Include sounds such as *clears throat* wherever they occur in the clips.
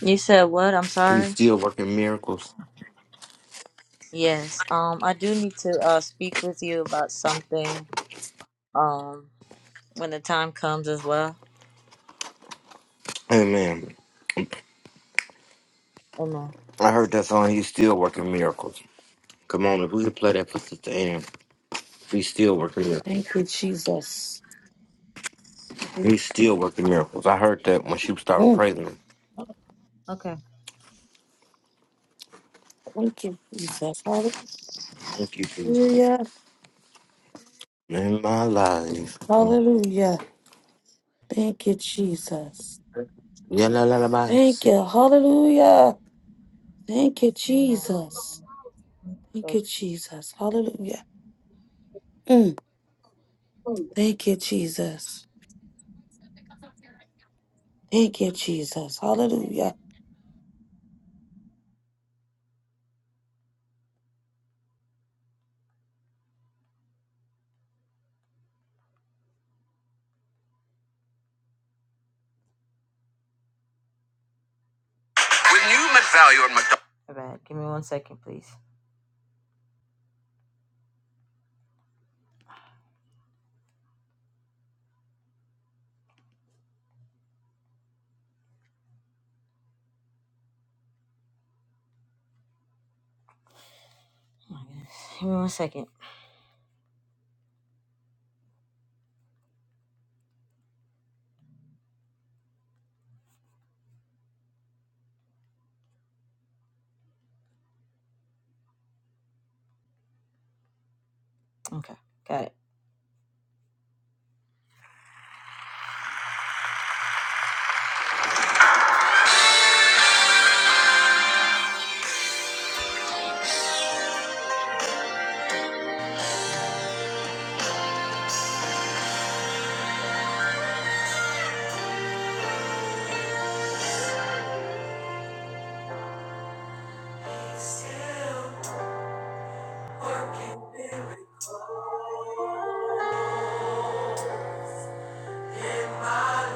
You said what? I'm He's sorry. still working miracles. Yes. Um, I do need to uh speak with you about something. Um, when the time comes as well. Amen. Amen. I heard that song, He's Still Working Miracles. Come on, if we could play that for Sister Ann. He's still working Thank miracles. you, Jesus. He's still working miracles. I heard that when she started Mm, praising him. Okay. Thank you, Jesus. Thank you, Jesus. Hallelujah. In my life. mm, Hallelujah. Thank you, Jesus. Yeah, la, la, la, la. Thank you. Hallelujah. Thank you, Amen. Jesus. Thank Thank you, you. Jesus. Hallelujah. Mm, Thank you, Jesus. Thank you, Jesus. Hallelujah. When you met value on McDonald's. My bad. Give me one second, please. Oh my goodness. Give me one second. Okay. Got it.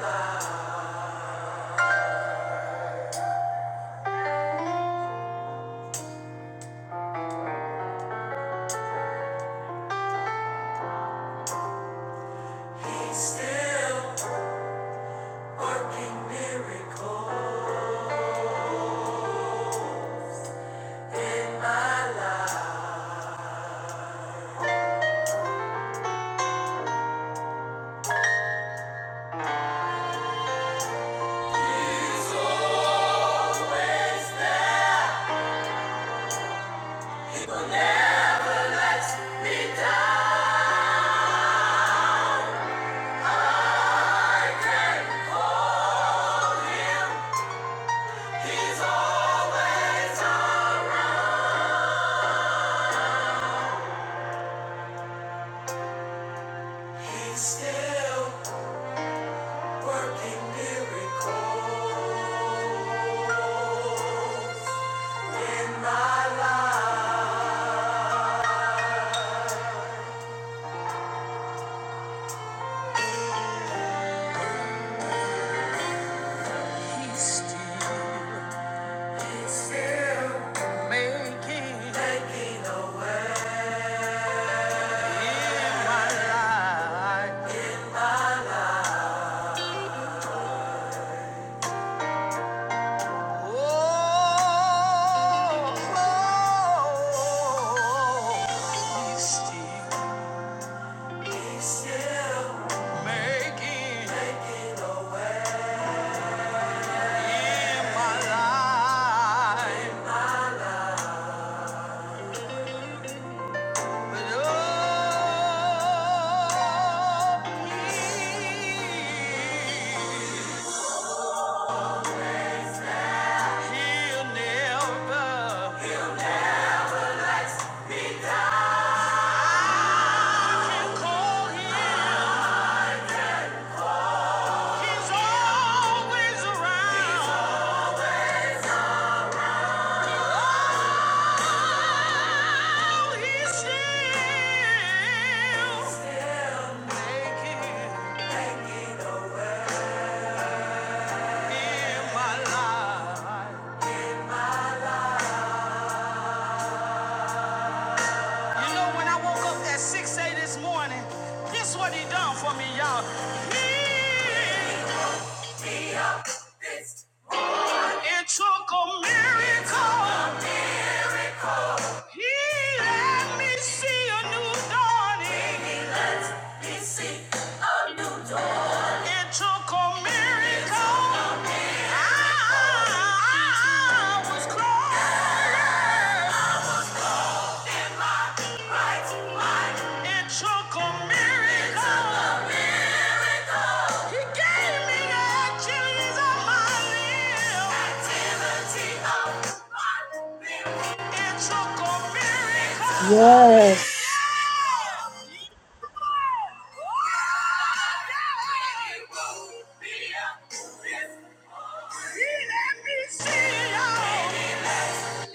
Still working miracles in my life. He's still He'll never You know, when I woke up at 6 a.m. this morning, guess what he done for me, y'all? He it took a miracle. He let me see a new dawning. It took a miracle. I was close. It took a miracle. He gave me the activities of my limbs. Activity of my limbs. It took a miracle. It Yes. took a He let me see y'all. Took a miracle,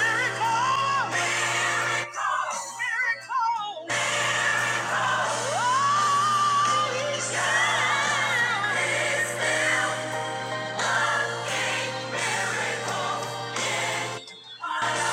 miracle, miracle, miracle. Yeah.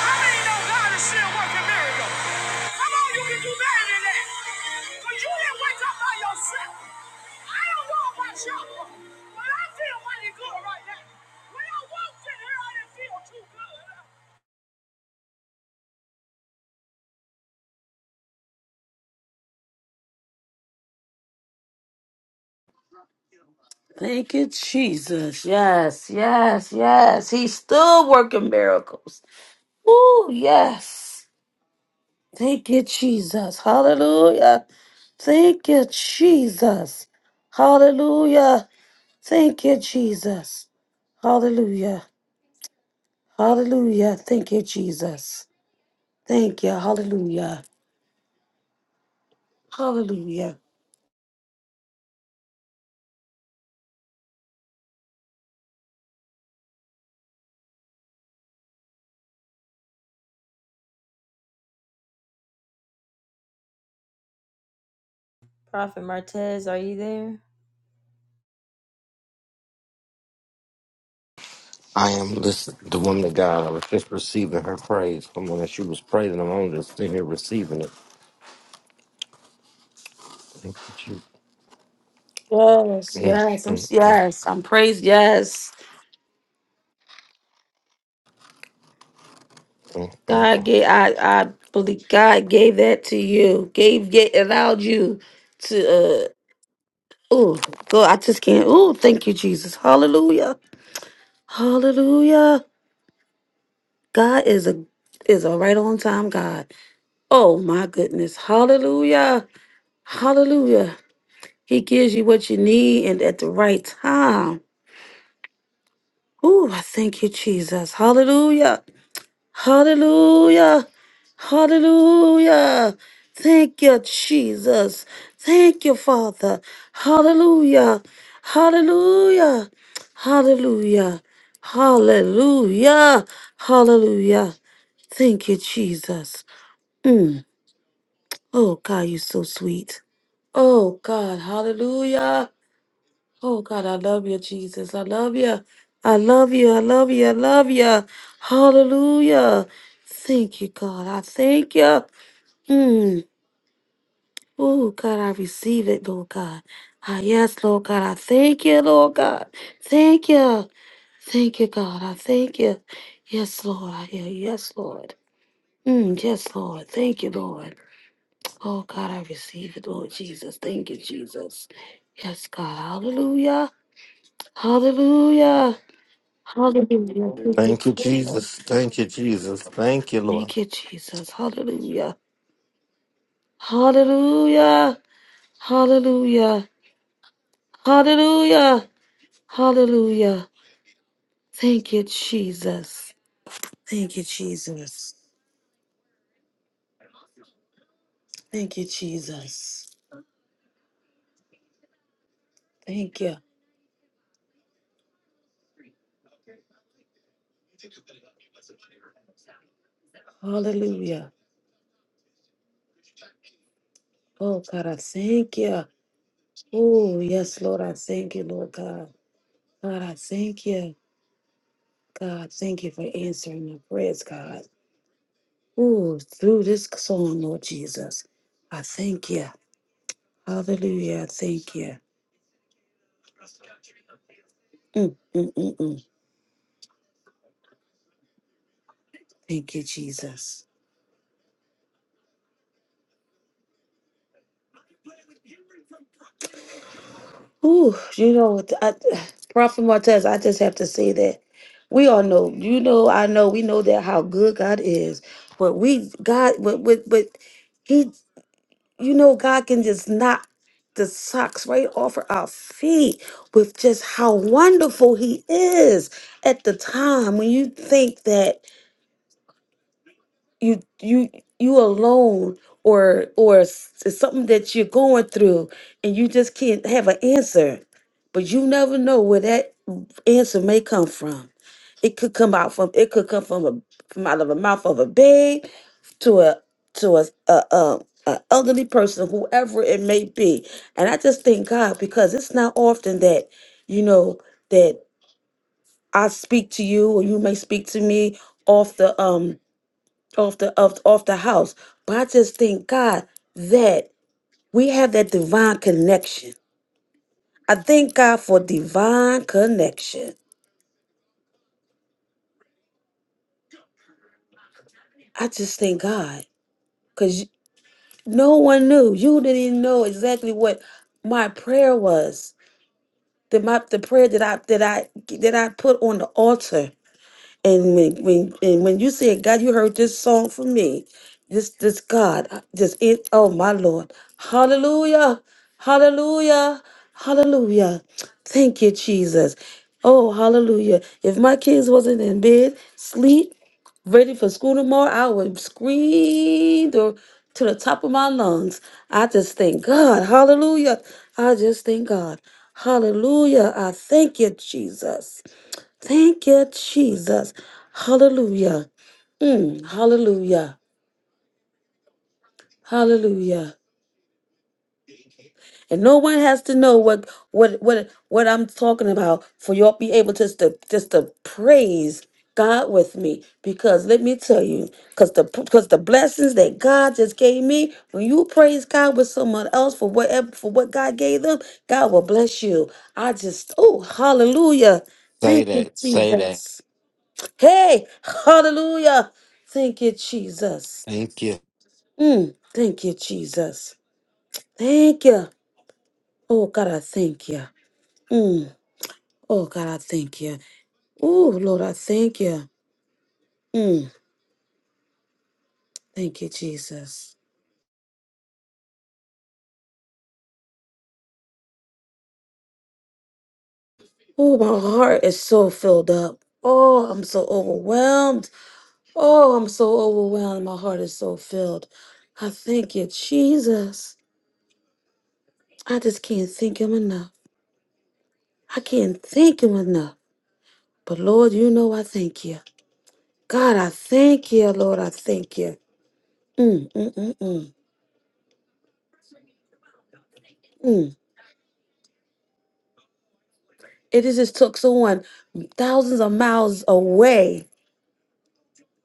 How many know God is still working miracles? Come on, you can do better than that. But you didn't wake up by yourself. I don't know about y'all, but I feel mighty good right now. When I walked in here, I didn't feel too good. Thank you, Jesus. Yes, yes, yes. He's still working miracles. Ooh, yes. Thank you, Jesus. Hallelujah. Thank you, Jesus. Hallelujah. Thank you, Jesus. Hallelujah. Hallelujah. Thank you, Jesus. Thank you. Hallelujah. Hallelujah. Prophet Martez, are you there? I am this the woman of God. I was just receiving her praise. Come on, as she was praising him, I'm just sitting here receiving it. Thank you, Jesus. Yes, yes, I'm yes, I'm praised. Yes, Mm, mm, God gave mm. I I believe God gave that to you. Gave get allowed you to uh oh God, I just can't. Oh, thank you, Jesus. Hallelujah. Hallelujah. God is a is a right on time God. Oh my goodness. Hallelujah. Hallelujah. He gives you what you need and at the right time. Ooh, I thank you, Jesus. Hallelujah. Hallelujah. Hallelujah. Thank you, Jesus. Thank you, Father. Hallelujah. Hallelujah. Hallelujah. Hallelujah. Hallelujah. Thank you, Jesus. Mm. Oh, God, you're so sweet. Oh, God, hallelujah. Oh, God, I love you, Jesus. I love you. I love you. I love you. I love you. Hallelujah. Thank you, God. I thank you. Mm. Oh, God, I receive it, Lord God. Ah, yes, Lord God. I thank you, Lord God. Thank you. Thank you, God. I thank you. Yes, Lord. I hear you. Yes, Lord. Mm, yes, Lord. Thank you, Lord. Oh God, I receive it, Lord Jesus. Thank you, Jesus. Yes, God. Hallelujah. Hallelujah. Hallelujah. Thank you, Thank you, Jesus. Jesus. Thank you, Jesus. Thank you, Thank Lord. you, Jesus. Hallelujah. Hallelujah. Hallelujah. Hallelujah. Hallelujah. Thank you, Jesus. Thank you, Jesus. Thank you, Jesus. Thank you. Hallelujah. Oh God, I thank you. Oh yes, Lord, I thank you, Lord God. God, I thank you. God, thank you for answering my prayers, God. Ooh, through this song, Lord Jesus. I thank you. Hallelujah. I Thank you. Mm, mm, mm, mm. Thank you, Jesus. Ooh, you know, what, I, Prophet Martez, I just have to say that we all know, you know, I know, we know that how good God is, but we, God, but, but, but, He you know, God can just knock the socks right off of our feet with just how wonderful He is at the time when you think that you you you alone or or s- it's something that you're going through and you just can't have an answer, but you never know where that answer may come from. It could come out from it could come from a from out of a mouth of a babe to a to a, a um a elderly person, whoever it may be. And I just thank God because it's not often that you know that I speak to you or you may speak to me off the um off the off, off the house. But I just thank God that we have that divine connection. I thank God for divine connection. I just thank God because no one knew. You didn't even know exactly what my prayer was the my, the prayer that I that I that I put on the altar. And when when and when you said, God, you heard this song from me, this this God, uh, this it, oh my Lord, Hallelujah, Hallelujah, Hallelujah. Thank you, Jesus. Oh, Hallelujah. If my kids wasn't in bed, sleep, ready for school tomorrow, I would scream to, to the top of my lungs. I just thank God. Hallelujah. I just thank God. Hallelujah. I thank you, Jesus. Thank you, Jesus. Hallelujah. Mm, hallelujah. Hallelujah. And no one has to know what what what what I'm talking about for y'all be able just to just to praise God with me. Because let me tell you, because the because the blessings that God just gave me, when you praise God with someone else for whatever for what God gave them, God will bless you. I just oh hallelujah. Say Thank you, that. Say that. Jesus. Hey, hallelujah. Thank you, Jesus. Thank you. Mm, thank you, Jesus. Thank you. Oh, God, I thank you. Oh, God, I thank you. Oh, Lord, I thank you. Mm, thank you, Jesus. Oh, my heart is so filled up. Oh, I'm so overwhelmed. Oh, I'm so overwhelmed. My heart is so filled. I thank you, Jesus. I just can't thank him enough. I can't thank him enough. But Lord, you know I thank you. God, I thank you, Lord. I thank you. Mm, mm, mm, mm, mm. It is just took someone thousands of miles away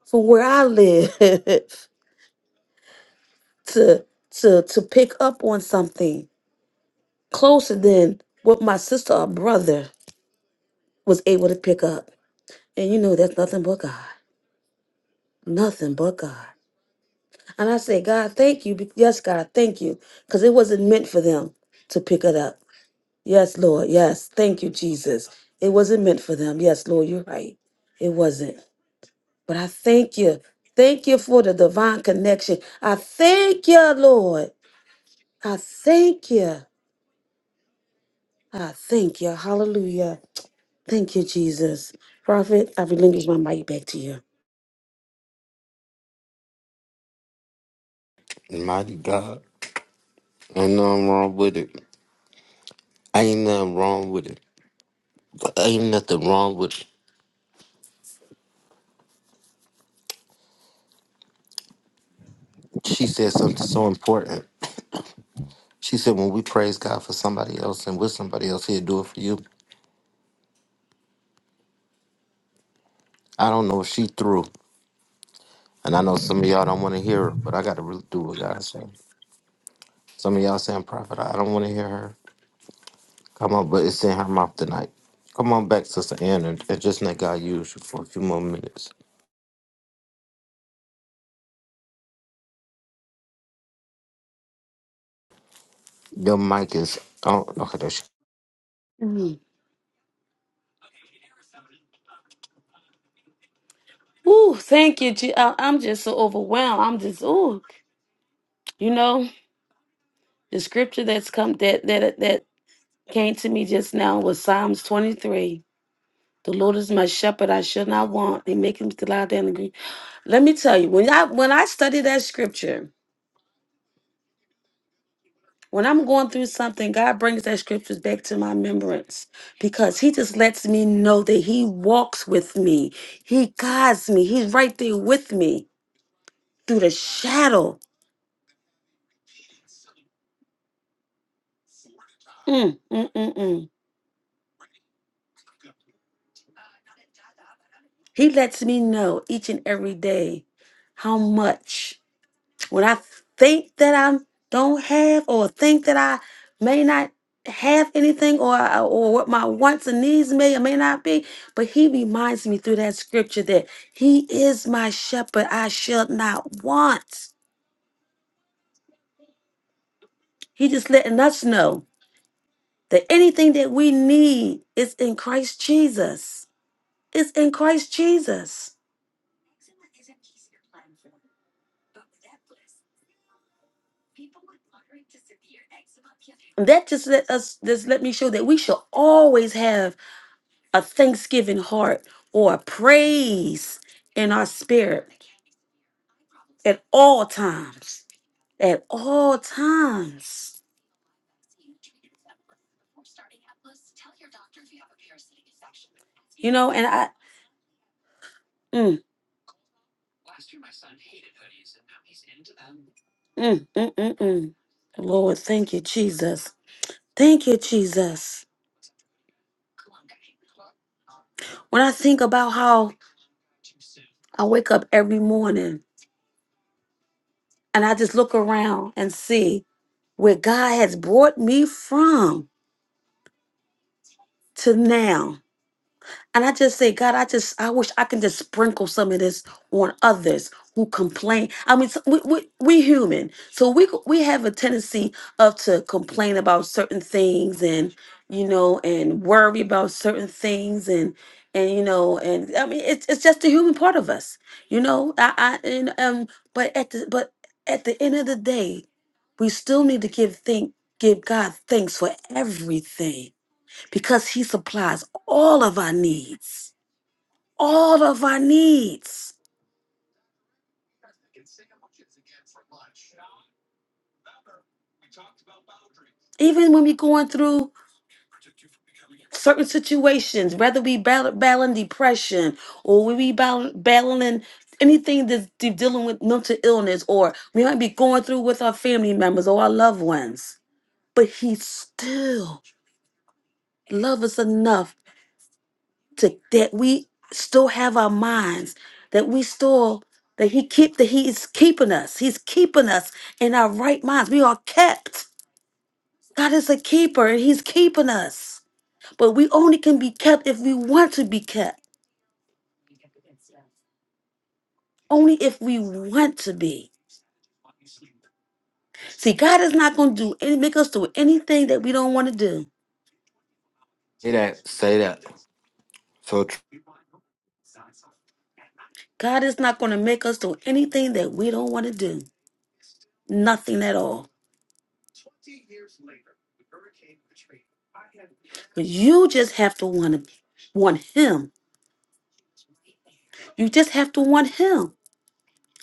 from where I live *laughs* to to to pick up on something closer than what my sister or brother was able to pick up. And you know that's nothing but God. Nothing but God. And I say, God, thank you. be- Yes, God, thank you. Because it wasn't meant for them to pick it up. Yes, Lord. Yes. Thank you, Jesus. It wasn't meant for them. Yes, Lord, you're right. It wasn't. But I thank you. Thank you for the divine connection. I thank you, Lord. I thank you. I thank you. Hallelujah. Thank you, Jesus. Prophet, I relinquish my mic back to you. Mighty God. Ain't nothing wrong with it. Ain't nothing wrong with it. Ain't nothing wrong with it. She said something so important. She said, when we praise God for somebody else and with somebody else, he'll do it for you. I don't know if she through. And I know some of y'all don't want to hear her, but I got to really do what God said. Some of y'all saying, Prophet, I don't want to hear her. Come on, but it's in her mouth tonight. Come on back, Sister Ann, and, and just let God use you for a few more minutes. Your mic is on. Okay, there she Mm. Ooh, thank you. Je- I- I'm just so overwhelmed. I'm just, ooh, you know, the scripture that's come that that that came to me just now was Psalms 23 The Lord is my shepherd; I shall not want. He maketh me to lie down and green. Let me tell you, when I when I study that scripture, when I'm going through something, God brings that scriptures back to my remembrance because He just lets me know that He walks with me, He guides me, He's right there with me through the shadow. Mm, mm, mm, mm. He lets me know each and every day how much. when I think that I don't have or think that I may not have anything or or what my wants and needs may or may not be but he reminds me through that scripture that he is my shepherd I shall not want he just letting us know that anything that we need is in Christ Jesus it's in Christ Jesus and that just let us just let me show that we shall always have a thanksgiving heart or a praise in our spirit at all times. At all times. You know, and I, mm, mm, mm, mm, mm. Lord, thank you, Jesus. Thank you, Jesus. When I think about how I wake up every morning and I just look around and see where God has brought me from to now. And I just say, God, I just, I wish I can just sprinkle some of this on others who complain. I mean, so- we, we, we human. So we, we have a tendency of to complain about certain things and, you know, and worry about certain things and, and, you know, and I mean, it's, it's just the human part of us, you know, I, I, and, um, but at the, but at the end of the day, we still need to give thank give God thanks for everything because he supplies all of our needs. All of our needs. Even when we're going through certain situations, whether we battle, battling depression or we be battle- battling anything that's de- dealing with mental illness or we might be going through with our family members or our loved ones, but he still loves us enough to that we still have our minds, that we still that he keep that he is keeping us. He's keeping us in our right minds. We are kept. God is a keeper and he's keeping us. But we only can be kept if we want to be kept. Only if we want to be. See, God is not going to do any make us do anything that we don't want to do. Say that. Say that. So, tr- God is not going to make us do anything that we don't want to do. Nothing at all. But you just have to want to want him. You just have to want him.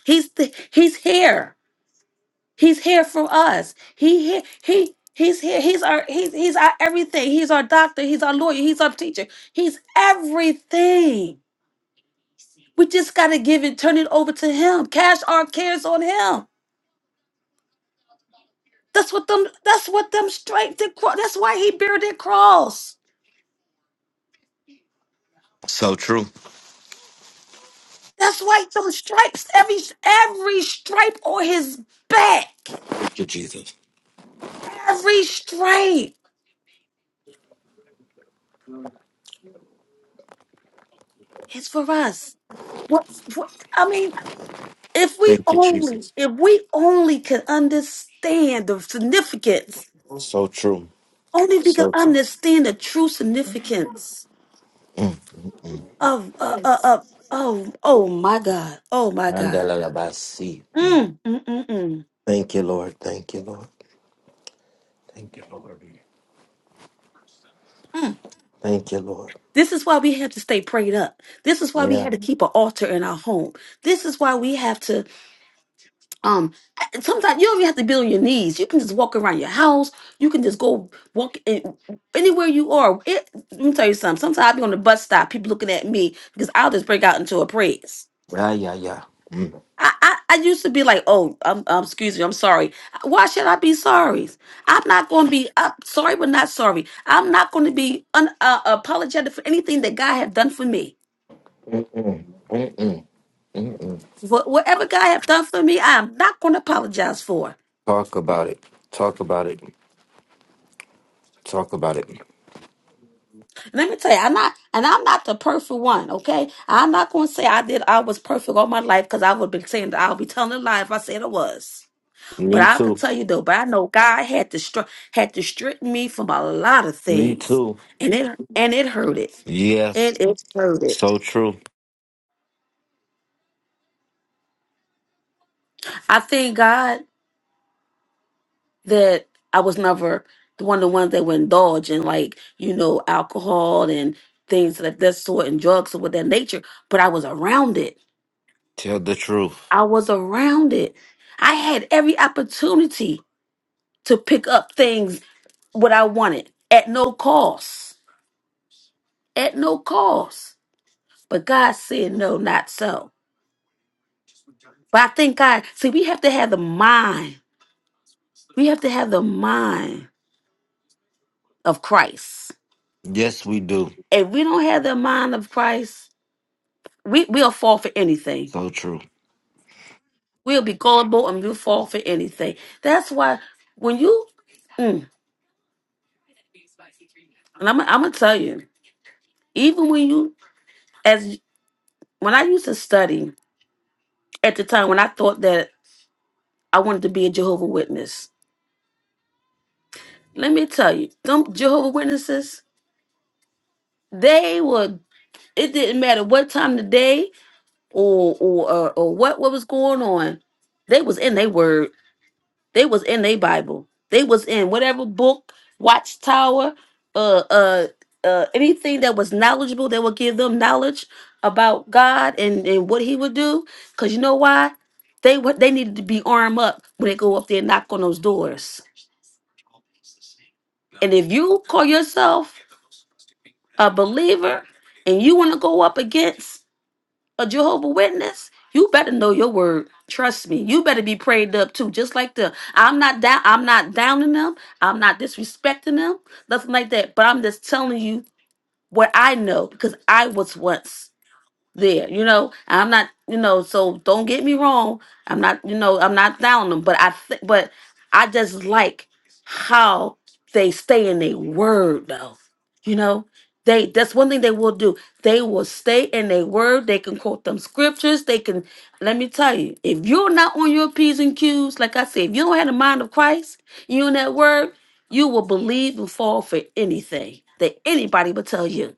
He's th- he's here. He's here for us. He he he he's here. He's our he's he's our everything. He's our doctor. He's our lawyer. He's our teacher. He's everything. We just gotta give it, turn it over to him. Cash our cares on him. That's what them. That's what them stripes. Did, cro- that's why he bear their cross. so true. That's why them stripes. Every every stripe on his back. you, Jesus. Every stripe is for us. What, what? I mean. If we Thank you, only, Jesus. if we only could understand the significance, So true. only if we could So true. understand the true significance Mm, mm, mm. of, uh, uh, of, oh, oh my God, oh my God. Mandela ya Mm. Mm, mm, mm, mm, Thank you, Lord. Thank you, Lord. Thank you, Lord. mm. Thank you, Lord. This is why we have to stay prayed up. This is why we Yeah. have to keep an altar in our home. This is why we have to Um, sometimes you don't even have to be on your knees. You can just walk around your house. You can just go walk in, anywhere you are. It, let me tell you something. Sometimes I'll be on the bus stop, people looking at me because I'll just break out into a praise. Yeah, yeah, yeah. Mm. I, I, I used to be like, oh, um, um, excuse me, I'm sorry. Why should I be sorry? I'm not going to be uh, sorry, but not sorry. I'm not going to be un, uh, apologetic for anything that God have done for me. Mm, mm, mm, mm, mm, mm. Wh- whatever God have done for me, I am not going to apologize for. Talk about it. Talk about it. Talk about it. Let me tell you, I'm not, and I'm not the perfect one, okay? I'm not going to say I did, I was perfect all my life because I would have been saying that I'll be telling a lie if I said I was. But Me I could too. tell you though, but I know God had to str- had to strip me from a lot of Me things, too. and it and it hurt it, Yeah. and it hurt it. So true. I thank God that I was never the one of the ones that would indulge in like you know alcohol and things of that sort and drugs of that nature. But I was around it Tell the truth. I was around it. I had every opportunity to pick up things what I wanted at no cost. At no cost. But God said, no, not so. But I think God, see, we have to have the mind. We have to have the mind of Christ. Yes, we do. If we don't have the mind of Christ, we, we'll fall for anything. So true. We'll be gullible and we'll fall for anything. That's why when you, mm, and I'm, I'm going to tell you, even when you as when I used to study at the time when I thought that I wanted to be a Jehovah Witness, let me tell you, them Jehovah Witnesses, they were. It didn't matter what time of the day or or or, or what what was going on, they was in their word They was in their Bible. They was in whatever book, watchtower, uh, uh, uh, anything that was knowledgeable that would give them knowledge about God and, and what He would do. Cause you know why? They what they needed to be armed up when they go up there and knock on those doors. And if you call yourself a believer and you want to go up against a Jehovah Witness, you better know your word. Trust me, you better be prayed up too. Just like the I'm not down, I'm not downing them, I'm not disrespecting them, nothing like that. But I'm just telling you what I know because I was once there you know i'm not you know so don't get me wrong i'm not you know i'm not down them but i think but i just like how they stay in their word though you know they that's one thing they will do they will stay in their word they can quote them scriptures they can let me tell you if you're not on your p's and q's like i said if you don't have the mind of christ you in that word you will believe and fall for anything that anybody will tell you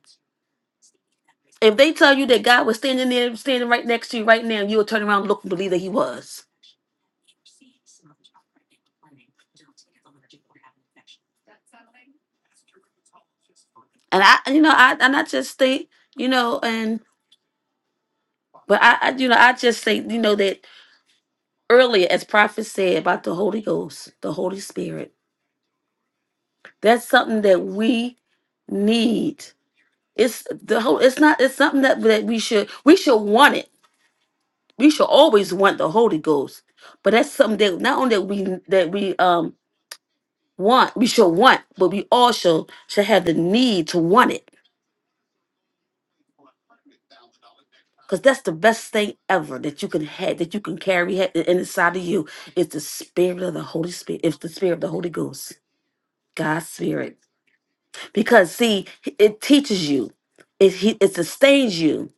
if they tell you that God was standing there, standing right next to you right now, you will turn around and look and believe that He was. And I, you know, I, and I just think, you know, and but I, I, you know, I just say, you know, that earlier, as prophet said about the Holy Ghost, the Holy Spirit, that's something that we need. It's the whole. It's not. It's something that that we should we should want it. We should always want the Holy Ghost. But that's something that not only that we that we um want we should want but we all should should have the need to want it because that's the best thing ever that you can have that you can carry ha- in- inside of you is the spirit of the holy spirit it's the spirit of the holy ghost god's spirit because see it teaches you it he- it sustains you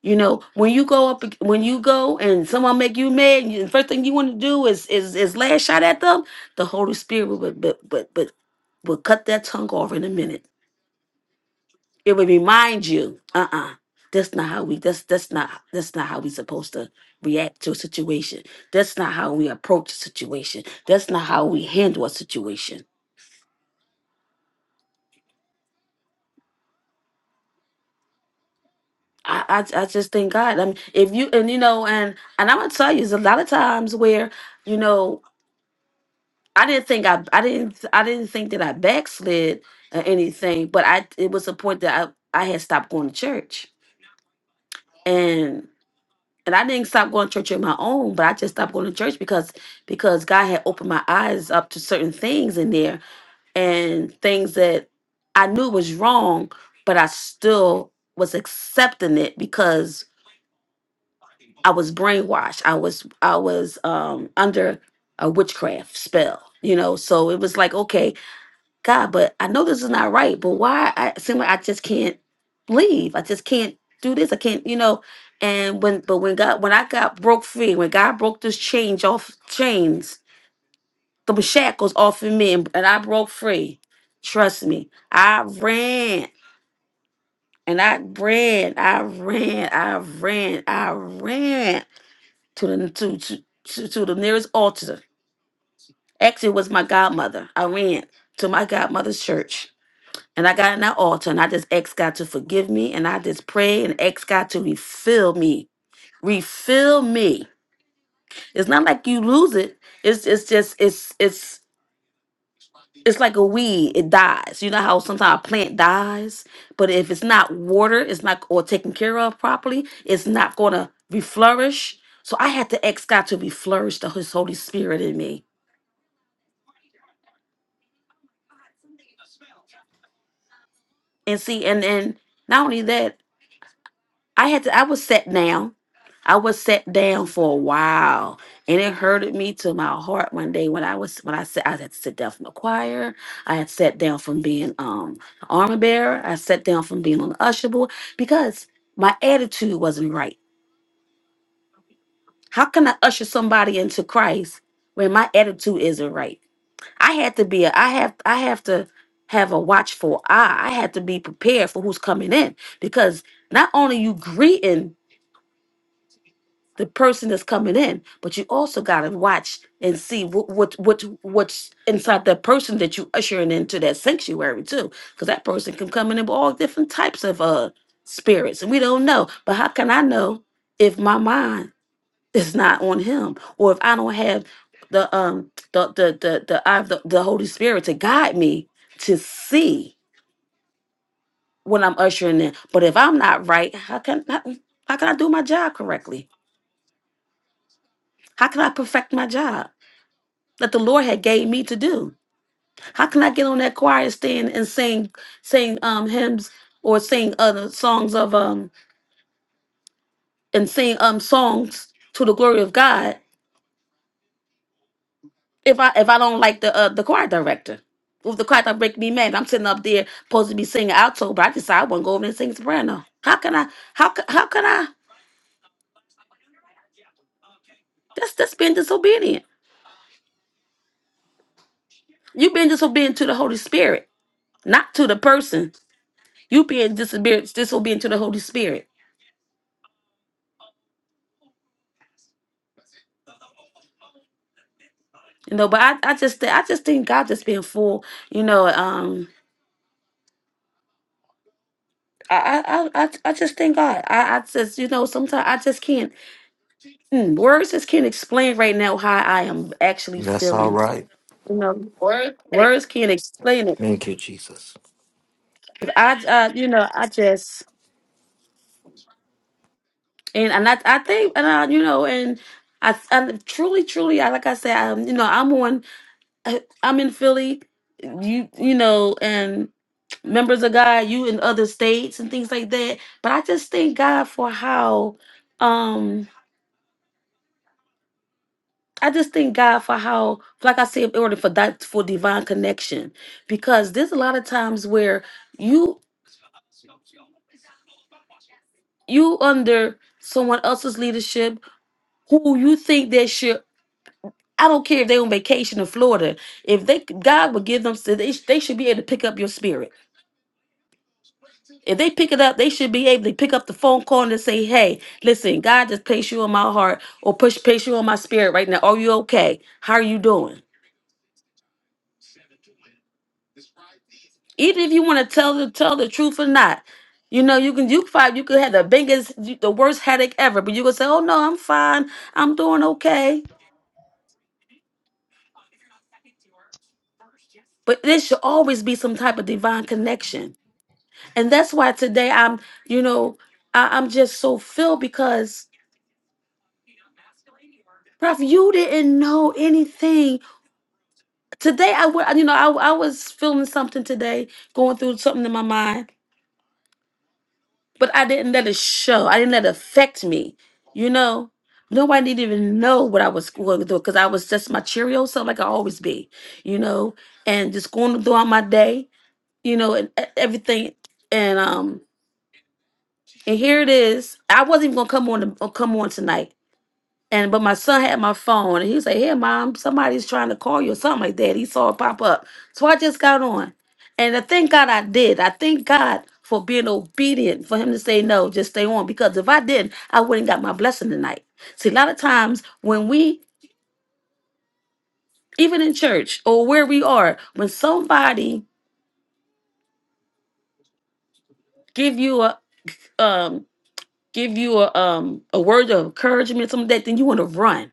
you know when you go up ag- when you go and someone make you mad and the first thing you want to do is is is lash out at them the holy spirit would but but but will cut that tongue off in a minute it would remind you, uh-uh, that's not how we that's that's not that's not how we supposed to react to a situation. That's not how we approach a situation. That's not how we handle a situation. I, I, I just thank God. I mean, if you and you know, and and I'm gonna tell you, there's a lot of times where you know I didn't think I I didn't I didn't think that I backslid or anything, but I it was a point that I I had stopped going to church, and I didn't stop going to church on my own, but I just stopped going to church because because God had opened my eyes up to certain things in there and things that I knew was wrong, but I still was accepting it because I was brainwashed. I was I was um under a witchcraft spell, you know. So it was like, okay, God, but I know this is not right, but why I seem like I just can't leave. I just can't do this. I can't, you know. And when but when God when I got broke free, when God broke this change off chains, the shackles off of me and, and I broke free. Trust me. I ran and I ran, I ran, I ran, I ran to the to to, to, to the nearest altar. Actually it was my godmother. I ran to my godmother's church And I got in that altar and I just asked God to forgive me and I just pray and asked God to refill me. Refill me. It's not like you lose it. It's it's just it's it's it's like a weed. It dies. You know how sometimes a plant dies, but if it's not watered, it's not or taken care of properly, it's not gonna reflourish. So I had to ask God to reflourish the his Holy Spirit in me. And see, and and not only that, I had to I was sat down. I was sat down for a while and it hurted me to my heart one day when I was when I said I had to sit down from the choir. I had sat down from being um an armor bearer. I sat down from being on the usher board because my attitude wasn't right. How can I usher somebody into Christ when my attitude isn't right? I had to be a, I have I have to have a watchful eye. I had to be prepared for who's coming in because not only you greeting the person that's coming in, but you also got to watch and see what, what what what's inside that person that you ushering into that sanctuary too, because that person can come in with all different types of uh spirits, and we don't know. But how can I know if my mind is not on him, or if I don't have the um the the the the eye of the, the Holy Spirit to guide me to see when I'm ushering in? But if I'm not right, how can how, how can I do my job correctly? How can I perfect my job? that the Lord had gave me to do. How can I get on that choir stand and sing sing um hymns or sing other songs of um and sing um songs to the glory of God if I if I don't like the uh, the choir director? Well, If the choir director make me mad, I'm sitting up there supposed to be singing alto, but I decide I want to go over there and sing soprano. How can I? How ca- how can I? That's that's being disobedient. You being disobedient to the Holy Spirit, not to the person. You being disobedient disobedient to the Holy Spirit. You know, but I, I just thi- I just think God just being full, you know, um I I I, I I just thank God. I, I just you know, sometimes I just can't mm, words just can't explain right now how I am actually That's all feeling. right. You know, words can't explain it. Thank you, Jesus. 'Cause I uh, you know, I just and, and I I think and I, you know, and I, I truly, truly, I like I said, um, you know, I'm on. I- I'm in Philly, you you know, and members of God, you in other states and things like that. But I just thank God for how um I just thank God for how like I said in order for that for divine connection. Because there's a lot of times where you you under someone else's leadership who you think they should I don't care if they on vacation in Florida. If they God would give them, they, they should be able to pick up your spirit If they pick it up, they should be able to pick up the phone call and say, "Hey, listen, God just placed you in my heart, or push placed you on my spirit right now. Are you okay? How are you doing?" Even if you want to tell the tell the truth or not, you know you can. You five, you could have the biggest, the worst headache ever, but you can say, "Oh no, I'm fine. I'm doing okay." But there should always be some type of divine connection, and that's why today I'm, you know, I, I'm just so filled because, Prof, you didn't know anything Today I wa- you know, I I was feeling something today, going through something in my mind, but I didn't let it show. I didn't let it affect me. You know, nobody didn't even know what I was going through because I was just my cheerio self, like I always be. You know, and just going throughout my day. You know, and e- everything. And um, and here it is. I wasn't even gonna come on. To, come on tonight And but my son had my phone and he was like, Hey mom, somebody's trying to call you or something like that. He saw it pop up. So I just got on. And I thank God I did. I thank God for being obedient, for him to say no, just stay on. Because if I didn't, I wouldn't got my blessing tonight. See, a lot of times when we even in church or where we are, when somebody give you a um give you a um a word of encouragement, something like that, then you want to run.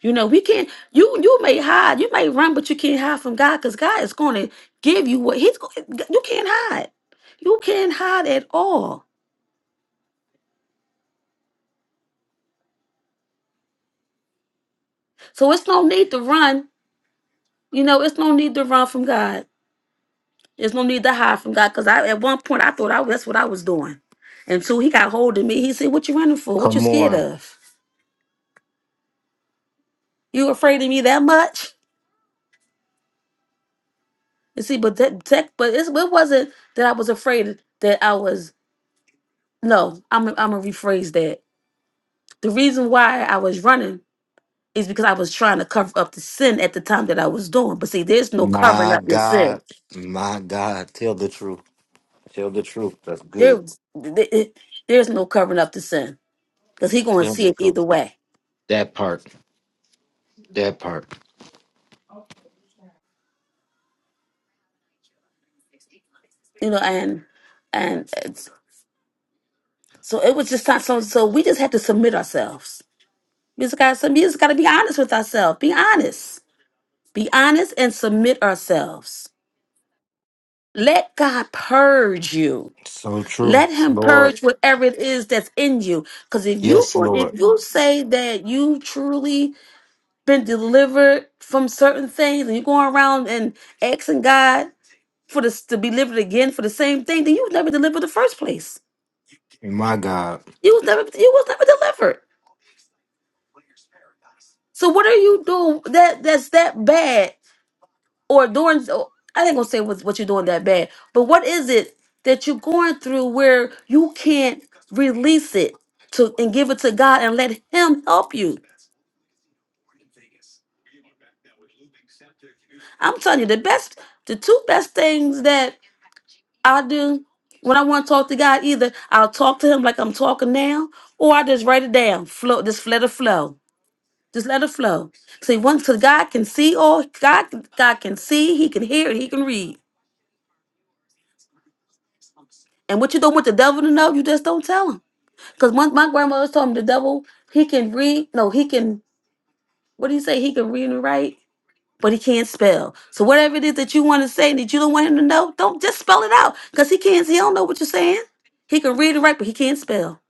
You know, we can't. You you may hide, you may run, but you can't hide from God because God is going to give you what He's. go- You can't hide. You can't hide at all. So it's no need to run. You know, it's no need to run from God. There's no need to hide from God because I at one point I thought I that's what I was doing, and so He got hold of me. He said, "What you running for? What you Come scared on. of? You afraid of me that much?" You see, but that, that but it's, it wasn't that I was afraid that I was. No, I'm I'm gonna rephrase that. The reason why I was running is because I was trying to cover up the sin at the time that I was doing. But see, there's no covering My up the sin. God, my God, tell the truth. Tell the truth. That's good. There's there's no covering up the sin because he gonna Tell see the it truth. either way. That part. That part. You know, and and it's, so it was just not so. So we just had to submit ourselves. We just got to. We just got to be honest with ourselves. Be honest. Be honest and submit ourselves Let God purge you. So true. Let him Lord. purge whatever it is that's in you. Because if you Yes, Lord. if you say that you truly been delivered from certain things and you're going around and asking God for this to be delivered again for the same thing, then you was never delivered in the first place. My God. You was never you was never delivered. So what are you doing that that's that bad or during or- I ain't gonna say what what you're doing that bad, but what is it that you're going through where you can't release it to and give it to God and let Him help you? I'm telling you, the best, the two best things that I do when I want to talk to God, either I'll talk to Him like I'm talking now, or I just write it down, flow, just let it flow. Just let it flow. See, once cause God can see all God, God can see, He can hear, and He can read. And what you don't want the devil to know, you just don't tell him Because my, my grandmother told him the devil, he can read, no, he can, what do you say? He can read and write, but he can't spell. So whatever it is that you want to say that you don't want him to know, don't just spell it out. Because he can't, he don't know what you're saying. He can read and write, but he can't spell.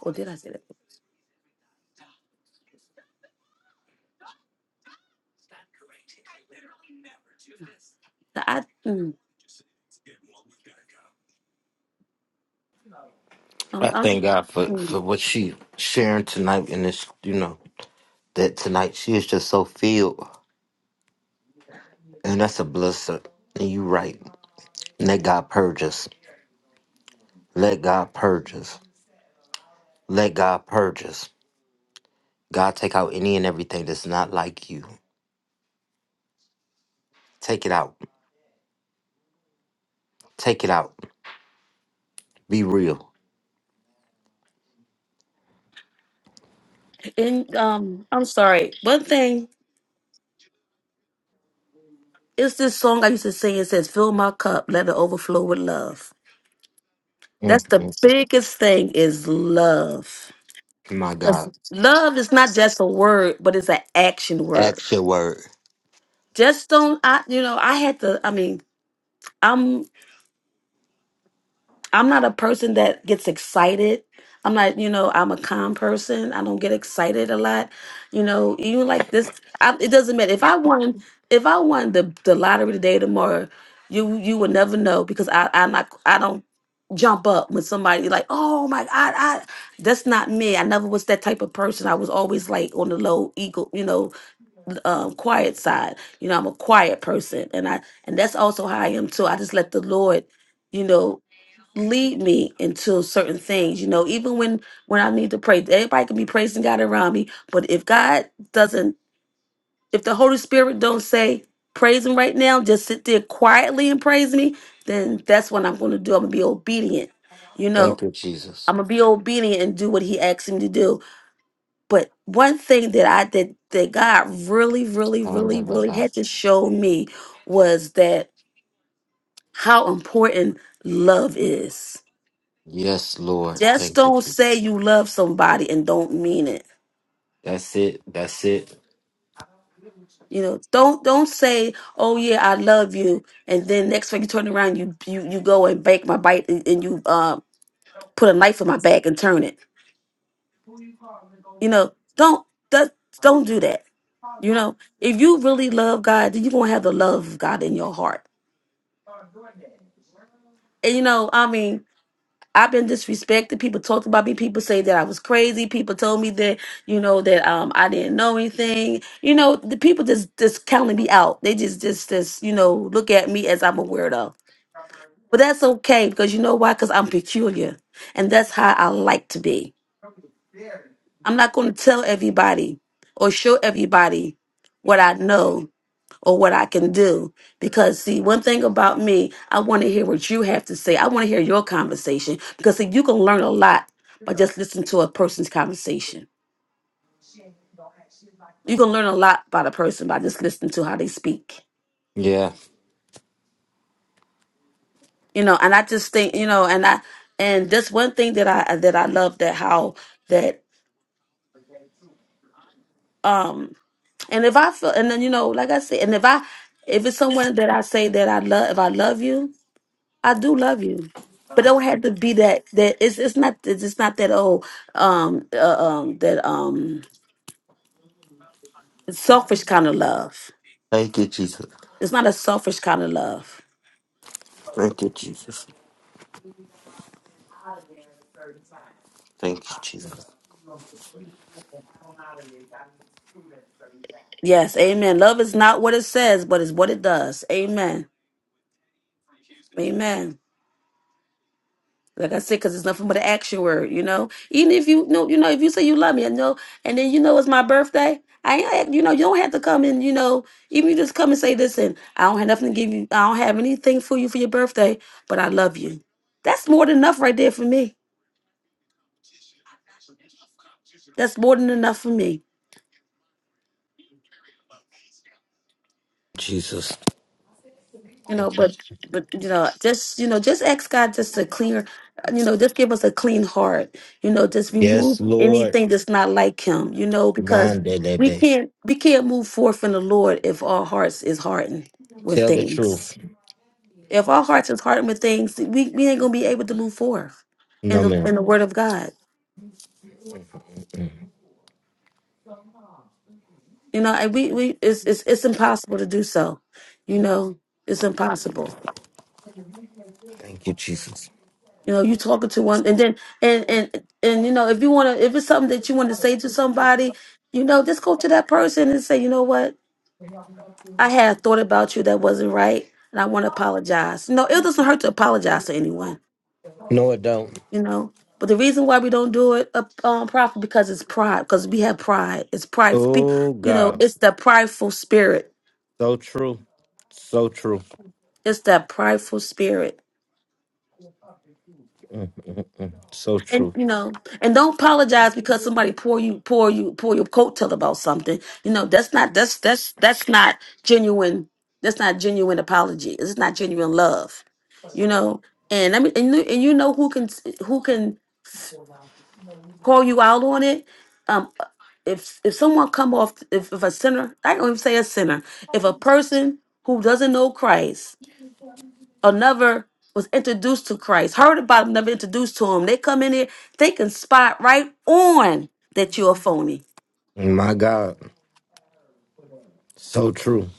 Or did I say that? I, mm, I'm, I I'm, thank God for, mm. for what she sharing tonight in this, you know, that tonight she is just so filled. And that's a blessing. And you right. Let God purge us. Let God purge us. Let God purge us. God take out any and everything that's not like you. Take it out. Take it out. Be real. and um, I'm sorry. One thing is this song I used to sing. It says, "Fill my cup, let it overflow with love." mm That's the mm. biggest thing is love. My 'Cause God. love is not just a word, but it's an action word. Act your word. Just don't I you know, I had to I mean, I'm. I'm not a person that gets excited. I'm not, you know, I'm a calm person. I don't get excited a lot. You know, even like this, I, it doesn't matter. If I won, if I won the, the lottery today, tomorrow, you you would never know because I I'm not I don't jump up when somebody like oh my god I that's not me. I never was that type of person. I was always like on the low ego, you know, um, quiet side. You know, I'm a quiet person, and I and that's also how I am too. I just let the Lord you know lead me into certain things you know even when when i need to pray everybody can be praising god around me but if god doesn't if the holy spirit don't say praise him right now just sit there quietly and praise me then that's what i'm going to do i'm going to be obedient you know Thank you, Jesus. i'm going to be obedient and do what he asks me to do but one thing that i did that god really really really really Handalaba. had to show me was that how important love is Yes, Lord. just Thank you, don't Jesus. say you love somebody and don't mean it. That's it. That's it. You know, don't don't say, "Oh yeah, I love you," and then next week you turn around, you you you go and break my bite, and and you uh put a knife in my back and turn it. You know, don't that don't do that. You know, if you really love God, then you're gonna have the love of God in your heart. And you know, I mean, I've been disrespected. People talked about me. People say that I was crazy. People told me that, you know, that um I didn't know anything. You know, the people just just counting me out. They just just just, you know, look at me as I'm a weirdo. But that's okay because you know why? Because I'm peculiar. And that's how I like to be. I'm not gonna tell everybody or show everybody what I know or what I can do. Because, see, one thing about me, I want to hear what you have to say. I want to hear your conversation because, see, you can learn a lot by just listening to a person's conversation. You can learn a lot about a person by just listening to how they speak. Yeah. You know, and I just think, you know, and I, and that's one thing that I, that I love that how that, um, and if I feel, and then, you know, like I said, and if I, if it's someone that I say that I love, if I love you, I do love you, but don't have to be that. That it's it's not it's it's not that old um uh, um that um selfish kind of love. Thank you, Jesus. It's not a selfish kind of love. Thank you, Jesus. Thank you, Jesus. Yes, Amen. Love is not what it says, but it's what it does. Amen. Amen. Like I said, because it's nothing but an action word, you know. Even if you know, you know, if you say you love me, and know, and then you know it's my birthday. I, ain't you know, you don't have to come and you know, even you just come and say, listen, I don't have nothing to give you. I don't have anything for you for your birthday, but I love you. That's more than enough right there for me. That's more than enough for me. Jesus. you know Thank you. but but you know just you know just ask god just to clear you know just give us a clean heart you know just remove Yes, Lord. anything that's not like him you know because we Mandelebe. can't we can't move forth in the lord if our hearts is hardened with Tell the things truth. if our hearts is hardened with things we, we ain't gonna be able to move forth in No, the in ma'am. the word of god Mm. you know and we we it's it's, it's impossible to do so you know it's impossible Thank you, Jesus. You know, you talking to one, and then and and and you know, if you want to, if it's something that you want to say to somebody, you know, just go to that person and say, you know what, I had thought about you that wasn't right, and I want to apologize. You know, it doesn't hurt to apologize to anyone. No, it don't. You know, but the reason why we don't do it, uh, um, proper, because it's pride. Because we have pride. It's pride. Oh, You know, God. it's the prideful spirit. So true. So true. It's that prideful spirit. Mm, mm, mm. mm. So And true. you know, and don't apologize because somebody pour you pour you pour your coattail about something. You know, that's not that's that's that's not genuine. That's not genuine apology. It's not genuine love. You know, and I mean, and you, and you know who can who can call you out on it. Um, if if someone come off if, if a sinner, I don't even say a sinner, if a person who doesn't know Christ or never was introduced to Christ, heard about him, never introduced to him. They come in here, they can spot right on that you're a phony. My God. So true.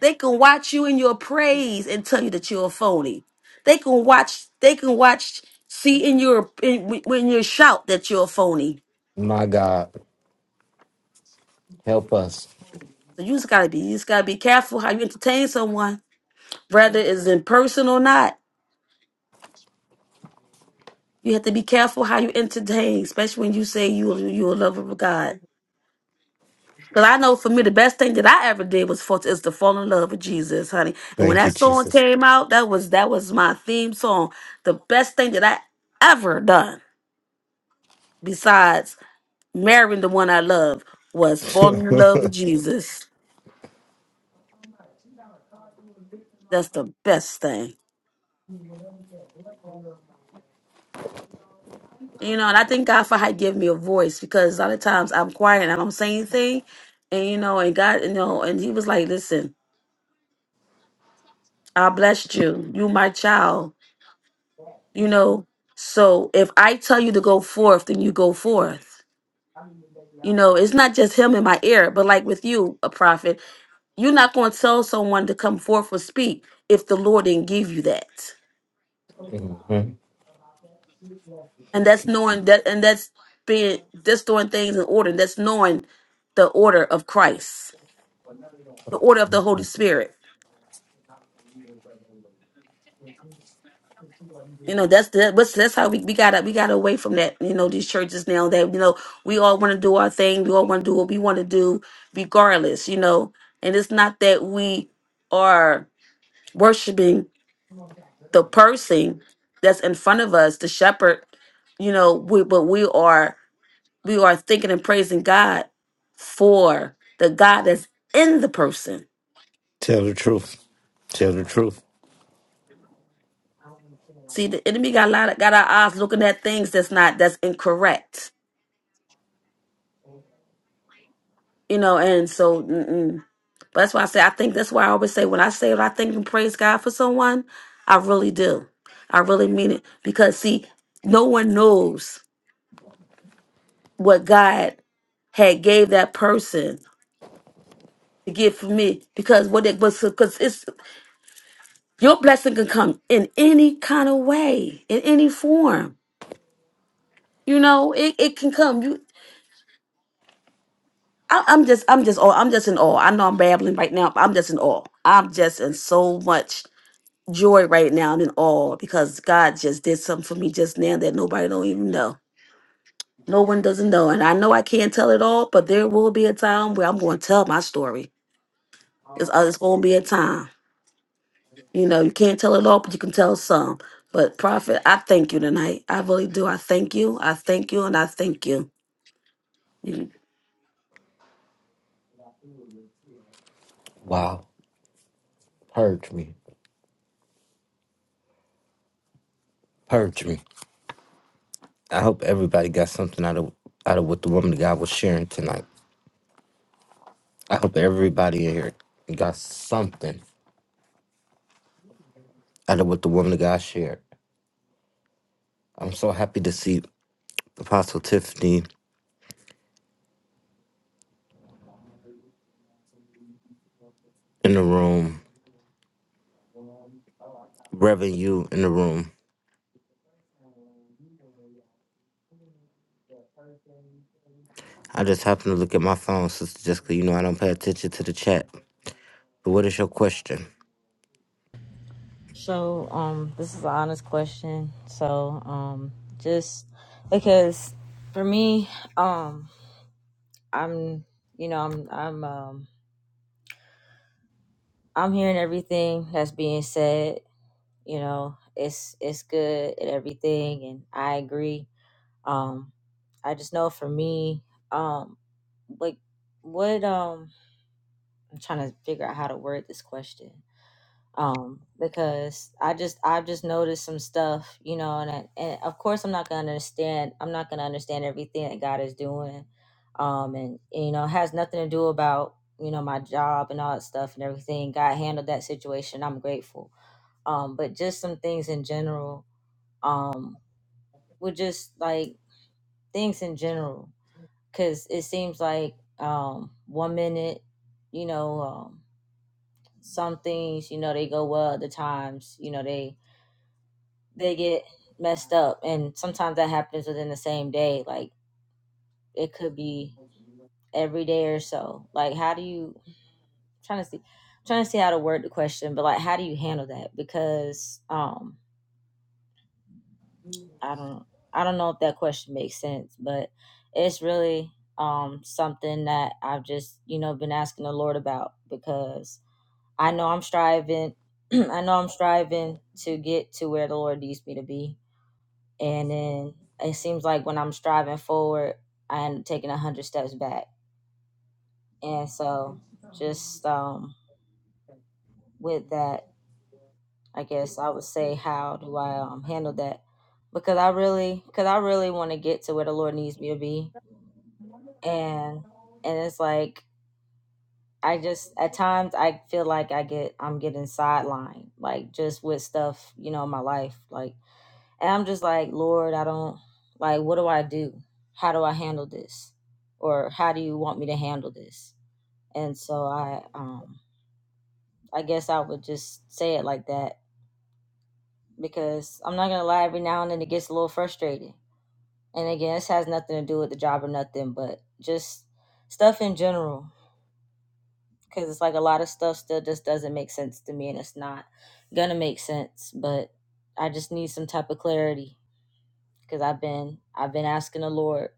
They can watch you in your praise and tell you that you're a phony. They can watch, they can watch, see in your in, when you shout that you're a phony. My God, help us. So you just gotta be, you just gotta be careful how you entertain someone, whether it's in person or not. You have to be careful how you entertain, especially when you say you you a lover of God. Cause I know for me the best thing that I ever did was for is to fall in love with Jesus, honey. And when Thank you, that song Jesus. *laughs* came out, that was that was my theme song. The best thing that I ever done, besides marrying the one I love, was falling in love with Jesus. That's the best thing. You know, and I thank God for how he gave me a voice because a lot of times I'm quiet and I don't say anything. And you know, and God, you know, and he was like, Listen, I blessed you. You my child you know so if i tell you to go forth then you go forth you know it's not just him in my ear but like with you a prophet you're not going to tell someone to come forth or speak if the lord didn't give you that Mhm. and Thank that's you. knowing that and that's being that's doing things in order that's knowing the order of christ the order of the holy spirit You know, that's that, but that's how we, we gotta we got to away from that. You know, these churches now that you know we all want to do our thing, we all want to do what we want to do, regardless. You know, and it's not that we are worshiping the person that's in front of us, the shepherd. You know, we, but we are we are thinking and praising God for the God that's in the person. Tell the truth. Tell the truth. See, the enemy got a lot of, got our eyes looking at things that's not that's incorrect you know, and so mm-mm. But that's why I say I think that's why I always say when I say what I think and praise God for someone, I really do. I really mean it because see, no one knows what God had gave that person to get for me because what it was because it's your blessing can come in any kind of way in any form you know it, it can come you I, i'm just i'm just oh i'm just in awe i know i'm babbling right now but i'm just in awe i'm just in so much joy right now. I'm in awe because God just did something for me just now that nobody don't even know. No one doesn't know, and I know I can't tell it all, but there will be a time where I'm going to tell my story. It's uh, it's going to be a time. You know, you can't tell it all, but you can tell some. But prophet, I thank you tonight. I really do. I thank you. I thank you, and I thank you. Wow. Purge me. Purge me. I hope everybody got something out of out of what the woman of God was sharing tonight. I hope everybody in here got something out of what the woman of God shared. I'm so happy to see Apostle Tiffany in the room, Reverend you in the room. I just happened to look at my phone, Sister Jessica. You know I don't pay attention to the chat. What is your question? So, um, this is an honest question. So, um, just because for me, um, I'm, you know, I'm, I'm, um, I'm hearing everything that's being said, you know it's it's good and everything and i agree um i just know for me um like what um i'm trying to figure out how to word this question um because i just i've just noticed some stuff you know and I, and of course i'm not gonna understand i'm not gonna understand everything that god is doing um and, and you know it has nothing to do about you know my job and all that stuff and everything god handled that situation i'm grateful um, but just some things in general um with just like things in general because it seems like um one minute you know um some things you know they go well other times you know they they get messed up and sometimes that happens within the same day like it could be every day or so like how do you I'm trying to see I'm trying to see how to word the question but like how do you handle that because um I don't I don't know if that question makes sense, but it's really um something that I've just, you know, been asking the Lord about because I know I'm striving *clears throat* I know I'm striving to get to where the Lord needs me to be. And then it seems like when I'm striving forward, I end up taking a hundred steps back. And so just um with that, I guess I would say how do I um handle that? Because I really because I really want to get to where the Lord needs me to be and and it's like I just at times I feel like I get I'm getting sidelined like just with stuff you know in my life like and I'm just like Lord I don't like what do I do how do I handle this or how do you want me to handle this and so I um I guess I would just say it like that because I'm not gonna lie every now and then it gets a little frustrating and again this has nothing to do with the job or nothing but just stuff in general because it's like a lot of stuff still just doesn't make sense to me and it's not gonna make sense but i just need some type of clarity because i've been i've been asking the lord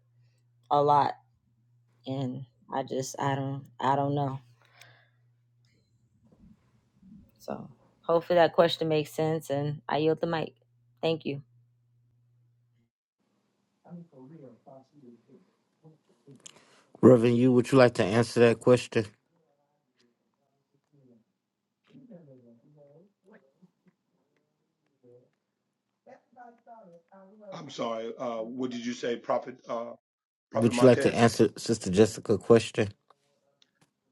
a lot and i just i don't i don't know so hopefully that question makes sense and i yield the mic thank you Reverend, you would you like to answer that question? I'm sorry. Uh, what did you say, Prophet? Uh, Prophet Would you like to Martez? answer Sister Jessica's question?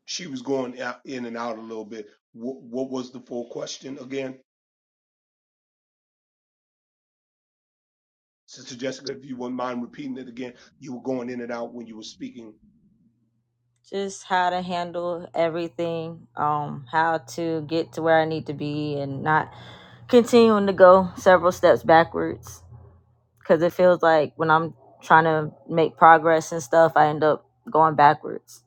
She was going out, in and out a little bit. What, what was the full question again, Sister Jessica? If you wouldn't mind repeating it again, you were going in and out when you were speaking. just how to handle everything um how to get to where i need to be and not continuing to go several steps backwards because it feels like when I'm trying to make progress and stuff, I end up going backwards.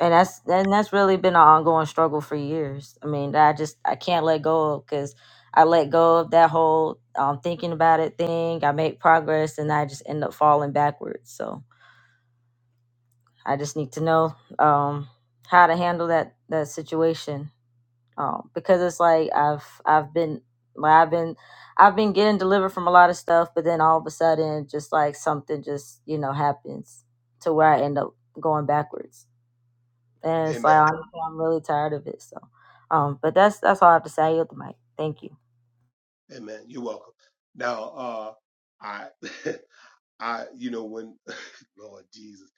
And that's and that's really been an ongoing struggle for years. I mean, that I just I can't let go of because I let go of that whole um, thinking about it thing. I make progress and I just end up falling backwards. So I just need to know um, how to handle that that situation um, because it's like I've I've been like I've been I've been getting delivered from a lot of stuff, but then all of a sudden, just like something just you know happens to where I end up going backwards, and it's like Amen. honestly I'm really tired of it. So, um, but that's that's all I have to say. I yield the mic. Thank you. Amen. You're welcome. Now, uh, I, *laughs* I, you know, when *laughs* Lord Jesus,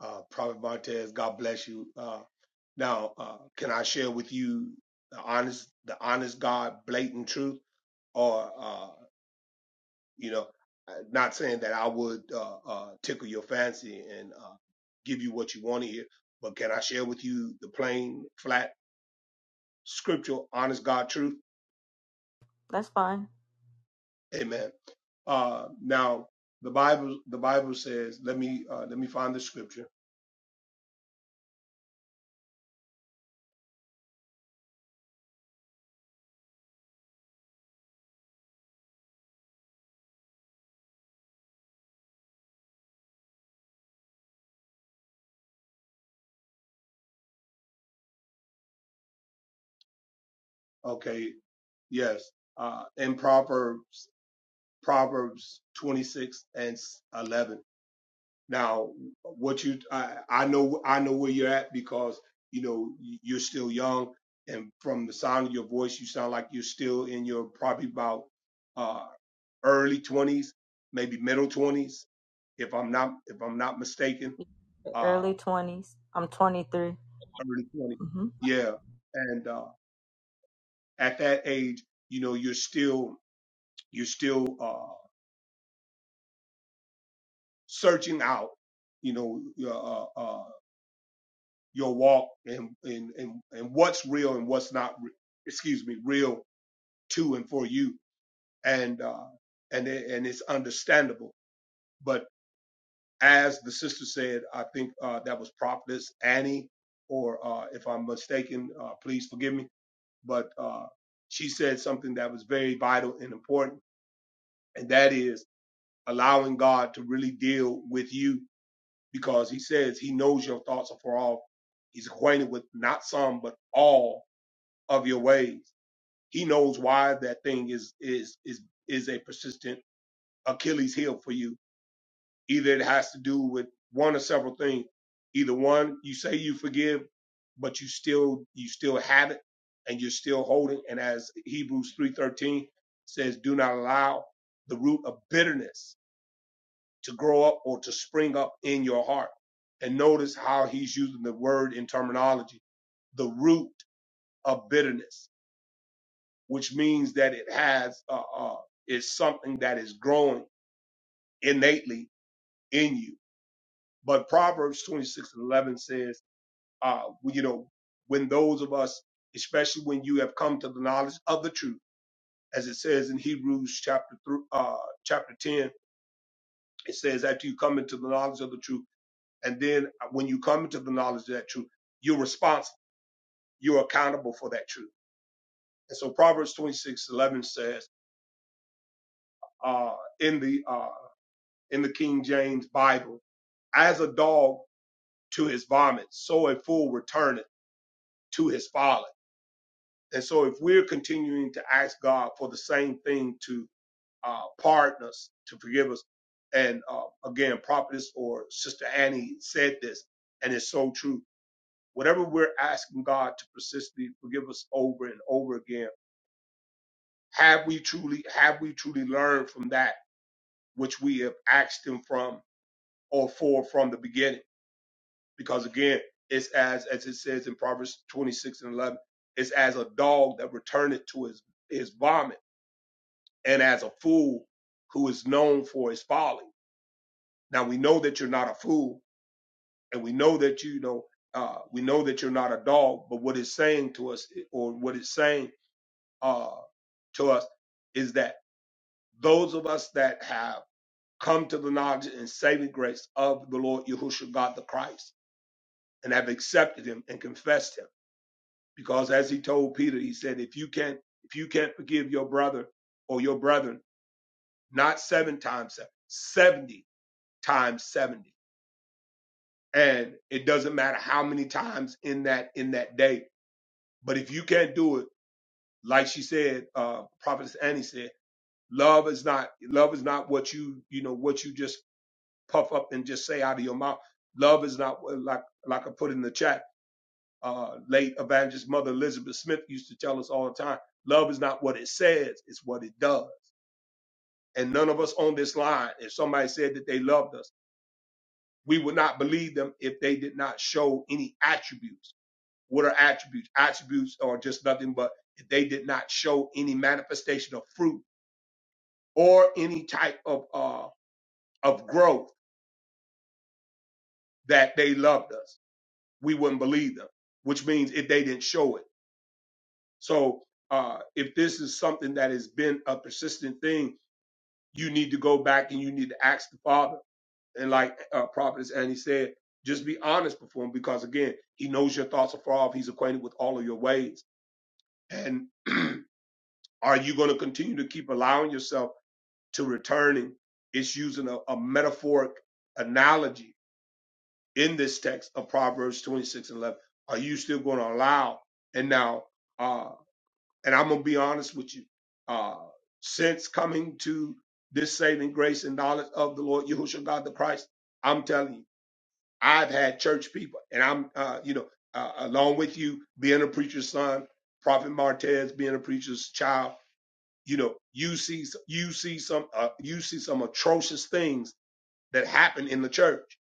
uh, Prophet Martez, God bless you. Uh, now, uh, can I share with you the honest, the honest God, blatant truth, or? Uh, you know I- not saying that i would uh, uh, tickle your fancy and uh, give you what you want to hear but can i share with you the plain flat scriptural honest god truth That's fine. amen uh, now the bible the bible says let me uh, let me find the scripture okay yes uh, in proverbs proverbs 26 and 11 Now, what you, I, I know, I know where you're at because you know you're still young, and from the sound of your voice, you sound like you're still in your probably about uh, early 20s, maybe middle 20s, if I'm not if I'm not mistaken, The uh, Early twenties. I'm 23. early 20s. hmm Yeah, and uh, at that age, you know, you're still you're still uh, searching out, you know, uh, uh, uh, your walk and, and, and, and what's real and what's not, excuse me, real to and for you. And, uh, and, and it's understandable. But as the sister said, I think, uh, that was prophetess Annie, or, uh, if I'm mistaken, uh, please forgive me, but, uh, she said something that was very vital and important. And that is allowing God to really deal with you because he says he knows your thoughts are far off. He's acquainted with not some, but all of your ways. He knows why that thing is is is is a persistent Achilles heel for you. Either it has to do with one or several things. Either one, you say you forgive, but you still you still have it and you're still holding. And as Hebrews three thirteen says, do not allow the root of bitterness to grow up or to spring up in your heart. And notice how he's using the word in terminology, the root of bitterness which means that it has uh, uh, is something that is growing innately in you. But Proverbs 26 and 11 says, uh, well, you know, when those of us, especially when you have come to the knowledge of the truth, as it says in Hebrews chapter thr uh, chapter 10, it says after you come into the knowledge of the truth, and then uh, when you come into the knowledge of that truth, you're responsible, you're accountable for that truth. And so Proverbs 26 11 says, uh, in the uh, in the King James Bible. as a dog to his vomit, so a fool returneth to his folly. And so, if we're continuing to ask God for the same thing to uh, pardon us, to forgive us, and uh, again, prophetess or Sister Annie said this, and it's so true. Whatever we're asking God to persistently forgive us over and over again, have we truly have we truly learned from that which we have asked Him from or for from the beginning? because again, it's as as it says in Proverbs 26 and 11, it's as a dog that returneth to his his vomit, and as a fool who is known for his folly. Now we know that you're not a fool, and we know that you know uh, we know that you're not a dog. But what it's saying to us, or what it's saying uh, to us, is that those of us that have come to the knowledge and saving grace of the Lord Yahushua God the Christ and have accepted Him and confessed Him because as he told Peter, he said, if you can't, if you can't forgive your brother or your brethren, not seven times seven, 70 times 70. And it doesn't matter how many times in that, in that day. But if you can't do it, like she said, uh, prophetess Annie said, love is not, love is not what you, you know, what you just puff up and just say out of your mouth. Love is not like, like I put in the chat uh, late evangelist mother Elizabeth Smith used to tell us all the time, love is not what it says, it's what it does. And none of us on this line, if somebody said that they loved us, we would not believe them if they did not show any attributes. What are attributes? Attributes are just nothing but if they did not show any manifestation of fruit or any type of uh, of growth that they loved us, we wouldn't believe them. Which means if they didn't show it. So uh, if this is something that has been a persistent thing, you need to go back and you need to ask the Father. And like uh, Prophet Annie said, just be honest before him because again, he knows your thoughts are far off. He's acquainted with all of your ways. And *clears throat* are you going to continue to keep allowing yourself to returning? It's using a, a metaphoric analogy in this text of Proverbs 26 and 11. Are you still going to allow? And now, uh, And I'm gonna be honest with you. Uh, since coming to this saving grace and knowledge of the Lord Yahushua God the Christ, I'm telling you, I've had church people, and I'm, uh, you know, uh, along with you being a preacher's son, Prophet Martez being a preacher's child, you know, you see, you see some, uh, you see some atrocious things that happen in the church,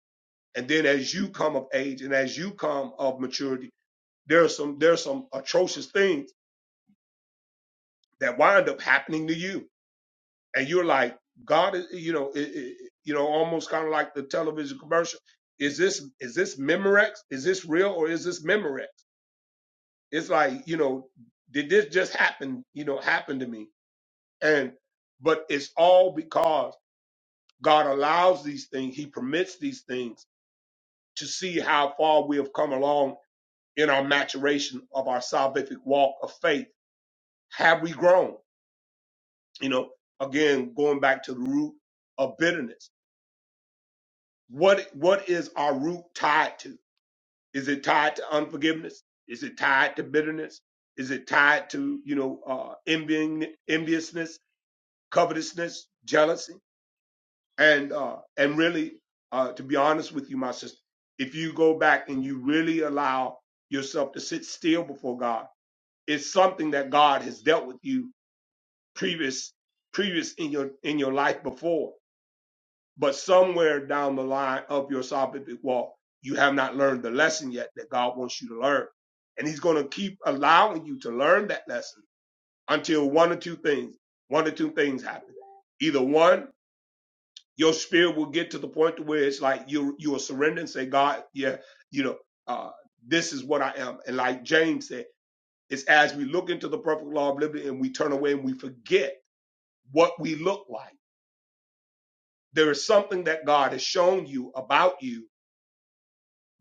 and then as you come of age and as you come of maturity, there are some, there are some atrocious things that wind up happening to you and you're like, God, is- you know, it, it, you know, almost kind of like the television commercial. Is this is this Memorex? Is this real or is this Memorex? It's like, you know, did this just happen? You know, happen to me, and but it's all because God allows these things. He permits these things to see how far we have come along in our maturation of our salvific walk of faith. Have we grown? You know, again, going back to the root of bitterness What what is our root tied to? Is it tied to unforgiveness? Is it tied to bitterness? Is it tied to you know uh, envying, enviousness, covetousness, jealousy, and uh, and really uh, to be honest with you, my sister, if you go back and you really allow yourself to sit still before God, it's something that God has dealt with you previous previous in your in your life before But somewhere down the line of your salvific walk, you have not learned the lesson yet that God wants you to learn. And he's going to keep allowing you to learn that lesson until one or two things, one or two things happen. Either one, your spirit will get to the point to where it's like you, you will surrender and say, God, yeah, you know, uh, this is what I am. And like James said, it's as we look into the perfect law of liberty and we turn away and we forget what we look like. There is something that God has shown you about you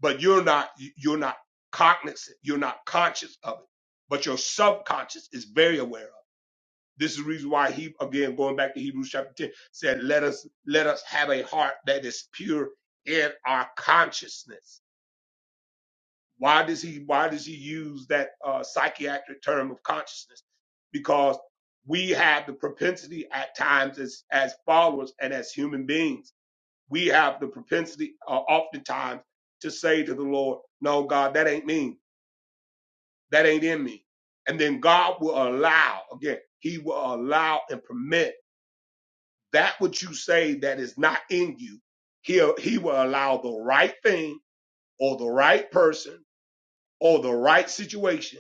but you're not you're not cognizant you're not conscious of it but your subconscious is very aware of it. this is the reason why he again going back to hebrews chapter 10 said let us let us have a heart that is pure in our consciousness why does he why does he use that uh, psychiatric term of consciousness because we have the propensity at times as as followers and as human beings we have the propensity uh, oftentimes to say to the lord no god that ain't me that ain't in me. And then God will allow, again, he will allow and permit that what you say that is not in you. He'll, he will allow the right thing or the right person or the right situation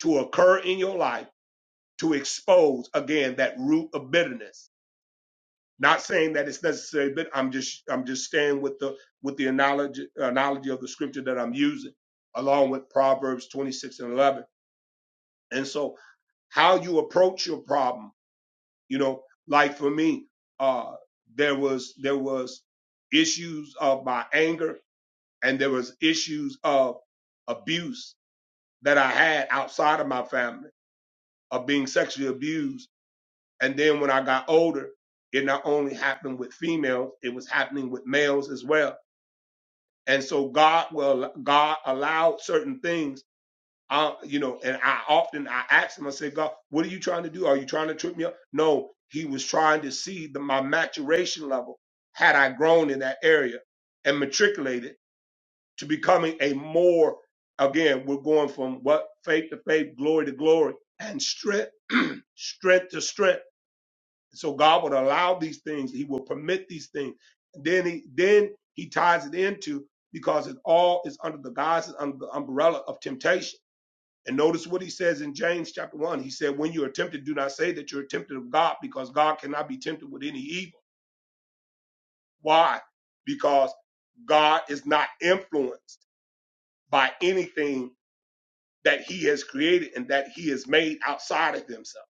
to occur in your life to expose again that root of bitterness. Not saying that it's necessary, but I'm just, I'm just staying with the, with the analogy, analogy of the scripture that I'm using along with Proverbs 26 and 11. And so how you approach your problem You know, like for me, uh, there was there was issues of my anger, and there was issues of abuse that I had outside of my family of being sexually abused. And then when I got older, it not only happened with females, it was happening with males as well. And so God will God allowed certain things I, you know, and I often I ask him, I say, God, what are you trying to do? Are you trying to trip me up? No, he was trying to see the, my maturation level had I grown in that area and matriculated to becoming a more, again, we're going from what faith to faith, glory to glory, and strength, strength to strength. So God would allow these things, He will permit these things. Then he then he ties it into because it all is under the guise and under the umbrella of temptation and notice what he says in James chapter 1. He said, When you are tempted, do not say that you're tempted of God, because God cannot be tempted with any evil. Why? Because God is not influenced by anything that he has created and that he has made outside of himself.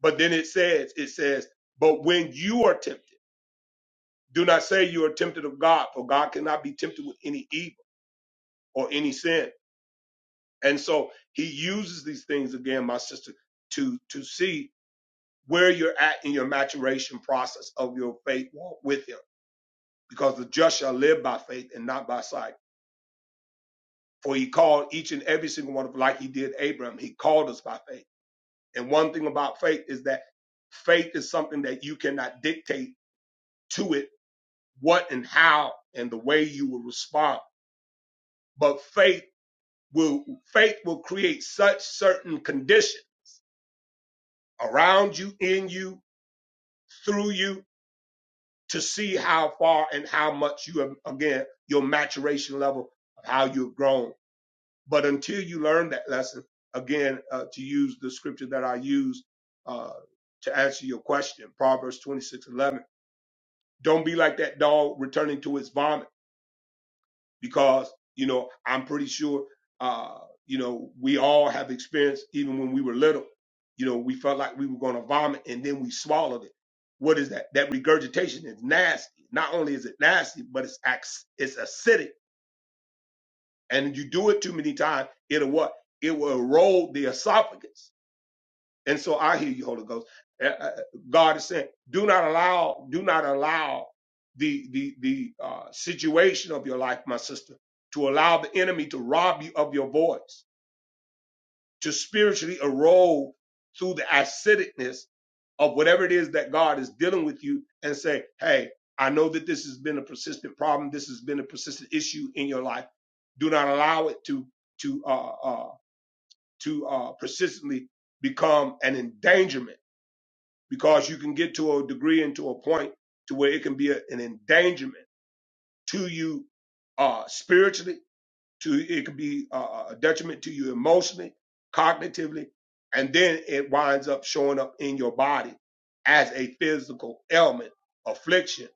But then it says, It says, But when you are tempted, do not say you are tempted of God, for God cannot be tempted with any evil or any sin. And so he uses these things again, my sister, to, to see where you're at in your maturation process of your faith walk with him. Because the just shall live by faith and not by sight. For he called each and every single one of like he did Abraham, he called us by faith. And one thing about faith is that faith is something that you cannot dictate to it what and how and the way you will respond. But faith will faith will create such certain condition around you, in you, through you, to see how far and how much you have, again, your maturation level of how you've grown. But until you learn that lesson, again, uh, to use the scripture that I use uh, to answer your question, Proverbs twenty-six, do don't be like that dog returning to its vomit because you know I'm pretty sure uh, you know we all have experienced even when we were little. You know, we felt like we were going to vomit and then we swallowed it. What is that? That regurgitation is nasty. Not only is it nasty, but it's ac- it's acidic, and you do it too many times, it'll what? It will erode the esophagus and so I hear you, Holy Ghost. Uh, uh, God is saying, do not allow, do not allow the the the uh, situation of your life, my sister, to allow the enemy to rob you of your voice, to spiritually erode through the acidicness of whatever it is that God is dealing with you, and say, hey, I know that this has been a persistent problem. This has been a persistent issue in your life. Do not allow it to to uh, uh, to uh, persistently become an endangerment because you can get to a degree and to a point to where it can be a- an endangerment to you uh, spiritually, to it can be uh, a detriment to you emotionally, cognitively, and then it winds up showing up in your body as a physical ailment, affliction,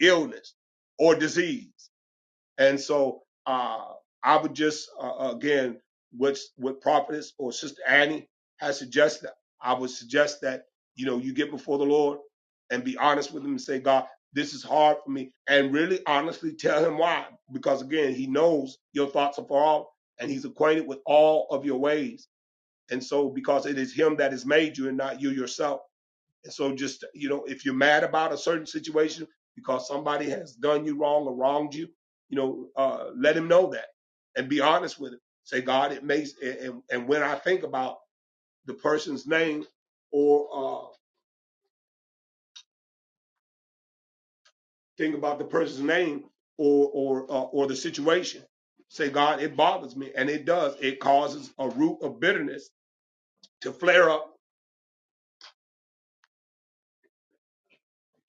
illness, or disease. And so uh, I would just, uh, again, what what prophetess or Sister Annie has suggested, I would suggest that you know you get before the Lord and be honest with Him and say, God, this is hard for me, and really honestly tell Him why, because again, He knows your thoughts are far off, and He's acquainted with all of your ways. And so, because it is Him that has made you, and not you yourself. And so just, you know, if you're mad about a certain situation because somebody has done you wrong or wronged you, you know, uh, let him know that and be honest with him. Say, God, it makes, and, and when I think about the person's name or, uh, think about the person's name or, or, uh, or the situation, say, God, it bothers me. And it does. It causes a root of bitterness to flare up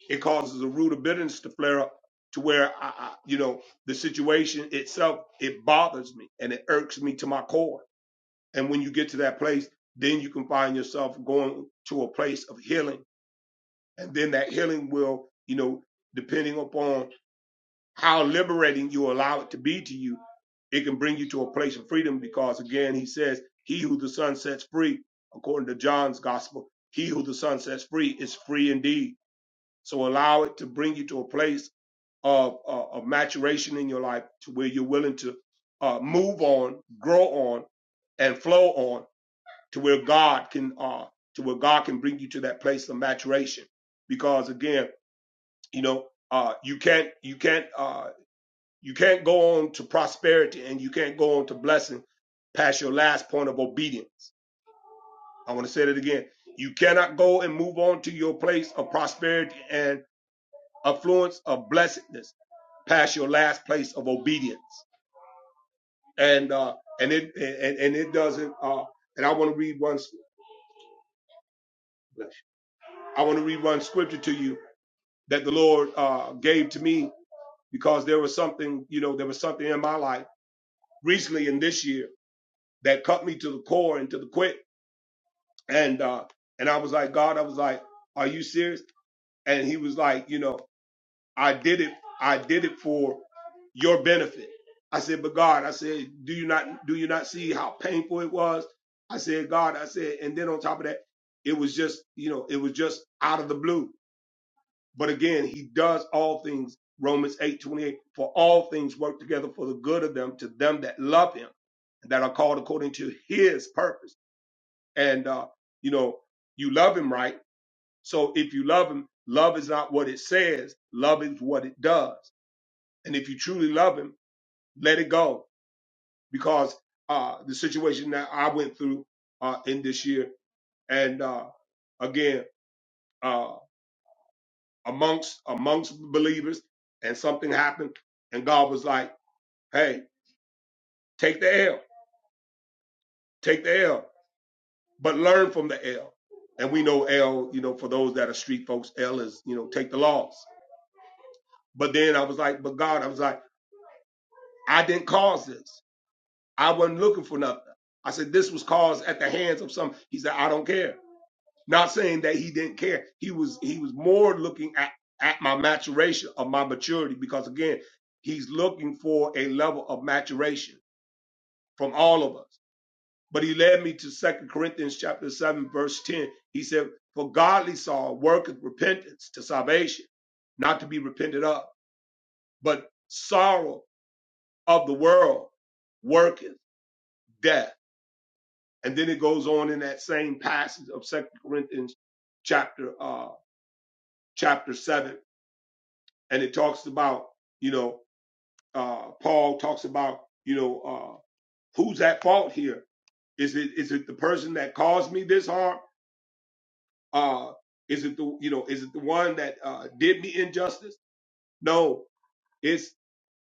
It causes a root of bitterness to flare up to where I, I you know, the situation itself, it bothers me and it irks me to my core. And when you get to that place, then you can find yourself going to a place of healing. And then that healing will, you know, depending upon how liberating you allow it to be to you, it can bring you to a place of freedom because again he says he who the son sets free according to john's gospel he who the son sets free is free indeed so allow it to bring you to a place of, uh, of maturation in your life to where you're willing to uh, move on, grow on, and flow on to where God can uh, to where God can bring you to that place of maturation. Because again, you know, uh, you can't you can't uh, you can't go on to prosperity and you can't go on to blessing past your last point of obedience. I want to say that again. You cannot go and move on to your place of prosperity and affluence of blessedness past your last place of obedience. and uh, and it and, and it doesn't. Uh, and I want to read one. I want to read one scripture to you that the Lord uh, gave to me because there was something you know there was something in my life recently in this year that cut me to the core and to the quick. And uh, and I was like, God, I was like, Are you serious? And He was like, You know. I did it. I did it for your benefit. I said, but God, I said, do you not do you not see how painful it was? I said, God, I said, and then on top of that, it was just, you know, it was just out of the blue. But again, he does all things, Romans 8 28. for all things work together for the good of them, to them that love him, that are called according to his purpose. And uh, you know, you love him, right? So if you love him, love is not what it says, love is what it does. And if you truly love him, let it go because uh, the situation that I went through uh, in this year, and uh, again uh, amongst amongst believers, and something happened, and God was like, "Hey, take the L, take the L, but learn from the L." And we know L, you know, for those that are street folks, L is you know take the loss. But then I was like, "But God," I was like, "I didn't cause this. I wasn't looking for nothing." I said, "This was caused at the hands of some." He said, "I don't care." Not saying that he didn't care. He was he was more looking at at my maturation of my maturity because again, he's looking for a level of maturation from all of us. But he led me to Second Corinthians chapter 7 verse 10. He said, "For godly sorrow worketh repentance to salvation, not to be repented of, but sorrow of the world worketh death." And then it goes on in that same passage of Second Corinthians chapter uh chapter 7 and it talks about you know uh, Paul talks about you know uh, who's at fault here? Is it is it the person that caused me this harm? Uh, is it the you know is it the one that uh, did me injustice? No, it's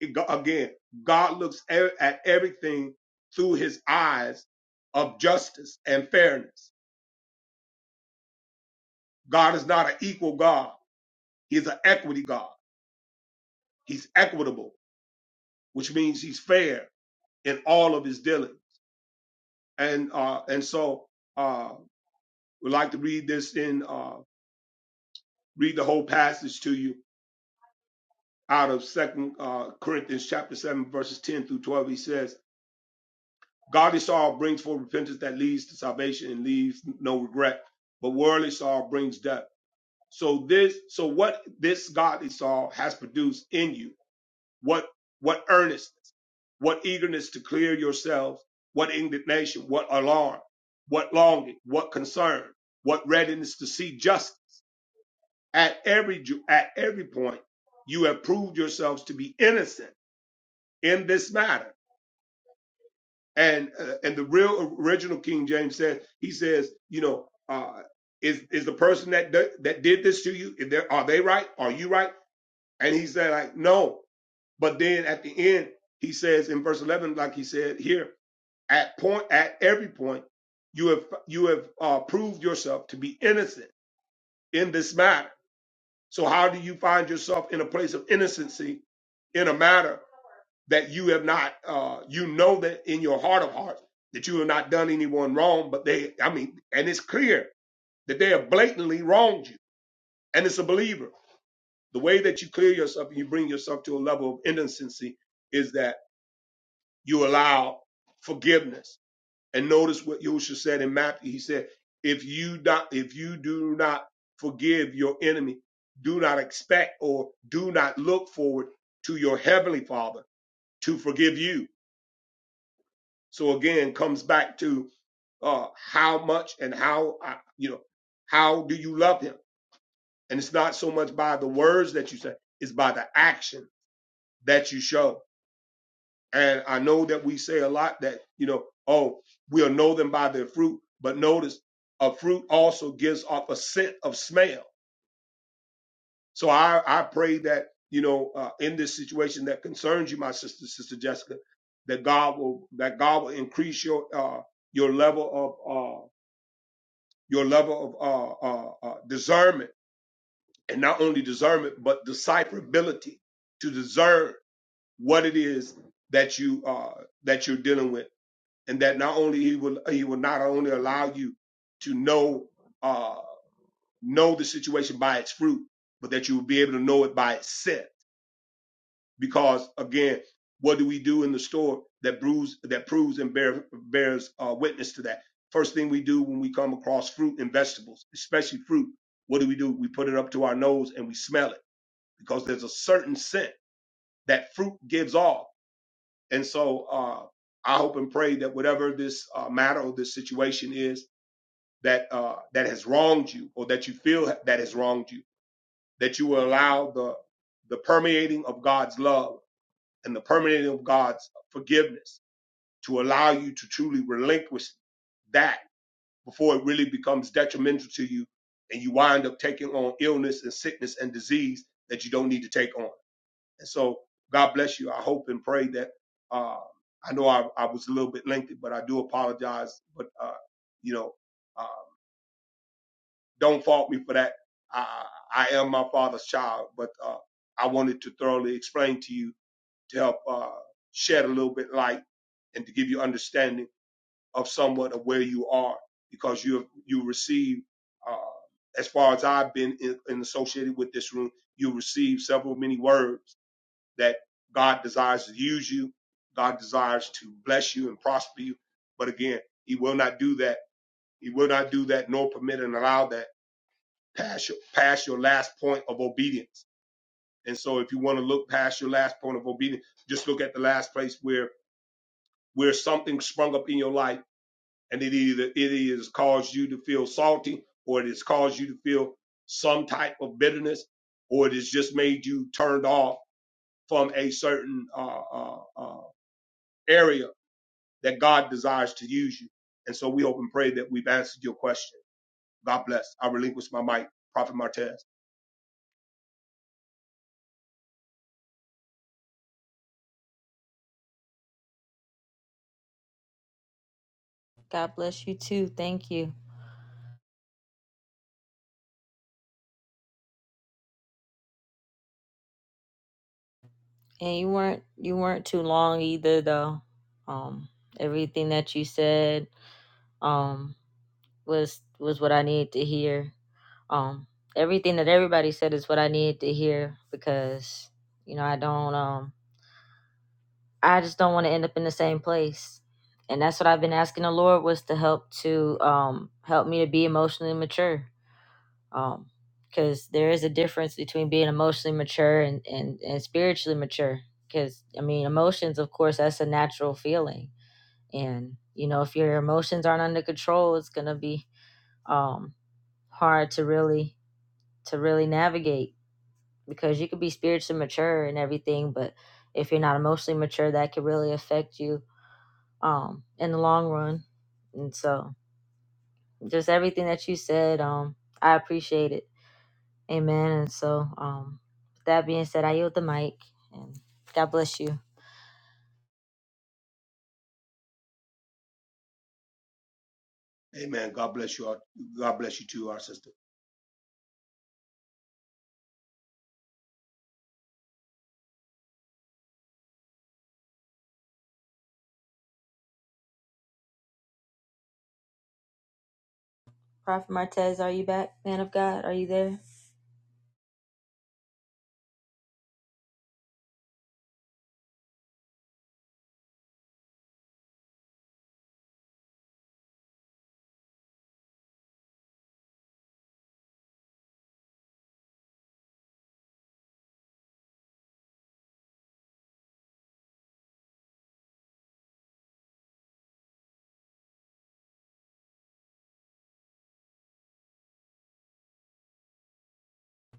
it, go- again God looks e- at everything through His eyes of justice and fairness. God is not an equal God; He's an equity God. He's equitable, which means He's fair in all of His dealings and uh and so uh would like to read this in uh read the whole passage to you out of second uh corinthians chapter 7 verses 10 through 12 he says godly sorrow brings forth repentance that leads to salvation and leaves no regret but worldly sorrow brings death so this so what this godly sorrow has produced in you What, what earnestness, what eagerness to clear yourselves, what indignation, what alarm, what longing, what concern, what readiness to see justice. At every, ju- at every point, you have proved yourselves to be innocent in this matter. And, uh, and the real original King James says, he says, you know, uh, is, is the person that, d- that did this to you, is there, are they right? Are you right? And he said, like, no, But then at the end, he says in verse 11, like he said here, at point at every point you have you have uh, proved yourself to be innocent in this matter so how do you find yourself in a place of innocency in a matter that you have not uh, you know that in your heart of hearts that you have not done anyone wrong but they i mean and it's clear that they have blatantly wronged you and it's a believer the way that you clear yourself and you bring yourself to a level of innocency is that. you allow forgiveness. And notice what Yosha said in Matthew. He said, if you not, if you do not forgive your enemy, do not expect or do not look forward to your heavenly father to forgive you. So again, comes back to uh, how much and how, uh, you know, how do you love him? And it's not so much by the words that you say, it's by the action that you show. And I know that we say a lot that, you know, oh, we'll know them by their fruit. But notice a fruit also gives off a scent of smell. So I, I pray that, you know, uh, in this situation that concerns you, my sister, sister Jessica, that God will, that God will increase your, uh, your level of, uh, your level of, uh, uh, uh, discernment and not only discernment, but decipherability to discern what it is that you, uh, that you're dealing with and that not only he will he will not only allow you to know uh know the situation by its fruit, but that you will be able to know it by its scent. Because again, what do we do in the store that proves that proves and bear, bears uh, witness to that? First thing we do when we come across fruit and vegetables, especially fruit, what do we do? We put it up to our nose and we smell it because there's a certain scent that fruit gives off. And so uh, I hope and pray that whatever this uh, matter or this situation is that uh, that has wronged you or that you feel that has wronged you, that you will allow the the permeating of God's love and the permeating of God's forgiveness to allow you to truly relinquish that before it really becomes detrimental to you and you wind up taking on illness and sickness and disease that you don't need to take on. And so God bless you. I hope and pray that uh, I know I, I was a little bit lengthy, but I do apologize. But, uh, you know, um, don't fault me for that. I, I am my father's child, but uh, I wanted to thoroughly explain to you to help uh, shed a little bit light and to give you understanding of somewhat of where you are because you have, you receive, uh, as far as I've been in, in associated with this room, you receive several many words that God desires to use you. God desires to bless you and prosper you. But again, he will not do that. He will not do that nor permit and allow that past your past your last point of obedience. And so if you want to look past your last point of obedience, just look at the last place where where something sprung up in your life and it either it has caused you to feel salty or it has caused you to feel some type of bitterness or it has just made you turned off from a certain uh, uh, uh, area that God desires to use you. And so we hope and pray that we've answered your question. God bless. I relinquish my mic. Prophet Martez. God bless you too. Thank you. And you weren't you weren't too long either though. Um, everything that you said. Um. was was what I needed to hear. Um, everything that everybody said is what I needed to hear because you know I don't um I just don't want to end up in the same place, and that's what I've been asking the Lord was to help to um help me to be emotionally mature. Um, because there is a difference between being emotionally mature and and, and spiritually mature. Because I mean, emotions, of course, that's a natural feeling, and you know if your emotions aren't under control, it's gonna be um hard to really to really navigate because you could be spiritually mature and everything, but if you're not emotionally mature, that could really affect you um in the long run. And so just everything that you said, um, I appreciate it. Amen. And so, um, with that being said, I yield the mic and God bless you. Amen. God bless you. All. God bless you too, our sister. Prophet Martez, are you back? Man of God, are you there?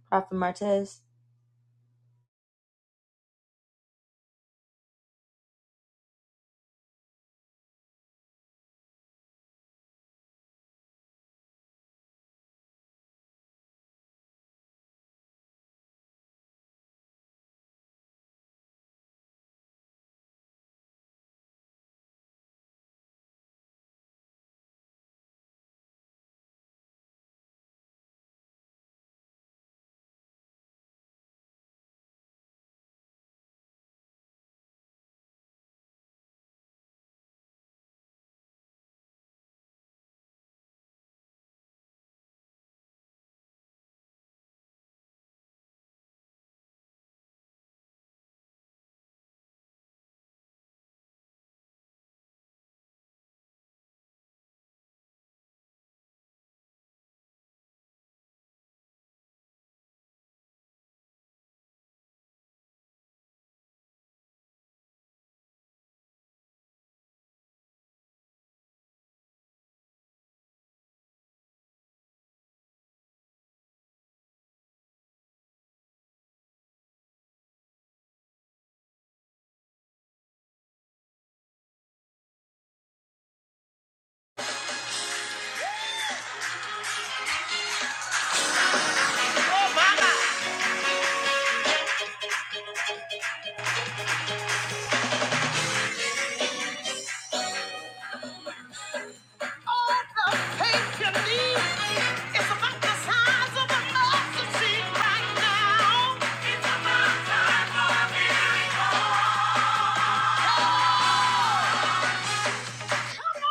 Prophet Martez. Oh my God! All the faith you need is about the size of an oxygen right now. It's about time for a miracle. Thank you.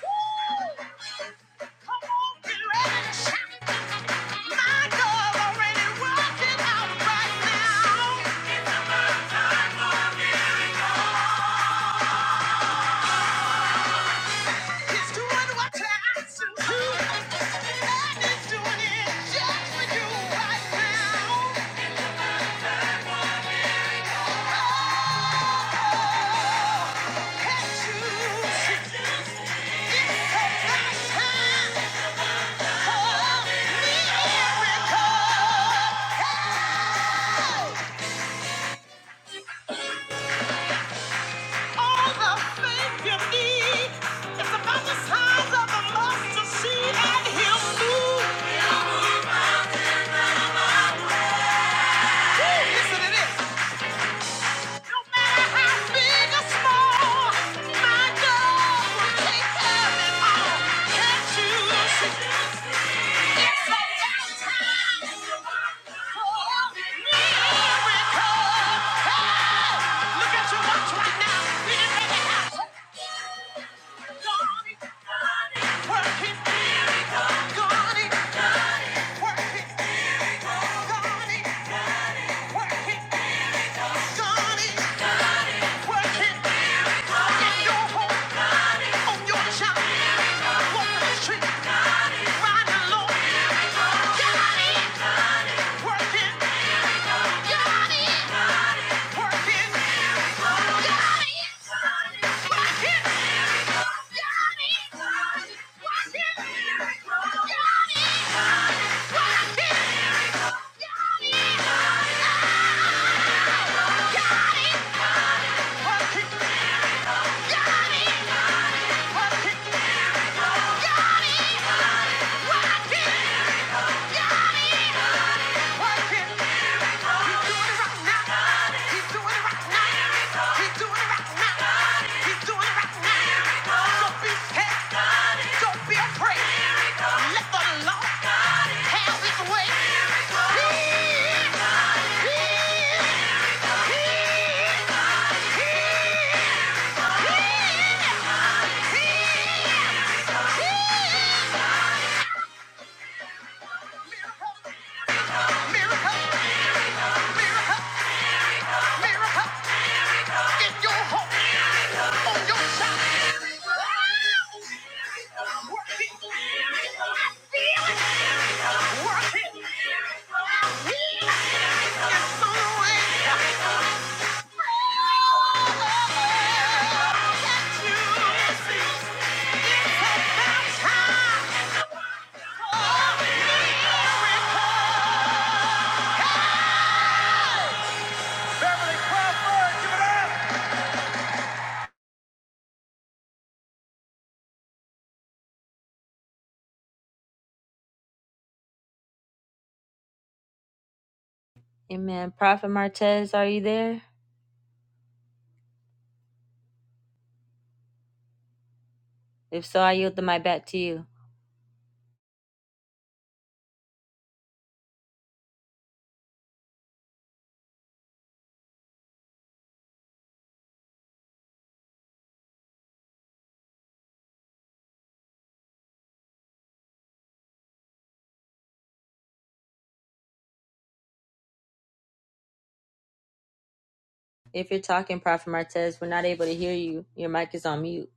Miracle! All the faith you need is about the size of a mustard seed, and he'll move. listen to this. No matter how big or small, my God will take care it all. Can't you see? Working, working. Don't be afraid. Let the Lord have his way. Yeah, yeah. Work it. Work it. It's on the way. Amen. Prophet Martez, are you there? If so, I yield the mic back to you. If you're talking, Prophet Martez, we're not able to hear you. Your mic is on mute.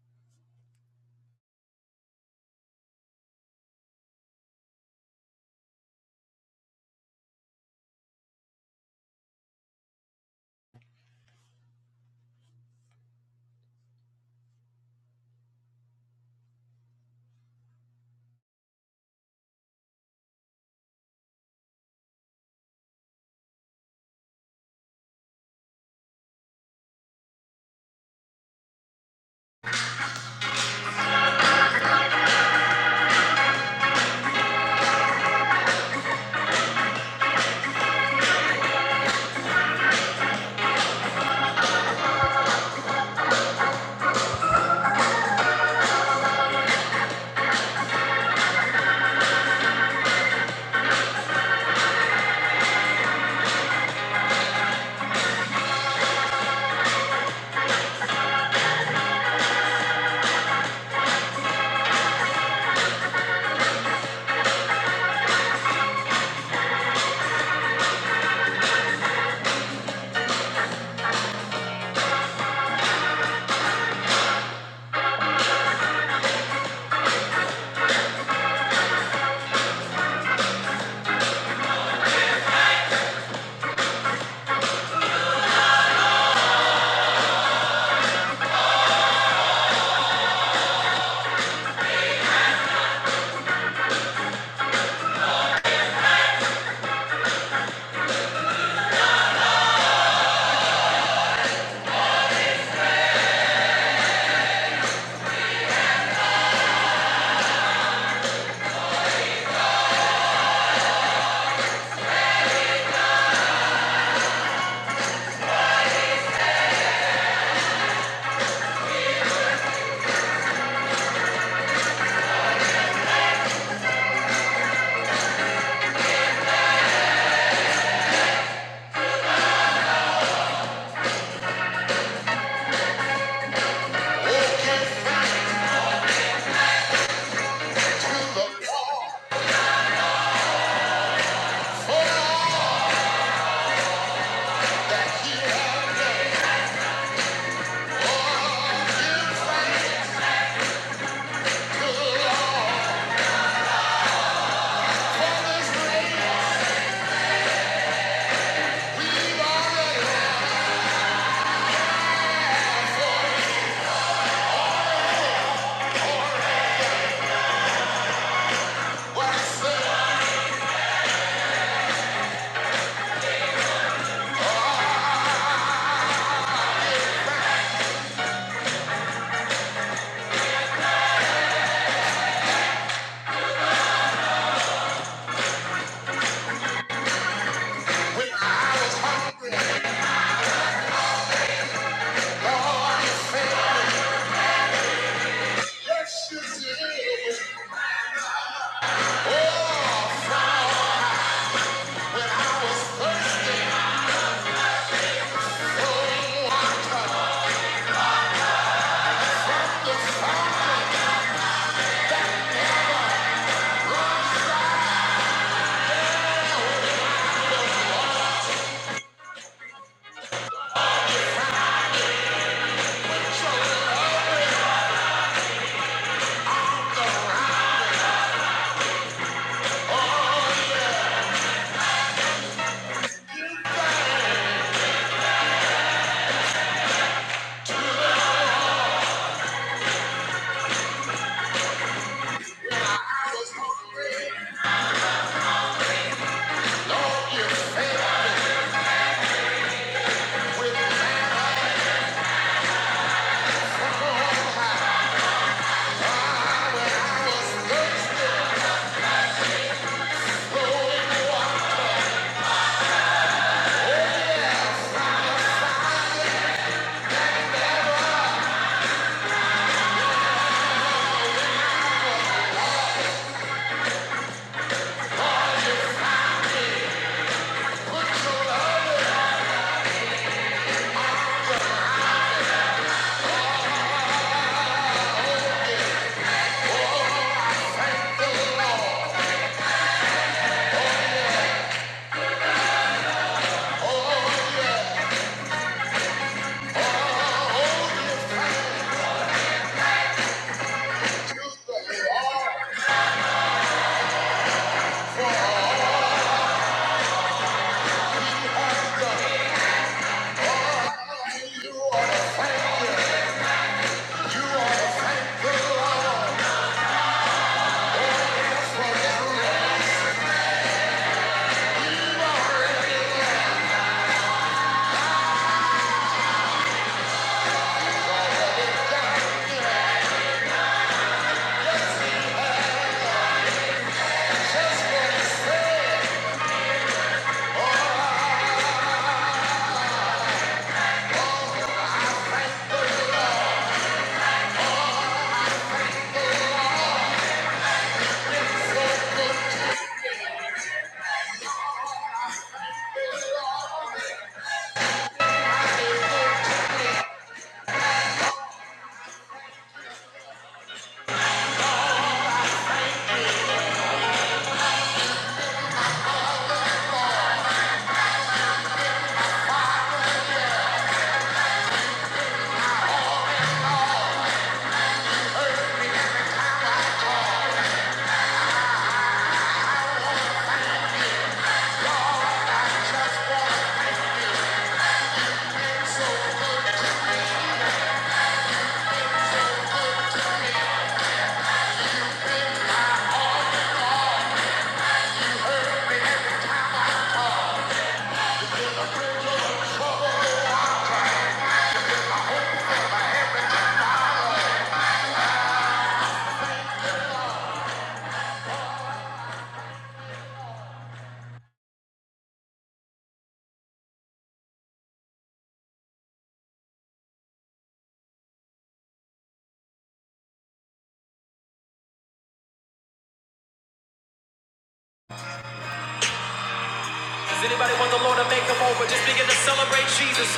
Does anybody want the Lord to make them over? Just begin to celebrate Jesus.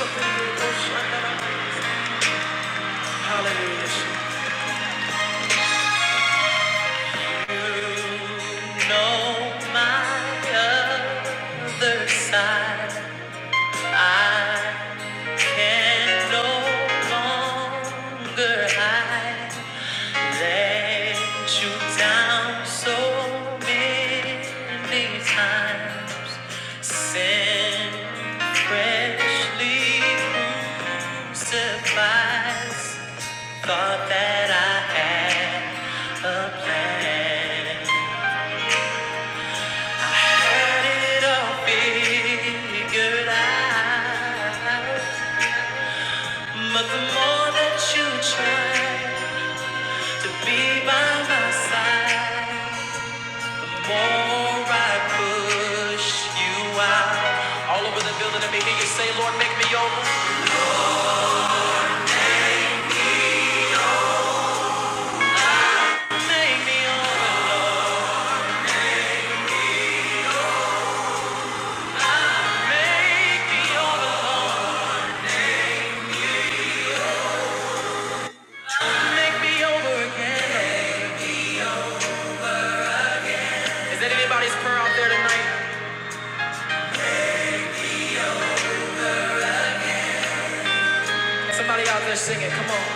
Hallelujah. know my other side. I can no longer hide. Let you down so many times. Sin freshly crucifies. Thought that I had a plan. Had it But the more that you try to be by my side, the more I push you out. All over the building, let me hear you say, Lord, make me over. Make me over. Make me over. Make me over again. Is that anybody's prayer out there tonight? Somebody out there singing, come on.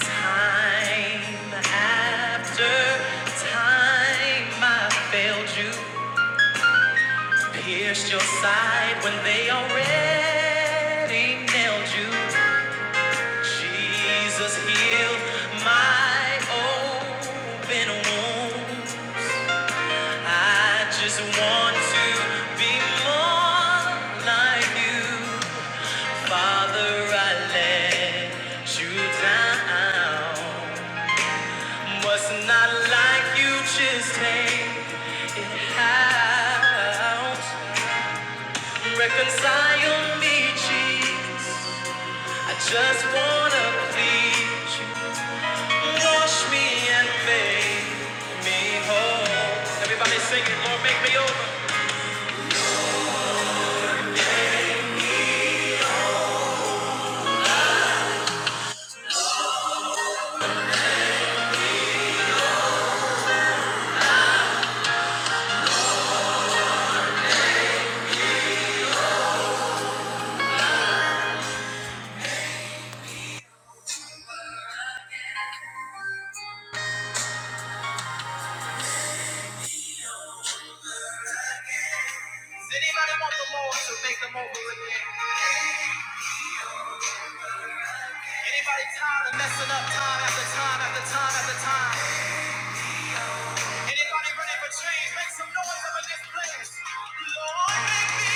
Time after time I failed you, pierced your side when they already nailed you. Jesus healed my open wounds. I just want to be more like you. Father, I let you down. Was not like you just take it out. Reconcile me, Jesus. I just wanna please you. Wash me and make me whole. Everybody sing it, Lord, make me over. Does anybody want the Lord to make them over again? Anybody tired of messing up time after time after time after time? Anybody ready for change? Make some noise up in this place. Lord, make me.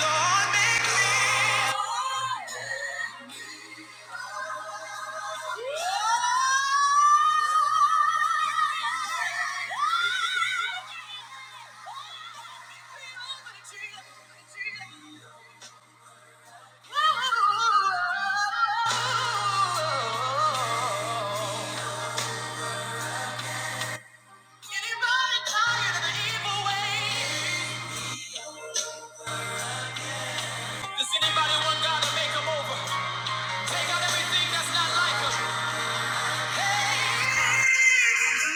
Lord, make me. Lord, make me. Anybody tired of the evil way? Take out everything that's not like us. Hey,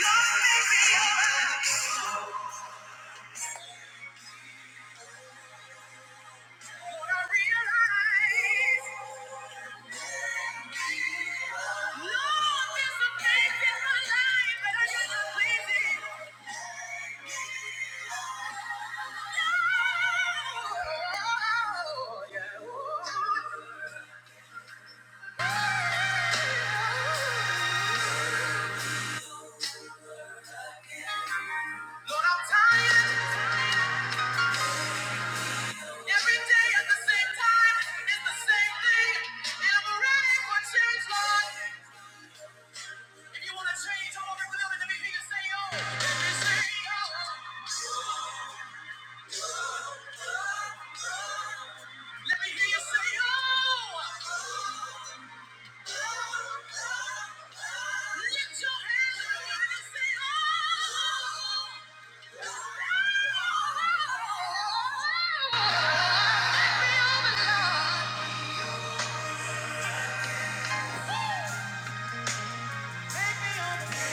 love makes me alive. What I realize, love is the pain in my life, but I just don't please it. No. Yeah. Lord, I'm tired. Every day at the same time, it's the same thing. And I'm ready for change, Lord. If you wanna change, I want everyone else to be oh, me say, oh. Let me hear you say, oh. Lift your hands and everybody just say, oh. Take me over, Lord. Take me over.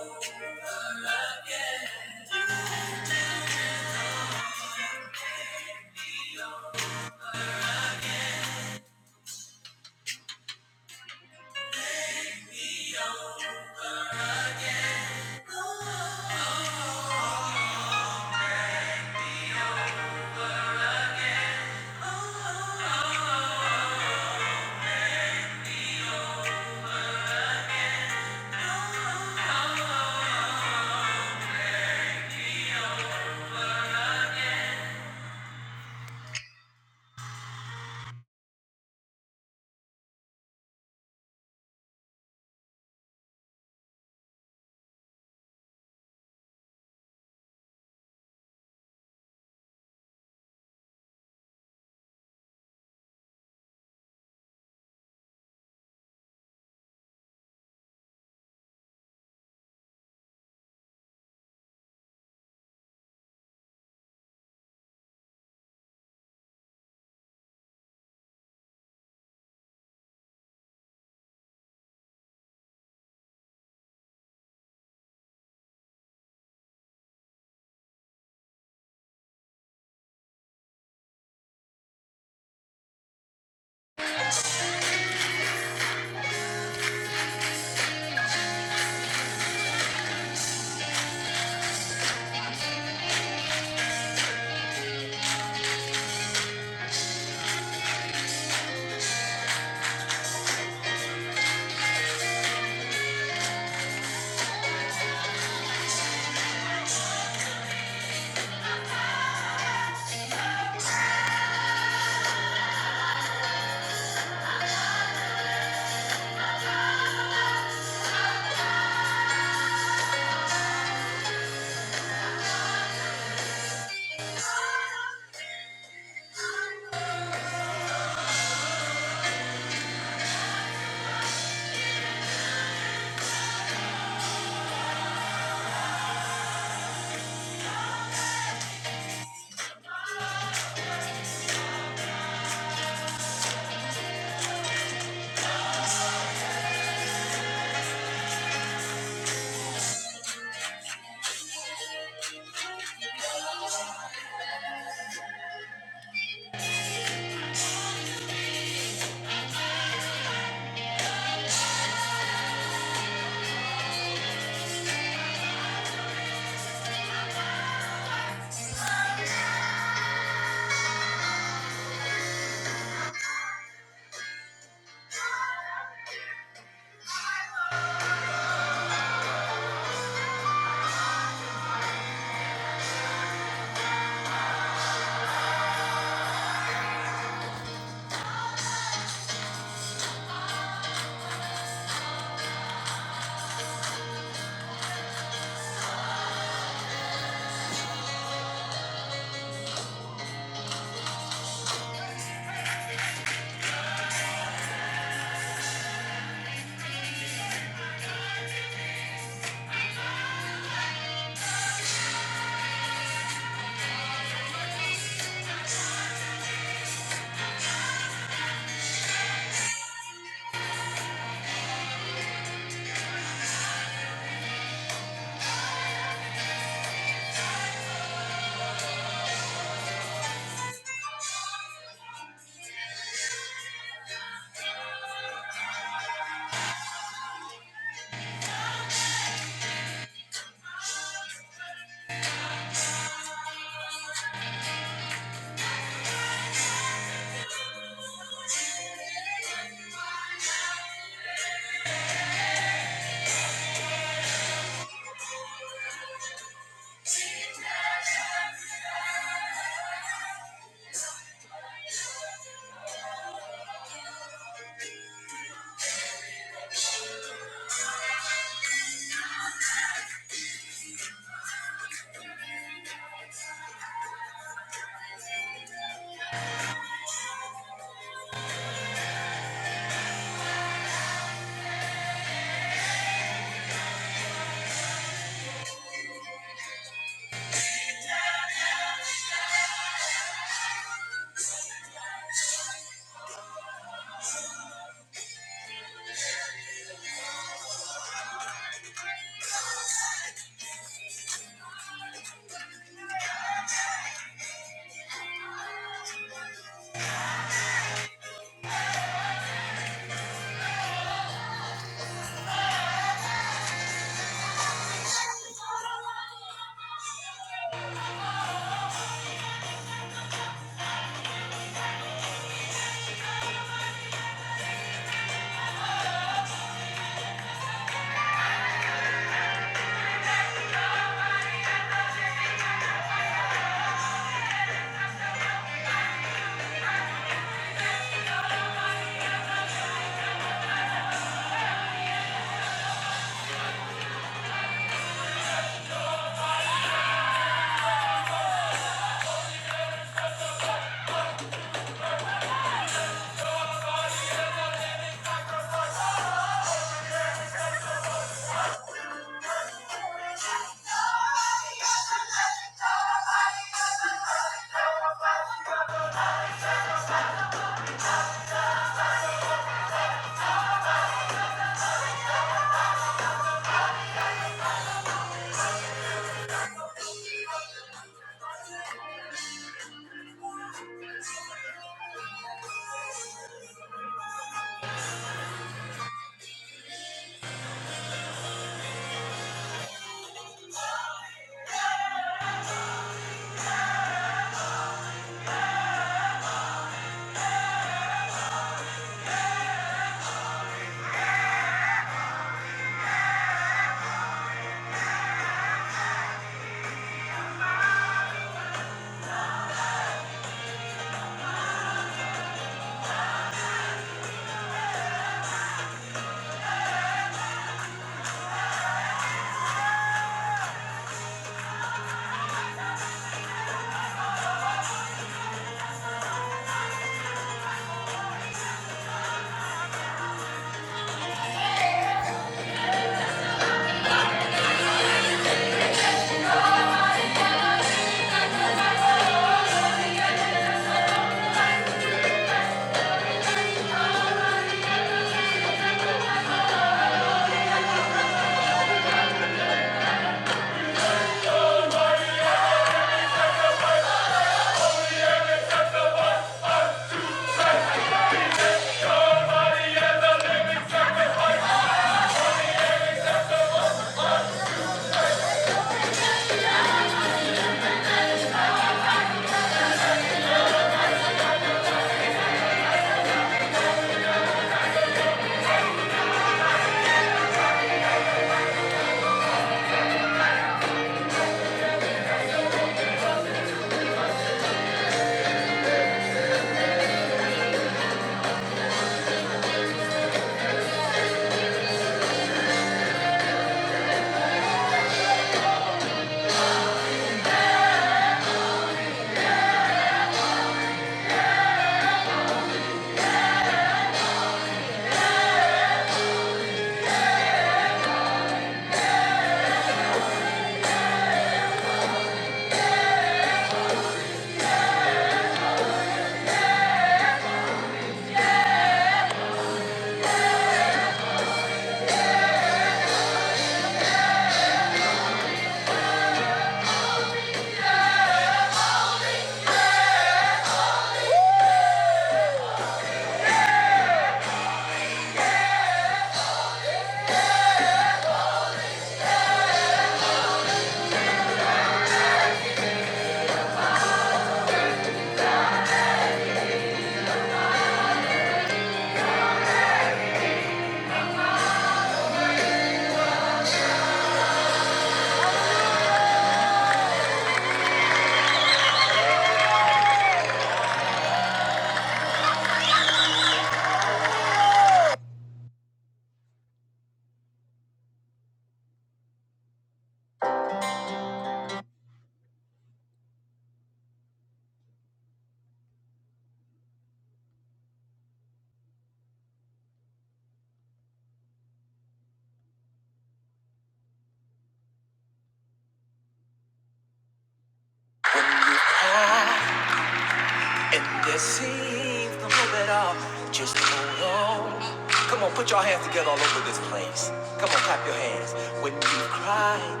And this seems to move it up. Just hold on. Come on, put your hands together all over this place. Come on, clap your hands. When you cry,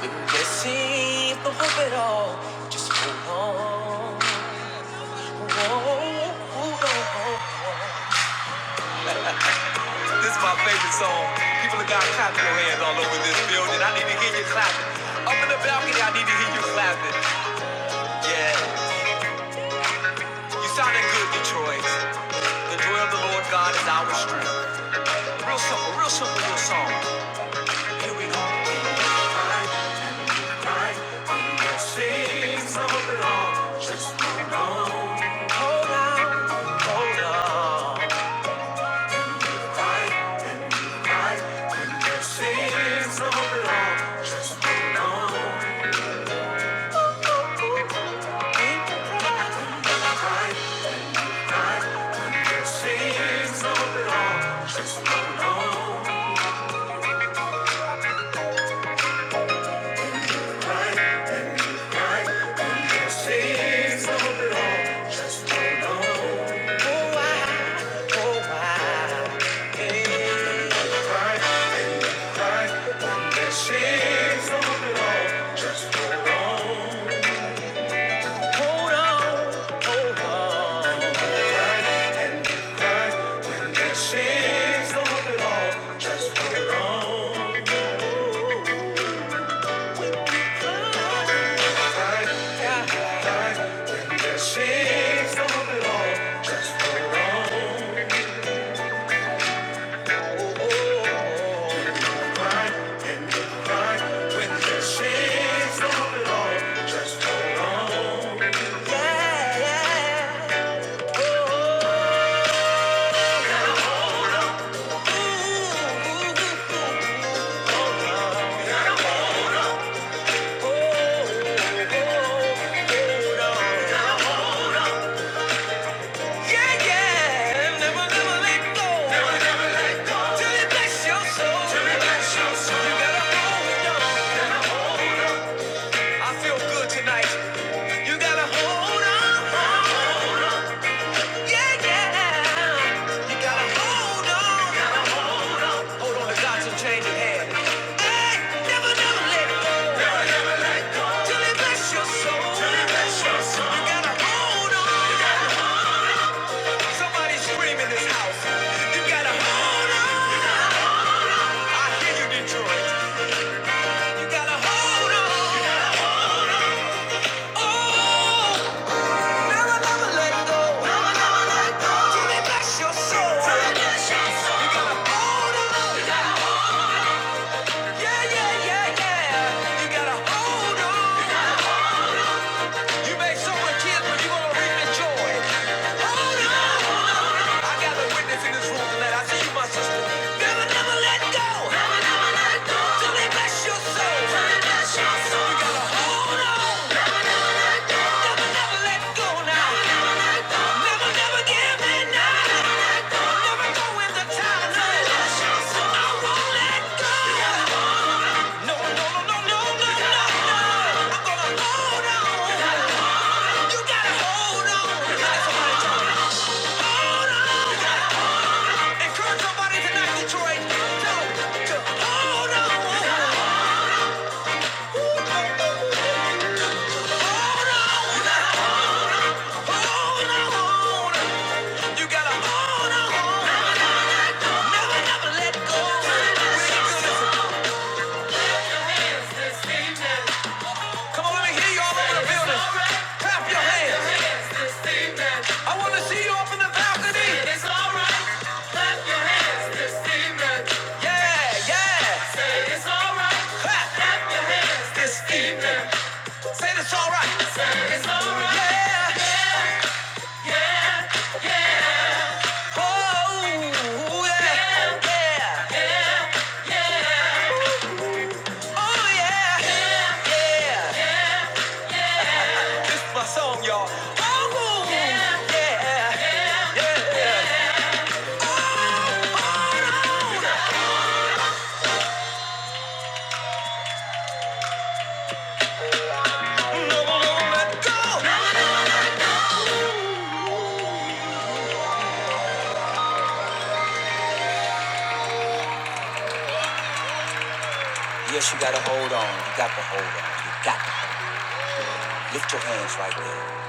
When you see the hope at all, just hold on. hold on. This is my favorite song. People have got clapping your hands all over this building. I need to hear you clapping. Up in the balcony, I need to hear you clapping. Yeah, you sounded good, Detroit. The joy of the Lord God is our strength. Real simple, real simple real song. Sing some of it all. Hold on, hold on. Hold on, hold on. It still feel good. You gotta hold on, yeah, yeah. You gotta hold on, hold on to God's unchanging hand. Hey, never, never let go till it bless your soul. You gotta hold on. Somebody scream in this house. You gotta hold on. Never, never let go till it bless your soul. You gotta hold on, yeah, yeah, yeah, yeah. You gotta hold on. You may sow a tear, but you gonna reap the joy. Hold on. I got a witness in this room tonight. I see you, my sister. Never, never let go. Never, never let go. Till they bless your soul. Till they bless your soul. You gotta hold on. Never, never let go. Never, never let go now. Never, never let go. Never, never give in now. Never, let go. Never go in the time. Till they bless your soul. I won't let go. You gotta hold- No, no, no, no, no, no, You gotta no, hold no. on. I'm gonna hold on. You gotta hold on. You gotta hold on. You gotta- somebody tell Hold on. You gotta Come on, let me hear you all over the building. Clap your hands. I want to see you up in the balcony. Yeah, yeah. Say this all right. Yes, you gotta hold on. You got to hold on. You got to lift your hands right there.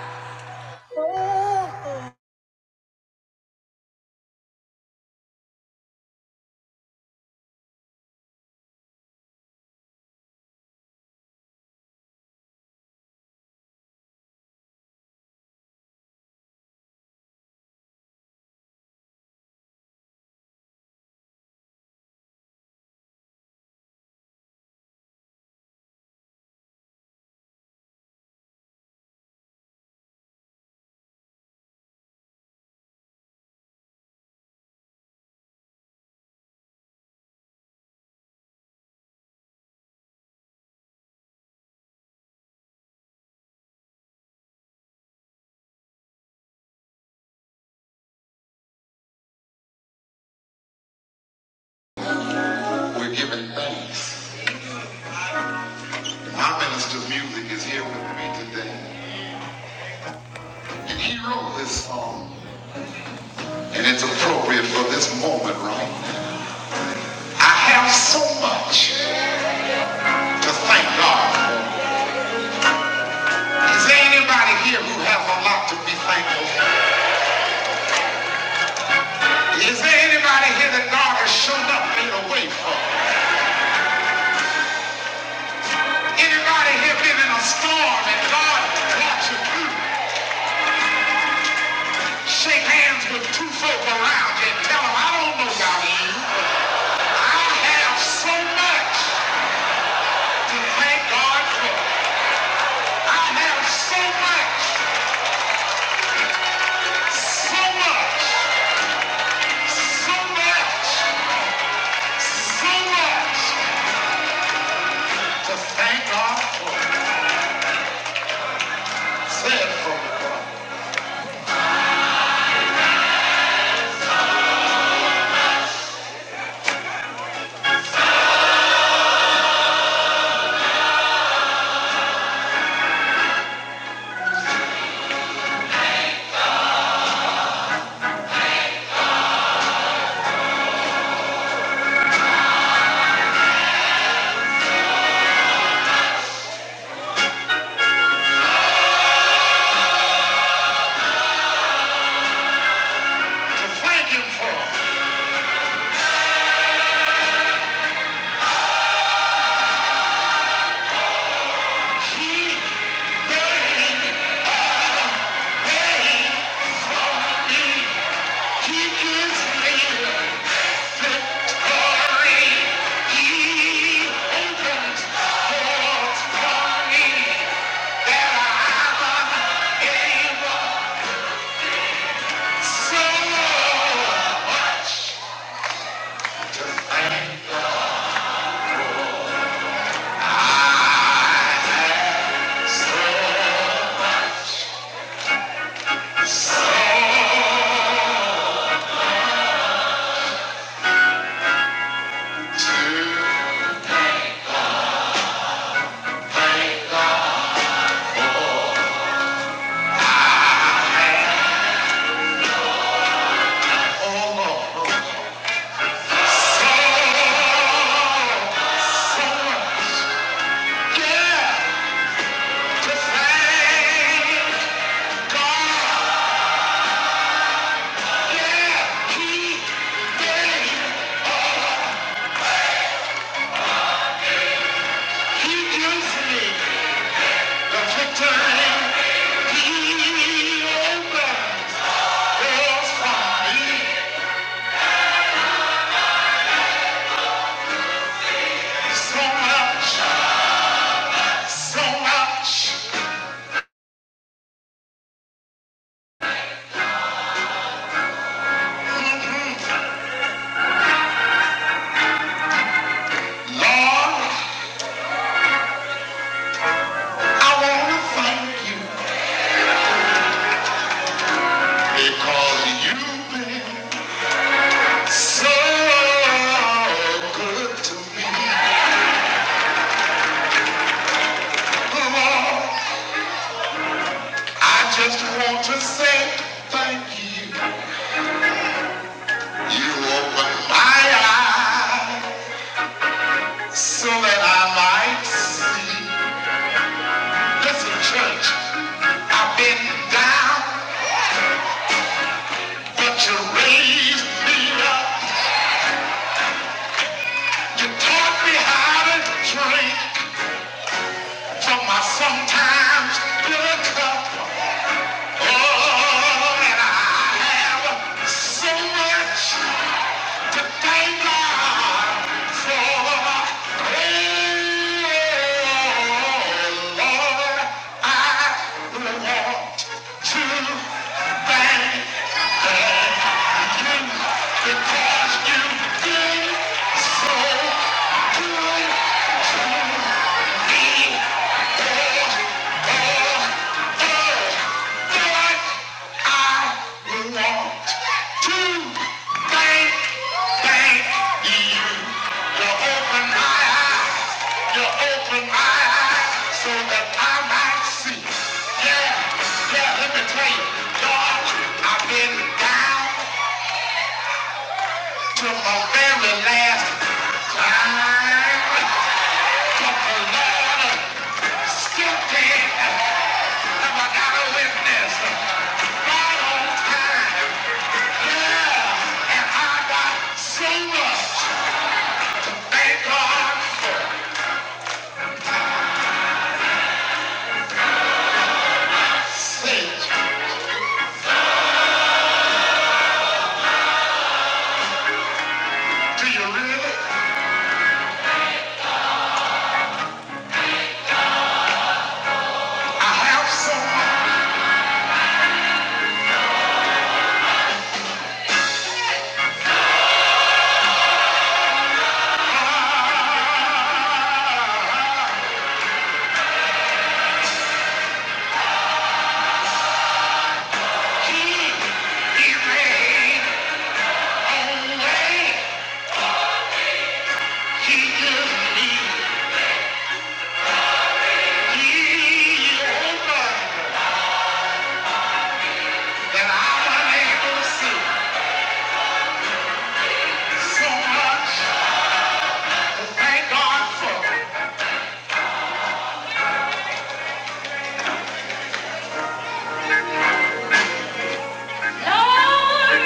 We're giving thanks. My minister of music is here with me today. And he wrote this song. And it's appropriate for this moment, right? I have so much to thank God for. Is there anybody here who has a lot to be thankful for? Is there anybody here that God has shown up in a way for? Anybody here been in a storm and God brought you through? Shake hands with two folk around you and tell them, I don't know about you. I have so much to thank God for. I have so much, so much, so much so much to thank God for said for the cross, to thank Him for He paid, paid for me. He gives me victory. He opens doors for me. gave And so I to thank God. Yeah, thank God. Yeah, he did. me the victory. He opens those fire. So much, so much. Lord, I want to thank you because you've been so good to me. I just want to say thank you. You opened my eyes. so that I might see. Listen, church, I've been down, but you raised me up. You taught me how to drink from my sometimes bitter cup. Oh, and I have so much. to thank God for all. Lord, I want to thank you because you did so good to me. I've been down to my very last cry. So much. Thank Lord,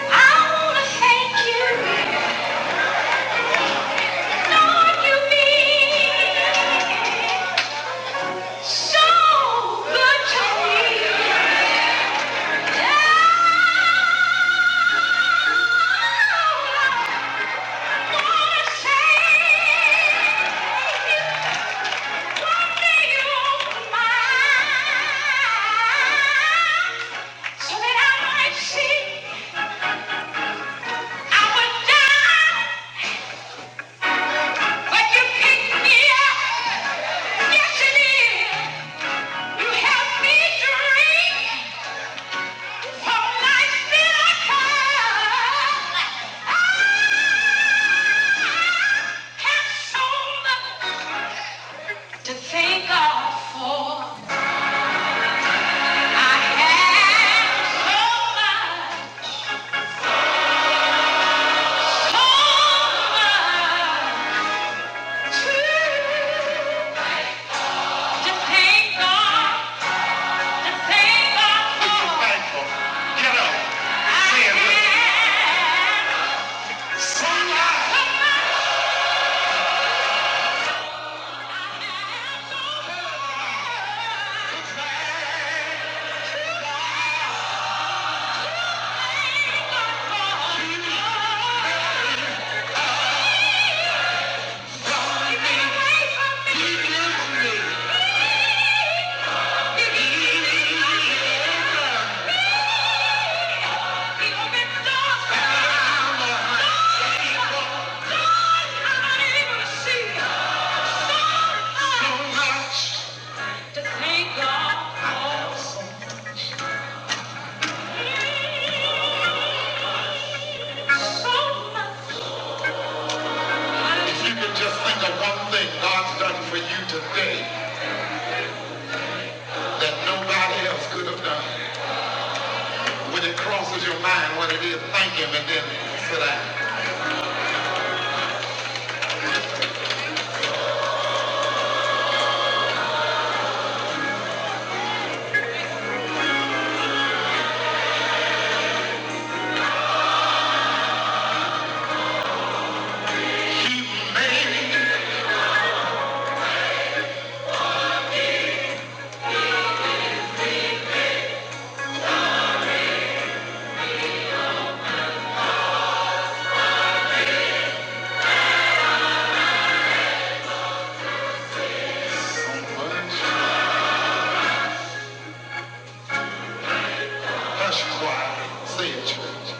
I wanna thank you. Lord, you've been so good to me. Lord, I wanna say one you opened my eyes so that I might see. I was down, but you picked me up. Yes, it is. You help me drink from life's bitter Have so much to thank God for. I have so much, so much to- thank God- thank God for. Get up. Say it with me. I have so much. He me. He opens doors If you could just think of one thing God's done for you today that nobody else could have done. When it crosses your mind what it is, thank Him and then sit down. So much. Hush choir. Say it, church.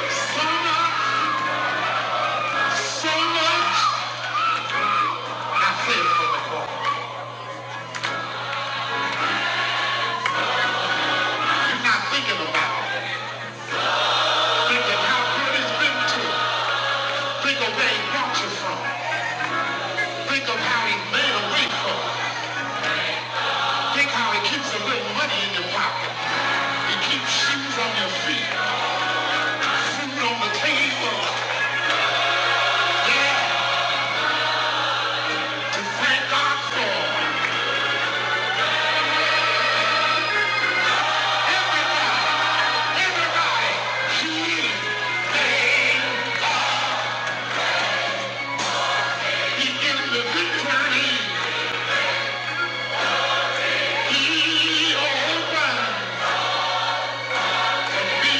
So much. So much. I say it for the choir. You're not thinking about it. Think of how good it's been to you. Think of where He brought you from. Think of how He made a way for you. Think how he keeps a little money in your pocket. He keeps shoes on your feet, food on the table. Yeah, to thank God for everybody, everybody. He is paying. He is the victory. He opened to be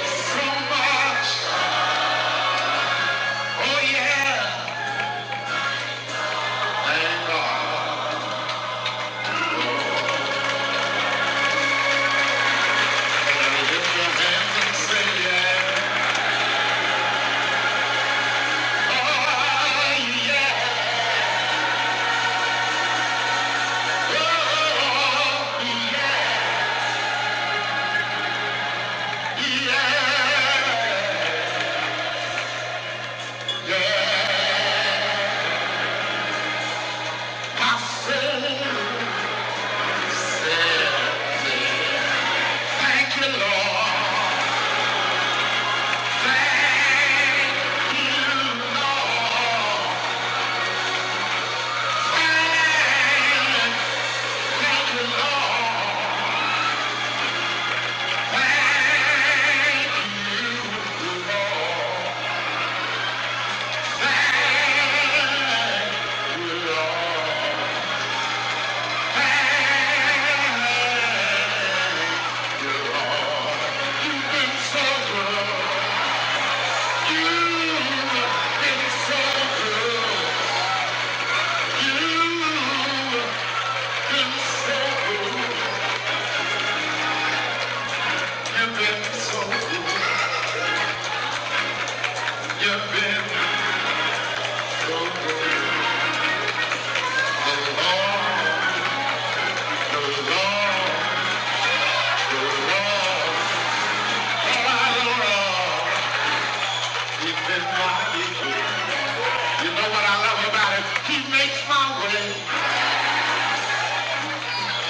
so much. Oh yeah. Thank God. Lift your hands and say yeah. Oh yeah. You've been so good. You know what I love about him? He makes my way.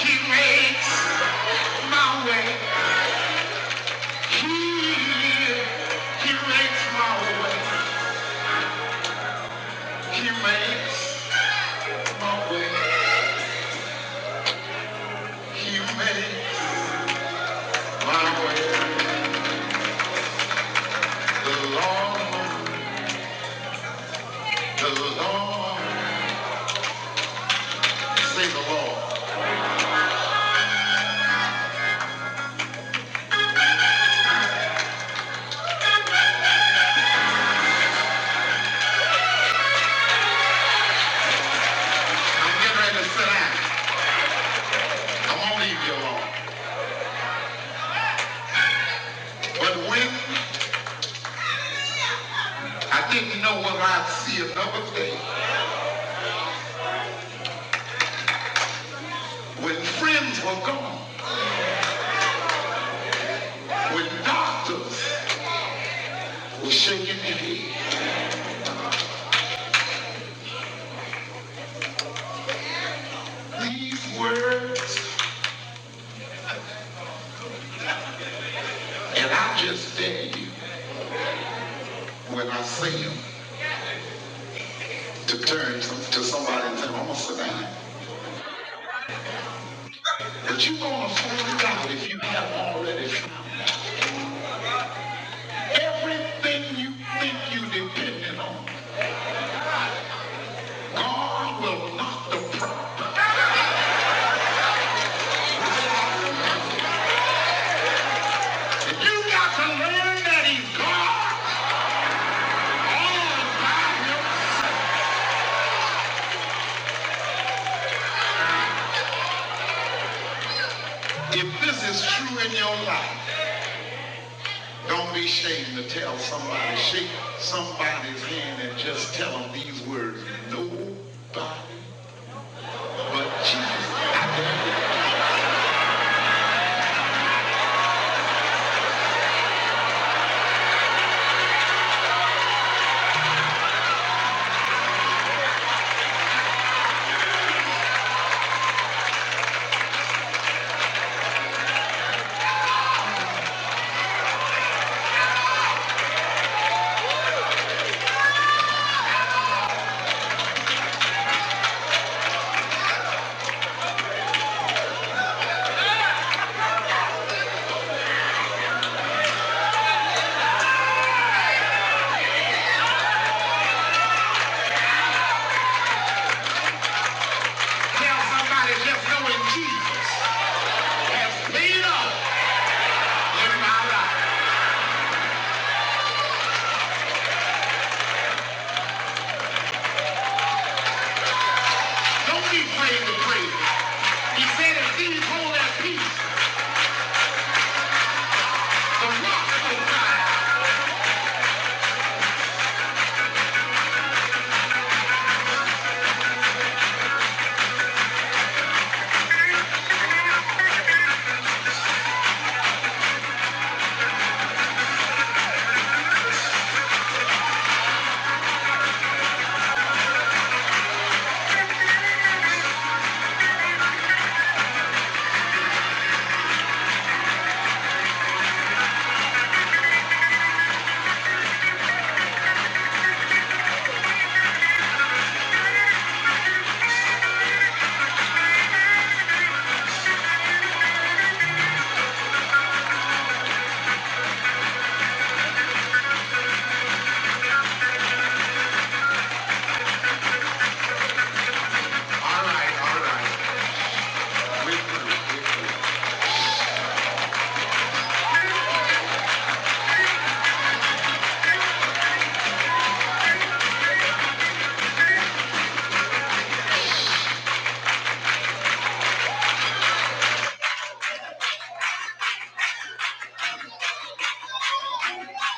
He makes my way. He, he makes my way. He makes. He made my way. The Lord, the Lord, say the Lord. I'm getting ready to sit down. I won't leave you alone. But when I didn't know whether I'd see another day, when friends were gone, when doctors were shaking their head, these words, and I just dare you when I see them to turn to, to somebody and say, I'm gonna sit down. But you're gonna fool God if you have already found everything you think you dependent on. God will not deprive you. You got to learn that He's God all by himself. If this is true in your life, don't be ashamed to tell somebody, shake somebody's hand and just tell them these words. Nobody but Jesus. Tell somebody just knowing Jesus has paid up in my life. Don't be afraid to pray. He said, if thieves hold their peace, the rock will die."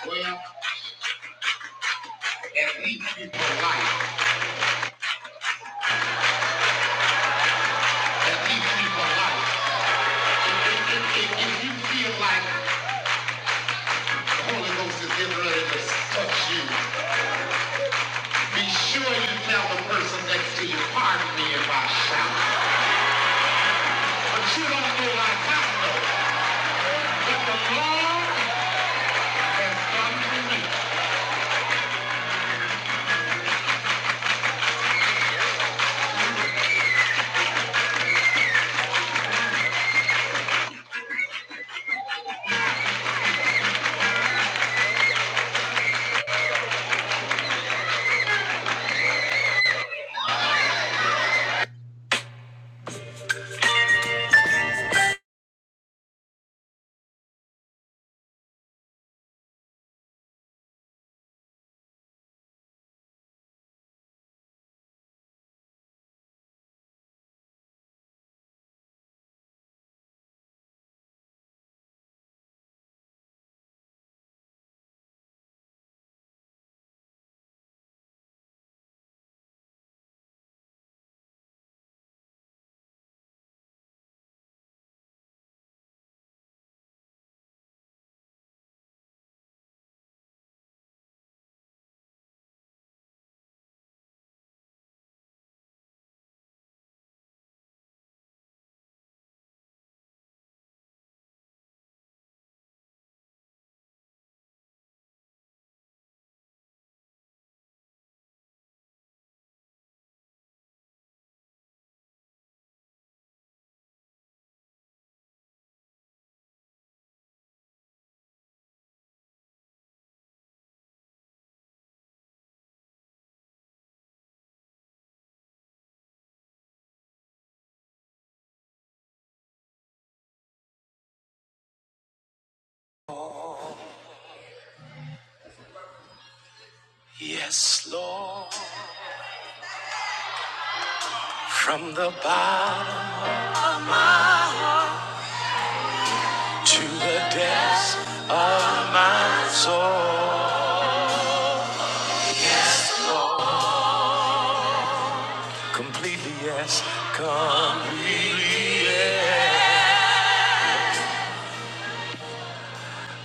Well, at least you polite. At least you polite. If, if, if, if, if you feel like the Holy Ghost is getting ready to touch you, be sure you tell the person next to you, pardon me if I shout. But you don't know like I know. But the Lord has done for me. Yes, Lord, from the bottom. of my heart. To the depths of my soul, completely yes, completely yes.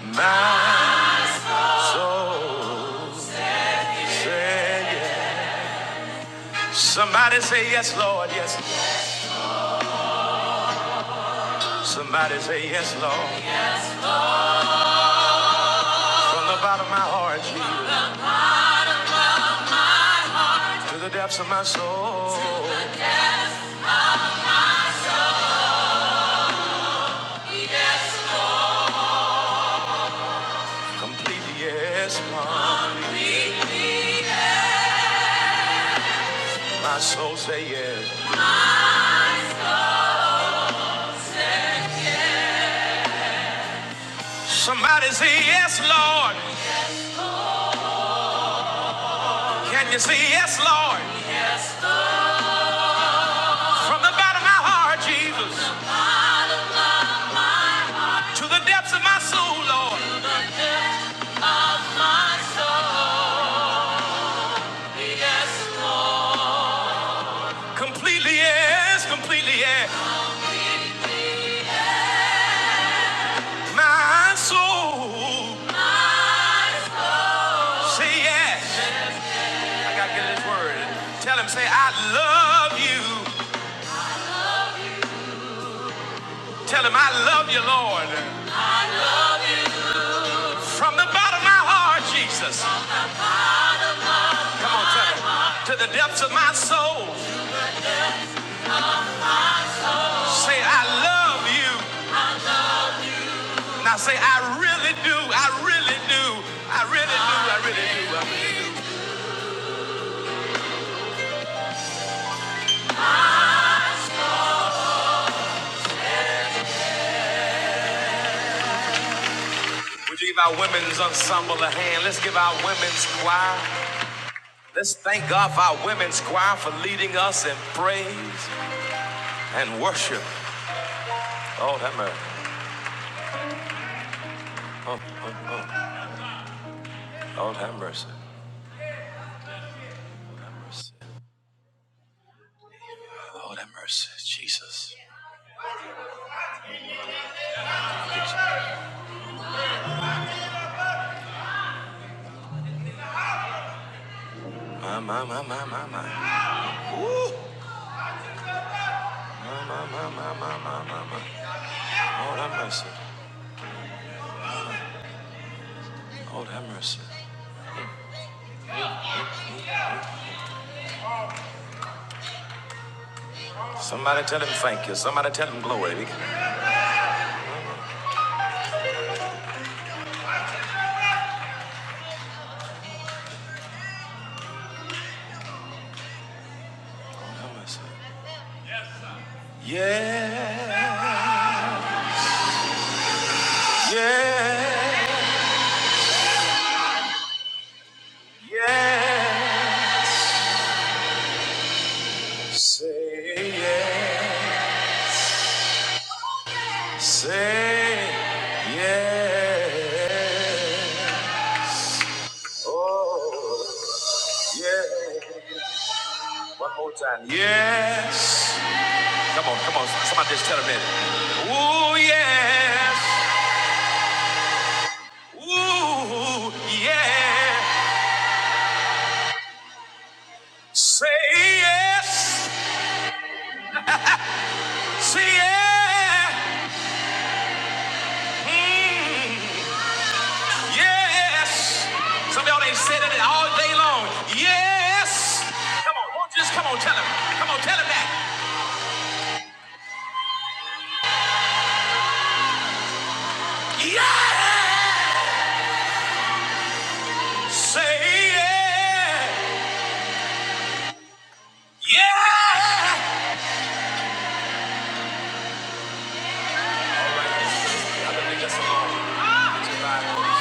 My soul, say yes. Somebody say yes, Lord, yes. Somebody say yes, Lord. From the bottom of my heart, Jesus, to the depths of my soul, completely yes, Lord. My soul say yes. Somebody say yes, Lord. Can you say yes, Lord? From the bottom of my heart, Jesus. To the depths of my soul, Lord. My soul. Completely yes, completely yes. My soul. Say yes. I gotta get this word. Tell him, say, I love you. Tell him, I love you, Lord. From the bottom of my heart, Jesus. Come on, tell him. To the depths of my soul. Say, I love you. Now say, I really do. I really do. I really do. I really do. I really do. I really do. Would you give our women's ensemble a hand? Let's give our women's choir. Let's thank God for our women's choir for leading us in praise and worship. Lord have mercy. Oh, oh, oh. Lord have mercy. Lord have mercy. Lord have mercy. Jesus. My, my, my, my, my, my. My, my, my, my, my, my, my, my. Lord have mercy. Lord have mercy. Somebody tell him thank you. Somebody tell him glory. Lord have mercy. Yeah. Yeah. Yeah. Say yeah. Say yeah. Oh, yeah. One more time. Yes. Come on, come on. Somebody just tell him that. Ooh, yes. Ooh, yeah. Say yes. Say yeah. Mm. Yes. Some of y'all ain't said it all day long. Yes. Come on, won't you just come on, tell him. Come on, tell him that. Yes. Say yeah. Yeah. I believe that's alone.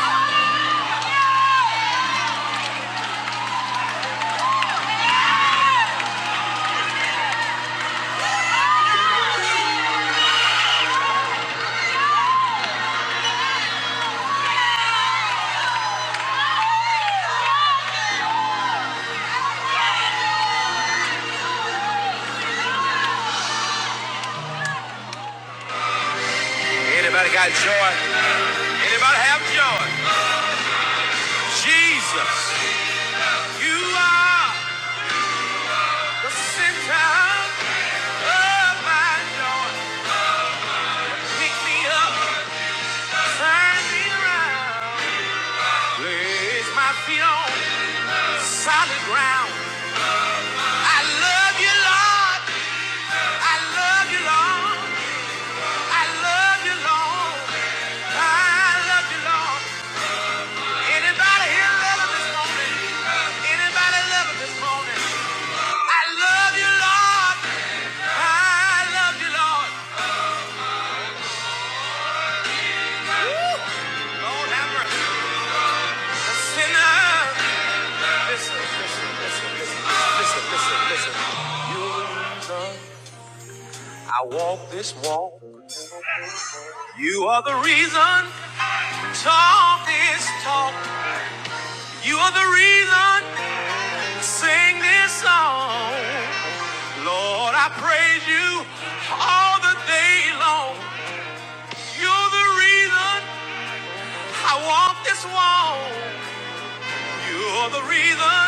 Anybody got joy? Anybody have joy? Jesus, you are the center of my joy. Pick me up, turn me around. Place my feet on solid ground. I love you, Lord. I love you, Lord. I love you, Lord. I love you, Lord. Anybody here love him this morning? Anybody love him this morning? I love you, Lord. I love you, Lord. Woo! Lord, have mercy. A sinner. Listen, listen, listen, listen, listen, listen, listen. You love. I walk this walk. You are the reason talk this talk. You are the reason sing this song. Lord, I praise you all the day long. You're the reason I walk this walk. You're the reason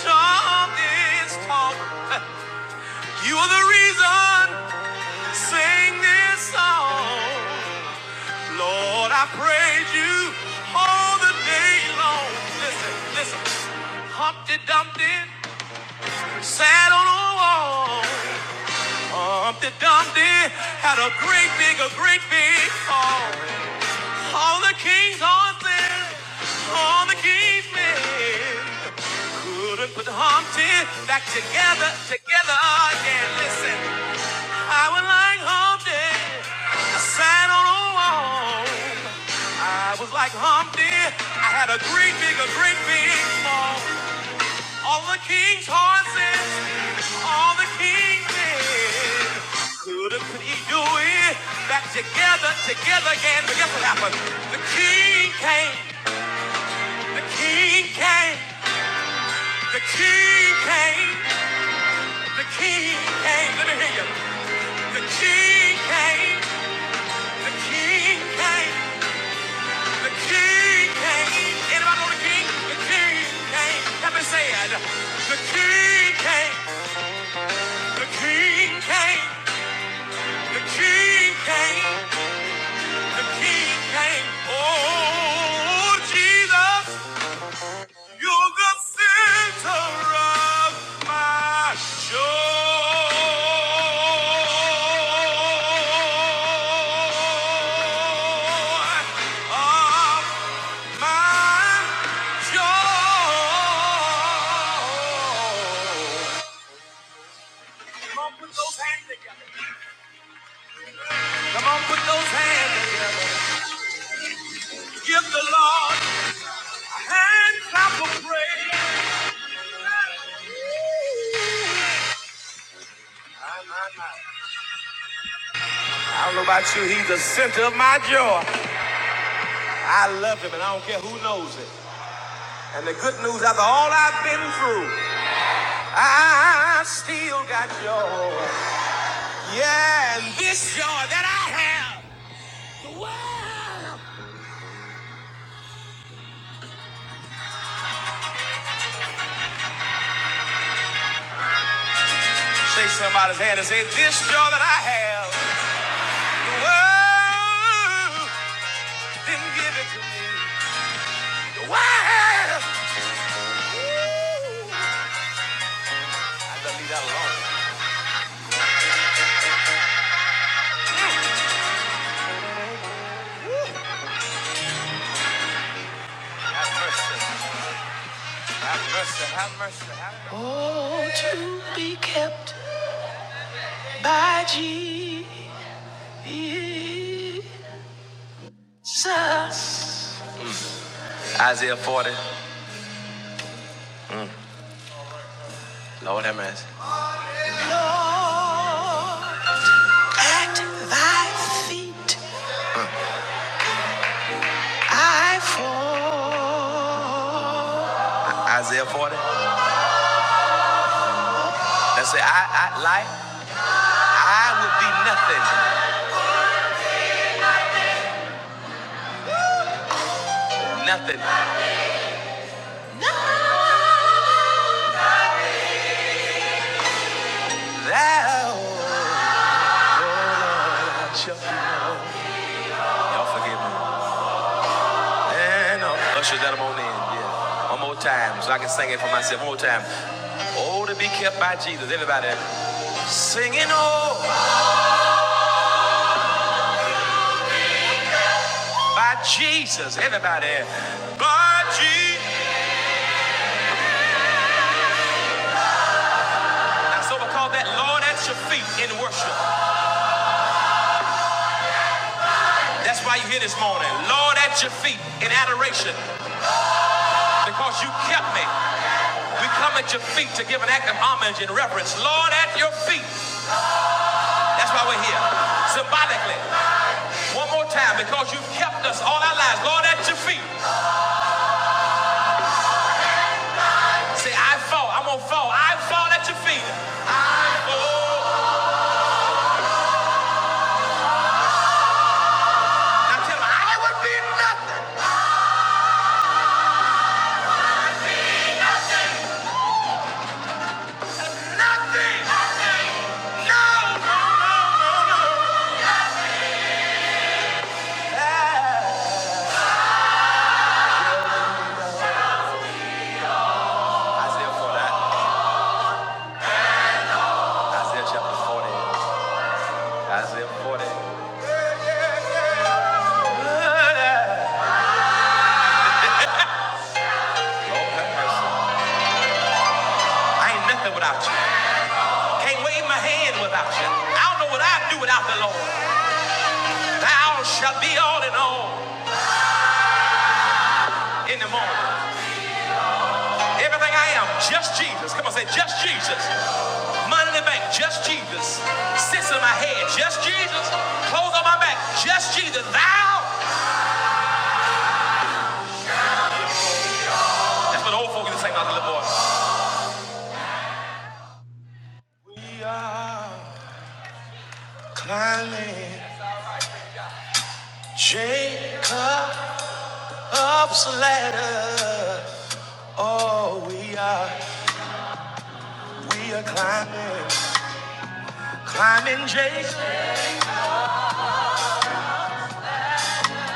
talk this talk. *laughs* You are the reason sing this song. Lord, I praise you all the day long. Listen, listen. Humpty Dumpty sat on a wall. Humpty Dumpty had a great big, a great big fall. All the king's horses, all the king's men couldn't put Humpty back together, together again. Listen, I would like Humpty. Sat on a wall. I was like Humpty. I had a great big, a great big fall. All the king's horses, all the king did. Could have, could he do it? Back together, together again. But guess what happened? The king came. The king came. The king came. The king came. Let me hear you. The king came. The king came. The king came. Anybody know the king? The king came. Help me say it. The king came. The king came. The king came. The king came. Oh, Jesus, you're the center of my joy. Oh, My joy. Come on, put those hands together. Come on, put those hands together. Give the Lord a hand clap of praise. My, my, my. I don't know about you, he's the center of my joy. I love him, and I don't care who knows it. And the good news, after all I've been through, I still got joy. Yeah, and this joy that I have. Shake somebody's hand and say, This joy that I have. world didn't give it to me. The Ooh. I gotta leave that alone. Have mercy. Have mercy. Have mercy. Have mercy. Isaiah 40. Isaiah 40. Let's say, I, I, like, I would be nothing. Nothing. Thou, oh Lord, shalt be known. Y'all forgive me. And uh, ushers that I'm on in. Yeah. One more time, so I can sing it for myself. One more time. Oh, to be kept by Jesus. Everybody. Singing oh by Jesus. Everybody. By Jesus. That's what we call that Lord at your feet in worship. That's why you here this morning. Lord at your feet in adoration. Because you kept me. We come at your feet to give an act of homage and reverence. Lord at your feet. That's why we're here. Symbolically. One more time. Because you've kept us all our lives. Lord at your feet. Say, I fall. I'm gonna fall. I fall at your feet. I fall. I think. I think. No, no, no, no. Isaiah 40, Isaiah chapter 40, Isaiah 40. Lord have mercy. I ain't nothing without you. Can't wave my hand without you. I don't know what I'd do without the Lord. Thou shalt be all in all in the morning. Everything I am, just Jesus. Come on, say just Jesus. Money in the bank, just Jesus. Sits in my head, just Jesus. Clothes on my back, just Jesus. Thou. That's what old folks used to sing about the little boy. We are. Climbing Jacob's ladder. Oh, we are, we are climbing, climbing Jacob.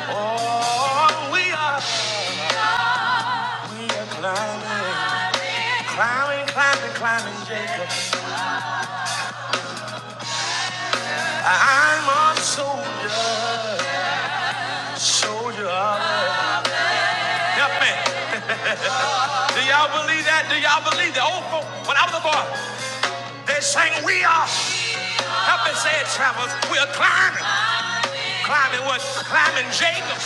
Oh, we are, we are climbing, climbing, climbing, climbing Jacob. I'm a soldier, soldier. of the- Help me. Do y'all believe that? Do y'all believe that? Old folk, when I was a boy, they sang, "We are." Help me say it, travelers. We are climbing, climbing what? Climbing Jacob.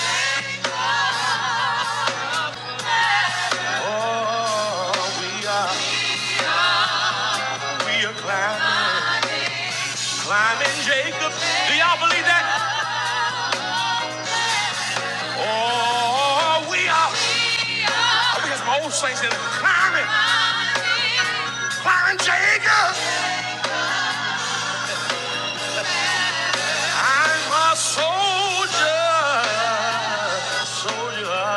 Oh, we are, we are climbing, climbing Jacob. Do y'all believe that? Oh, we are, I think it's my old saints that are climbing, climbing Jacob. I'm a soldier, soldier.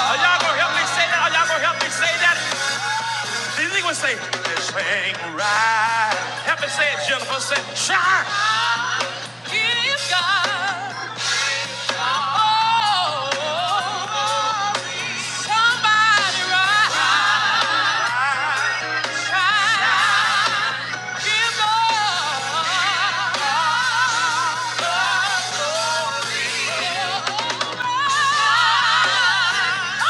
Are y'all gonna help me say that? Are y'all gonna help me say that? These niggas say, this ain't right. Help me say it, Jennifer. Say, shine. Give up. What's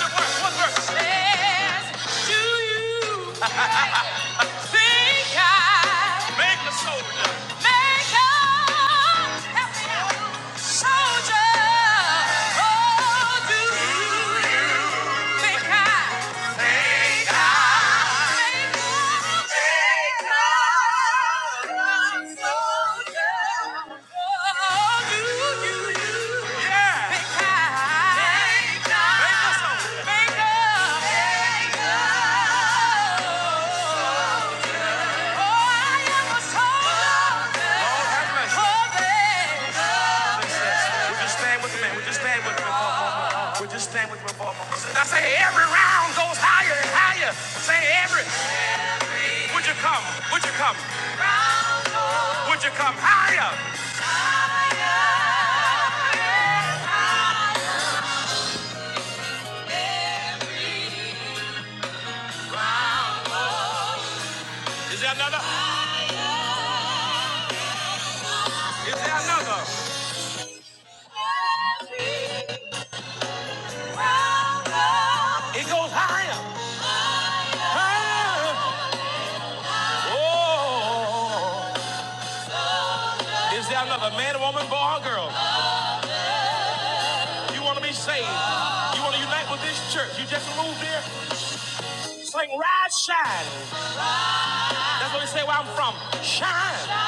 the word? What verse? Says make a soldier. Make a soldier. Oh, do you think I make a- think a soldier? Oh, do you Yeah. Make a Make a- Make a just stand with me. We just stand with me. We just stand with me for a moment. I say every round goes higher and higher. Say every. Would you come? Would you come? Would you come higher? Is there another? Is there another? It goes higher. Higher. Oh. Is there another man, woman, boy, or girl? You want to be saved. You want to unite with this church. You just moved here. Sing, rise, shine. That's what we say where I'm from. Shine.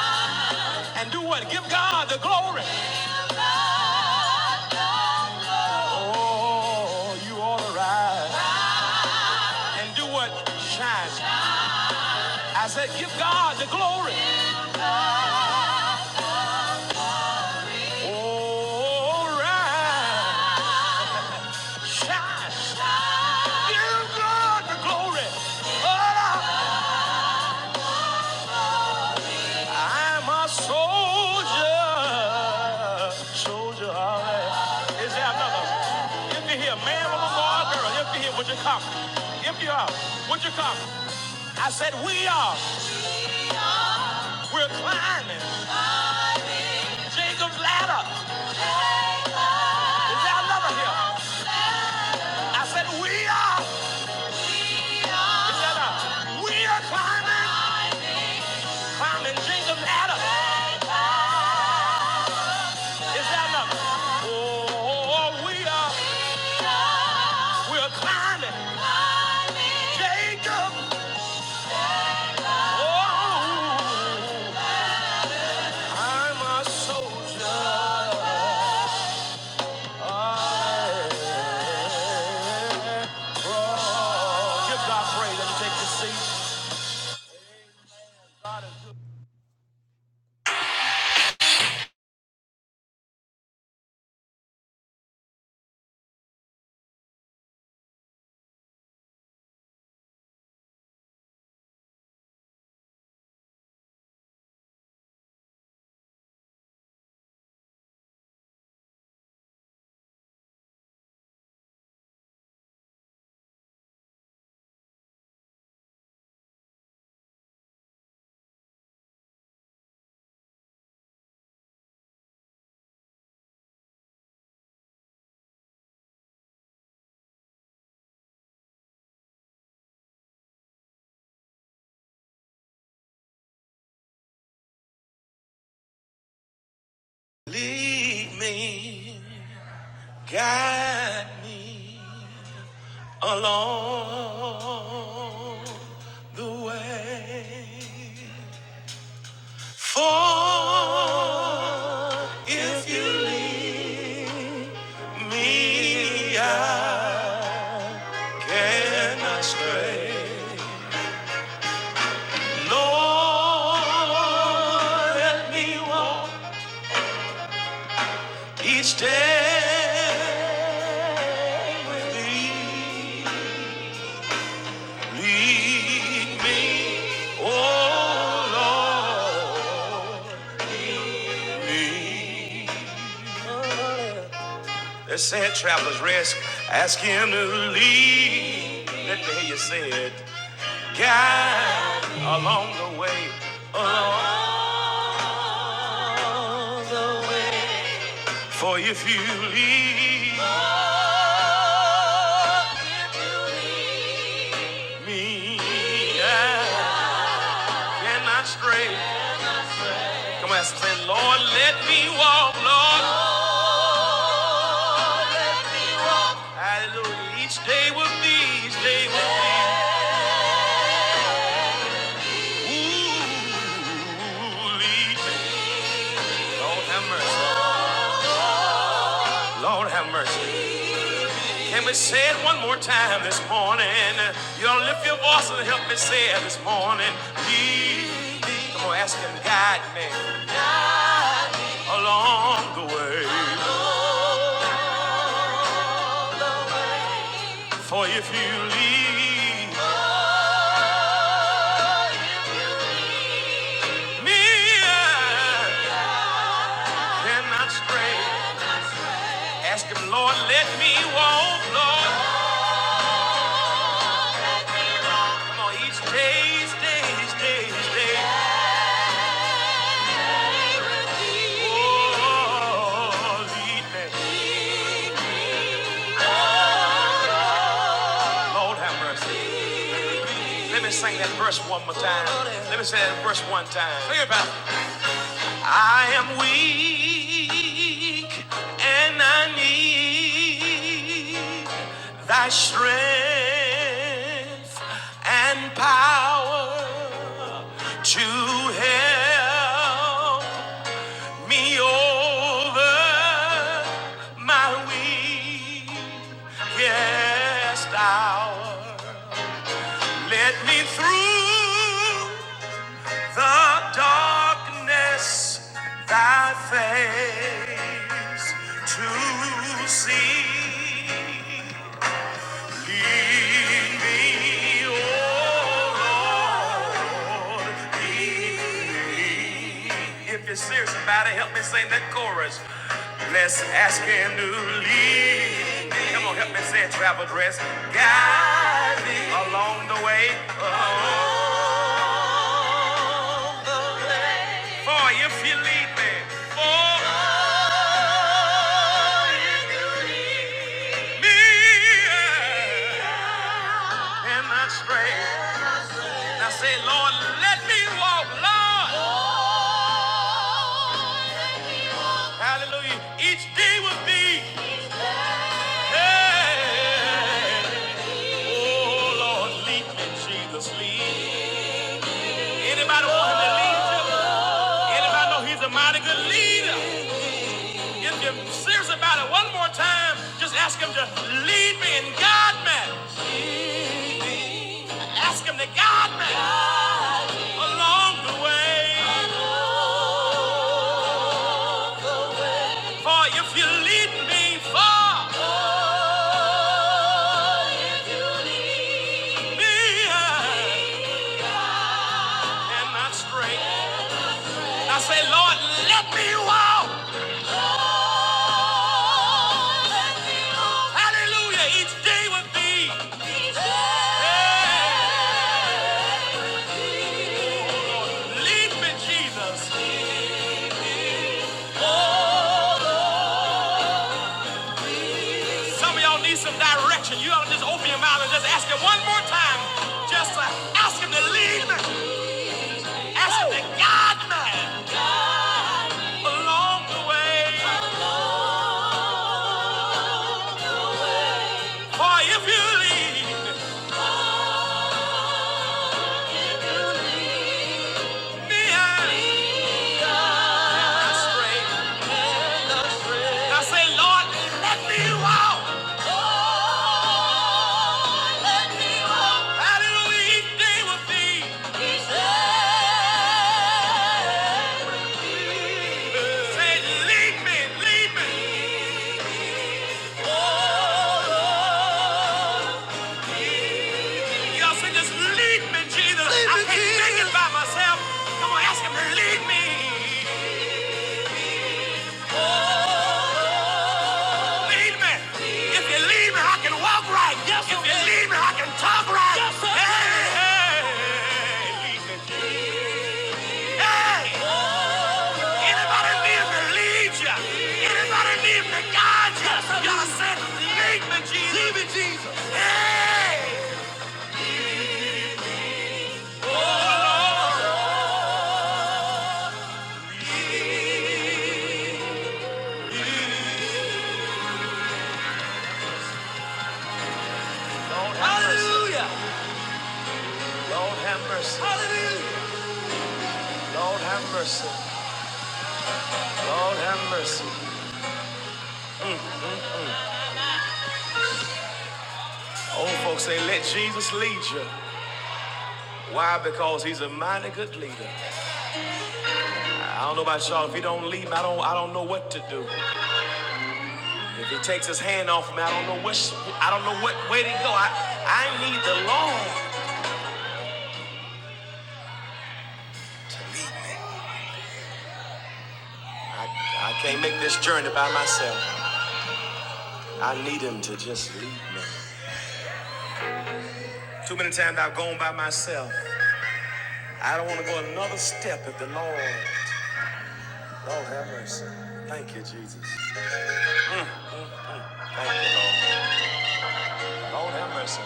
And do what? Give God the glory. Oh, you ought to rise. And do what? Shine. I said, give God the glory. Oh, rise. Shine. Give God the glory. Oh, I'm a soldier, soldier. all right. Is there another? If you're here, man, woman, boy, or girl, if you're here, would you come? If you are, would you come? I said, we are. We're climbing Jacob's ladder. Is there another here? I said, we are. Is there another? We are climbing, climbing Jacob's ladder. Is there another? Oh, oh, oh, we are. We're climbing Jacob. Give God praise and take your seat. Lead me, guide me along the way. For if you leave Me, I cannot stray. Lord, let me walk each day with Thee. Lead me, oh Lord, lead. Let's say travelers, rest. Ask Him to lead. Let me hear you say it. guide along the way, along the way. For if you leave me, I cannot stray. Come on, say, Lord, let me walk, Lord. Hallelujah. Each day will be, each day will be. Ooh, lead me. Lord have mercy. Lord have mercy. Can we say it one more time this morning? Y'all lift your voice and help me say it this morning. Lead me. Come on, ask him, guide me along the way. For if you lead me, I cannot stray. Ask him, Lord, let me walk, Lord. Come on, each day, each day, each day, each day. Oh, lead me. Lord have mercy. Let me sing that verse one more time. Let me sing that verse one time. Sing it, Pastor. I am weak and I need thy strength and power to help me over my weakest hour. Let me through the darkness thy face to see. Lead me, oh Lord, lead me. If you're serious about it, help me sing that chorus. Let's ask him to lead me. Come on, help me say it, travel dress. Guide me along the way. Along the way. For if you lead me, for me, yeah. and I stray. Now say, Lord, let me walk, Lord. Hallelujah. Each day with thee. Hey. Oh, Lord, lead me, Jesus, lead. Anybody want him to lead you? Anybody know he's a mighty good leader? If you're serious about it one more time, just ask him to lead me and guide me. Lead me. Ask him to guide me Guide me. along the way. Along. For if you lead me far, Oh, if you lead me, I am not straight. I say, Lord, let me out. Lord, let me out. Hallelujah. Each day with thee. Yeah. Lead me, Jesus. Some of y'all need some direction. You ought to just open your mouth and just ask him one more time. Just uh, ask him to lead me. Ask him to guide me along the way. For if you lead me, I'm astray. I say, Lord, let me walk. Lord, let me walk. Hallelujah, each day with thee. Each day. Say, lead me, lead me. Oh, Lord. Y'all say, just lead me, Jesus. Lead I me, can't Jesus. make it by myself. Come on, ask him, lead me. Lead me. If you lead me, I can walk right. Yes, if you lead me, I can talk right. Yes, sir. hey, hey, hey. Anybody need me to lead you? Anybody need me to guide you? Yes, Y'all said, lead me, Jesus. Lead me, Jesus. Lord have Hallelujah. mercy. Lord have mercy. Lord have mercy. Lord have mercy. Old folks say, let Jesus lead you. Why? Because he's a mighty good leader. I don't know about y'all. If he don't lead me, I don't, I don't know what to do. If he takes his hand off me, I don't know which, I don't know what way to go. I, I need the Lord. I, I can't make this journey by myself. I need him to just lead me. Too many times I've gone by myself. I don't want to go another step if the Lord, Lord have mercy. Thank you, Jesus. Thank you, Lord. Lord have mercy.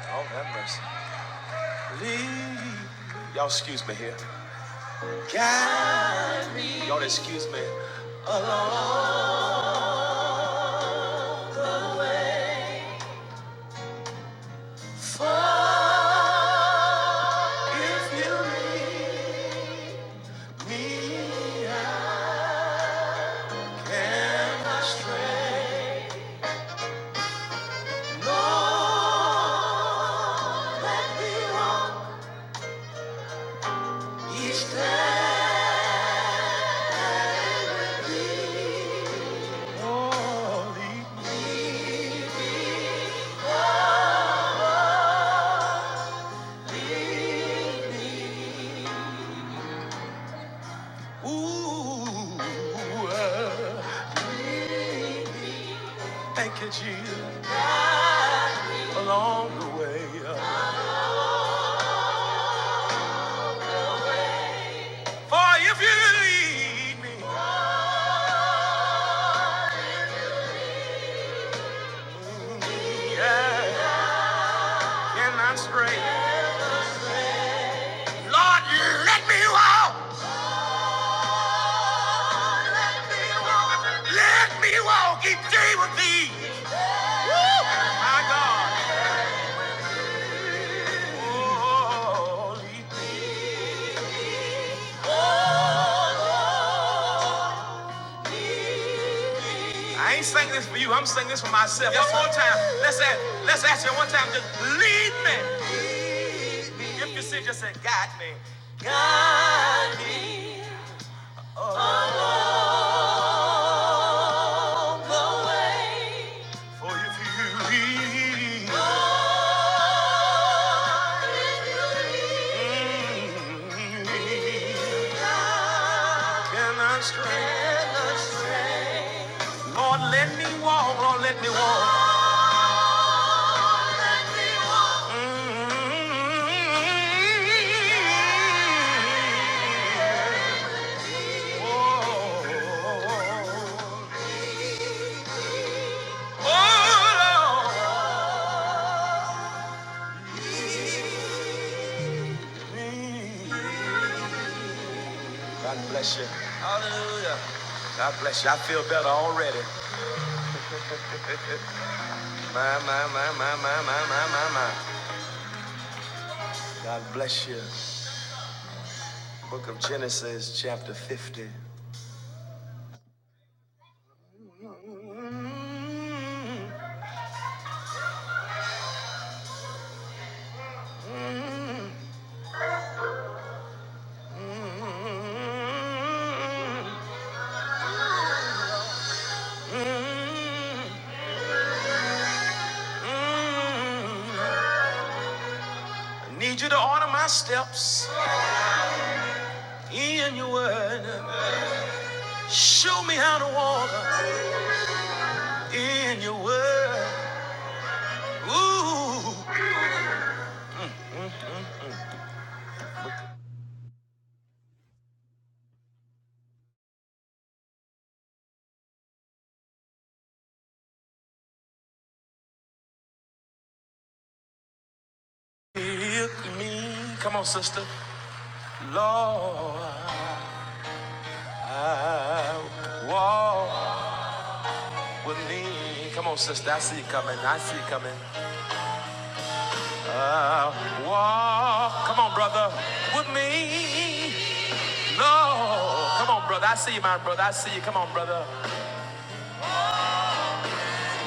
Lord have mercy. Lead. Y'all excuse me here. God, y'all excuse me. For if you lead me, I am astray. Thank you. You lead me yeah, and I'm straight. Lord, let me walk. Let me. My God. Oh, I ain't singing this for you. I'm singing this for myself. One more time. Let's ask, let's ask you one time. Just lead me. If you see, just say, guide me. For if you lead me, and I'm straight. Lord, let me walk. Lord, let me walk. Mm. God bless you. Hallelujah. God bless you. I feel better already. My, my, my, my, my, my, my, my, my. God bless you. Book of Genesis, chapter 50. I need you to order my steps in your word. Show me how to walk in your word. Ooh, help me. Come on, sister. Lord. walk with me. Come on, sister. I see you coming. I see you coming. I walk. Come on, brother. With me. Lord. Come on, brother. I see you, my brother. I see you. Come on, brother.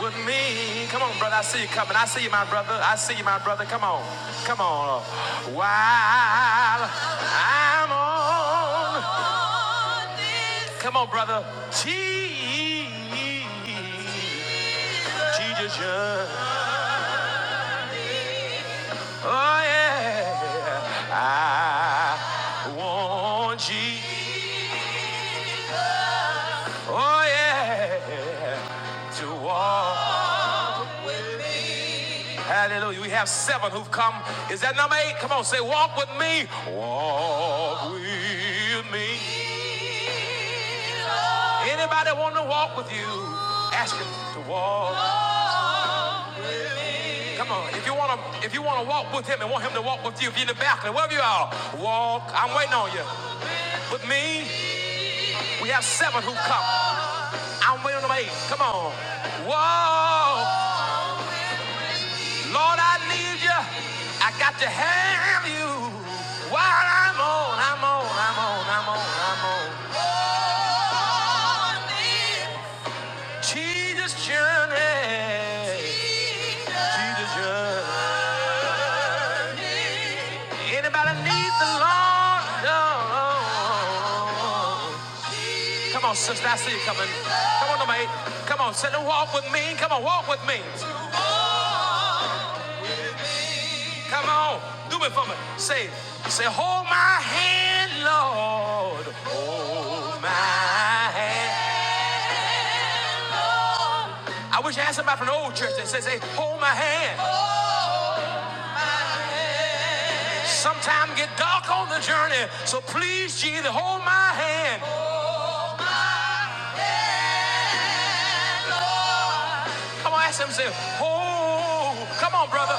With me. Come on, brother. I see you coming. I see you, my brother. I see you, my brother. Come on. Come on. While I'm on. Come on, brother. Jesus. Jesus. yeah. Oh yeah, I want you. Oh yeah, to walk with me. Hallelujah. We have seven who've come. Is that number eight? Come on, say walk with me. Walk with me. Anybody want to walk with you? Ask him to walk. Come on, if you wanna if you wanna walk with him and want him to walk with you, if you're in the balcony, wherever you are, walk. I'm waiting on you. With me, we have seven who come. I'm waiting on them eight. Come on. Walk. Lord, I need you. I got to have you. While I'm on, I'm on, I'm on, I'm on, I'm on. Lord, I need, you. Jesus journey. Jesus journey. Anybody need the Lord? No. Come on, sister, I see you coming. Come on, number eight. Come on, say, walk with me. Come on, walk with me. Come on, do it for me. Say, say, hold my hand, Lord. Hold my hand. I wish I had somebody from the old church that says, say, hold my hand. Sometime get dark on the journey, so please, Jesus, hold my hand. Come on, ask him, say, hold. Come on, brother.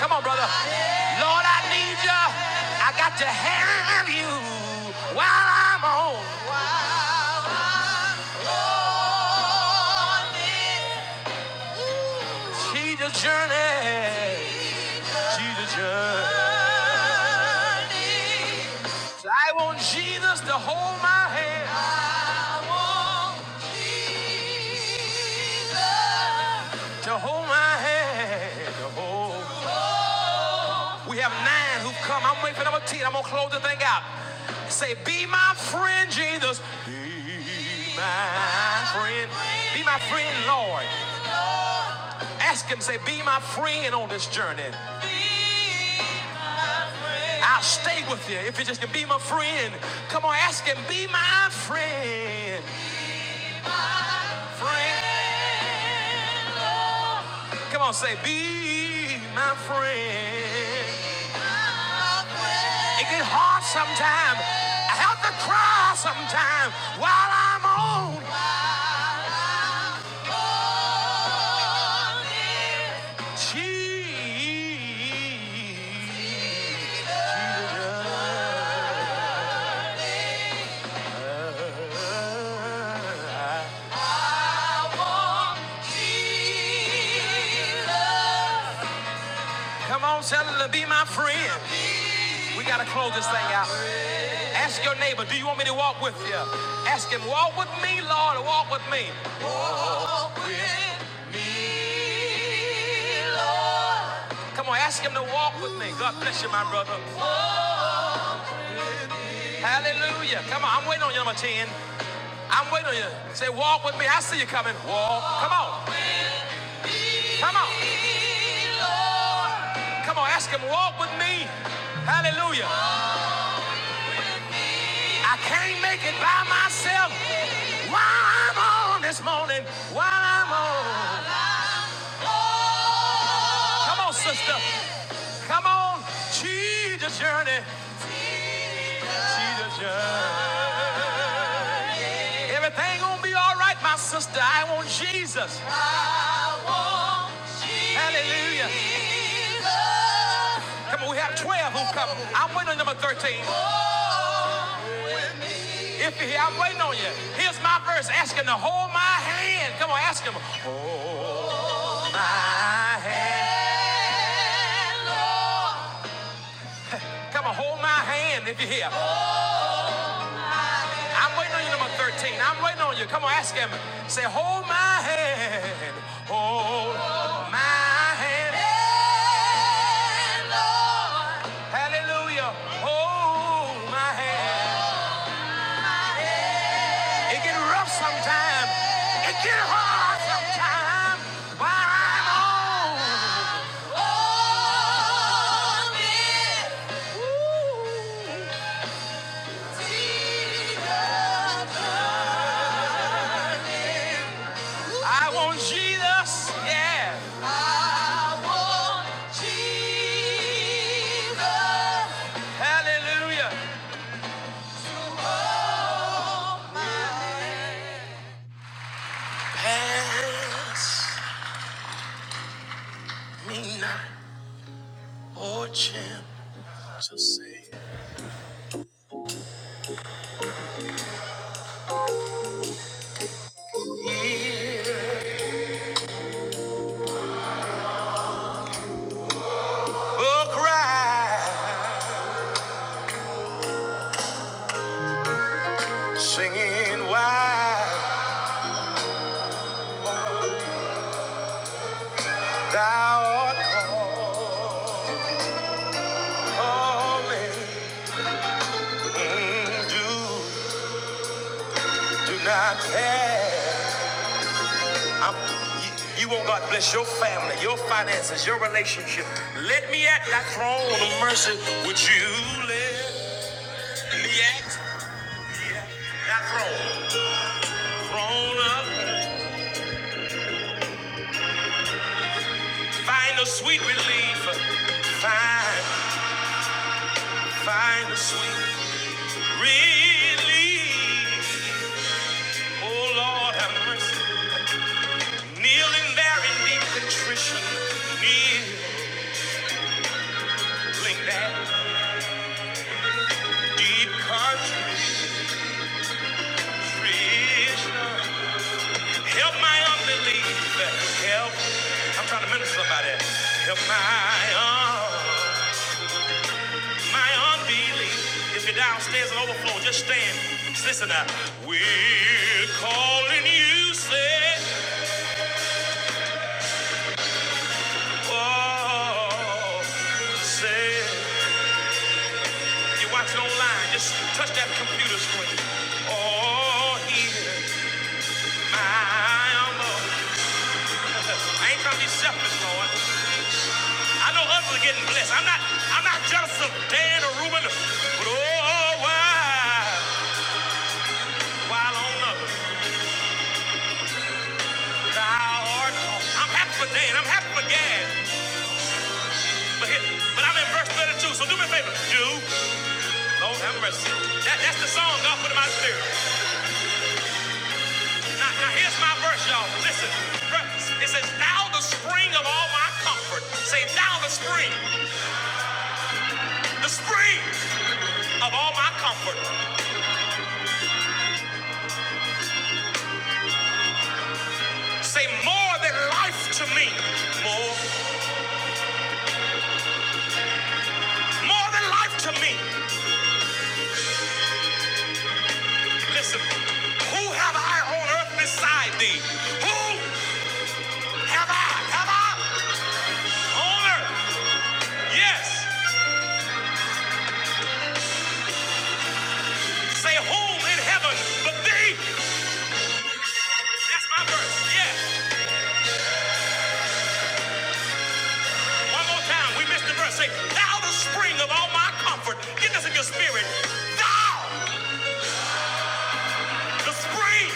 Come on, brother. Lord, I need you. I got to have you while I'm on Jesus' journey. Jesus' journey. So I want Jesus to hold my hand. I want Jesus to hold my hand. To hold. We have nine who've come. I'm waiting for number 10. I'm going to close the thing out. Say, be my friend, Jesus. Be my friend. Be my friend, Lord. Ask him, say, be my friend on this journey. I'll stay with you if you just can be my friend. Come on, ask him, be my friend. Friend. Come on, say, be my friend. It get hard sometimes. I have to cry sometimes while I'm on. Jesus. Come on, Cellular, be my friend. We gotta close this thing out. Ask your neighbor, do you want me to walk with you? Ask him, walk with me, Lord, or walk with me. Come on, ask him to walk with me. God bless you, my brother. Hallelujah. Come on. I'm waiting on you, number 10. I'm waiting on you. Say, walk with me. I see you coming. Walk. Come on. Come on. Come on. Ask him, walk with me. Hallelujah. I can't make it by myself. While I'm on this morning, while I'm on. Come on, sister. Come on. Jesus journey. Jesus journey. Everything gonna be all right, my sister. I want Jesus. Hallelujah. Come on, we have 12 who come. I'm waiting on number 13. If he, I'm waiting on you. Here's my verse. Ask him to hold my hand. Come on, ask him. Hold My hand, Lord. Come on, hold my hand if you're here. I'm waiting on you, number 13. I'm waiting on you. Come on, ask him. Say, hold my hand. Hold my hand. Hand, Lord. Hallelujah. Hold my hand. It get rough sometimes. It get hard sometimes. While I'm on On it. Woo. Jesus. I want Jesus. Yeah. I want Jesus. Hallelujah. Hands are calling. I'm- I'm- you you want God to bless your family, your finances, your relationship. Let me mercy, would you let that throne, throne up? Find a sweet relief. Find, find a sweet relief. Oh Lord, have mercy. Kneeling there in deep contrition, kneeling there, deep contrition. Help my unbelief. Help. I'm trying to minister somebody. Help my unbelief. My unbelief. If you're downstairs and overflow, just stand. Just listen now. We're calling you, say, oh, say. You're watching online, just touch that computer screen. Oh, here I am. *laughs* I ain't trying to be selfish, Lord. I know others are getting blessed. I'm not, I'm not jealous of Dan or Ruben, but oh, why? While on others. Thou art awesome. I'm happy for Dan. I'm happy for Gad. But, here, but I'm in verse 32, so do me a favor. Do. Lord have mercy. That, that's the song God put in my spirit. Now, now here's my verse, y'all. Listen. It says, Thou the spring of all my comfort. Say, Thou the spring. The spring of all my comfort. Say, More than life to me. More. More than life to me. Listen. Who have I on earth beside thee? Who have I? Have I? on earth? Yes. Say home in heaven, but thee. That's my verse. Yes. One more time. We missed the verse. Say, thou the spring of all my comfort. Get this in your spirit. Thou the spring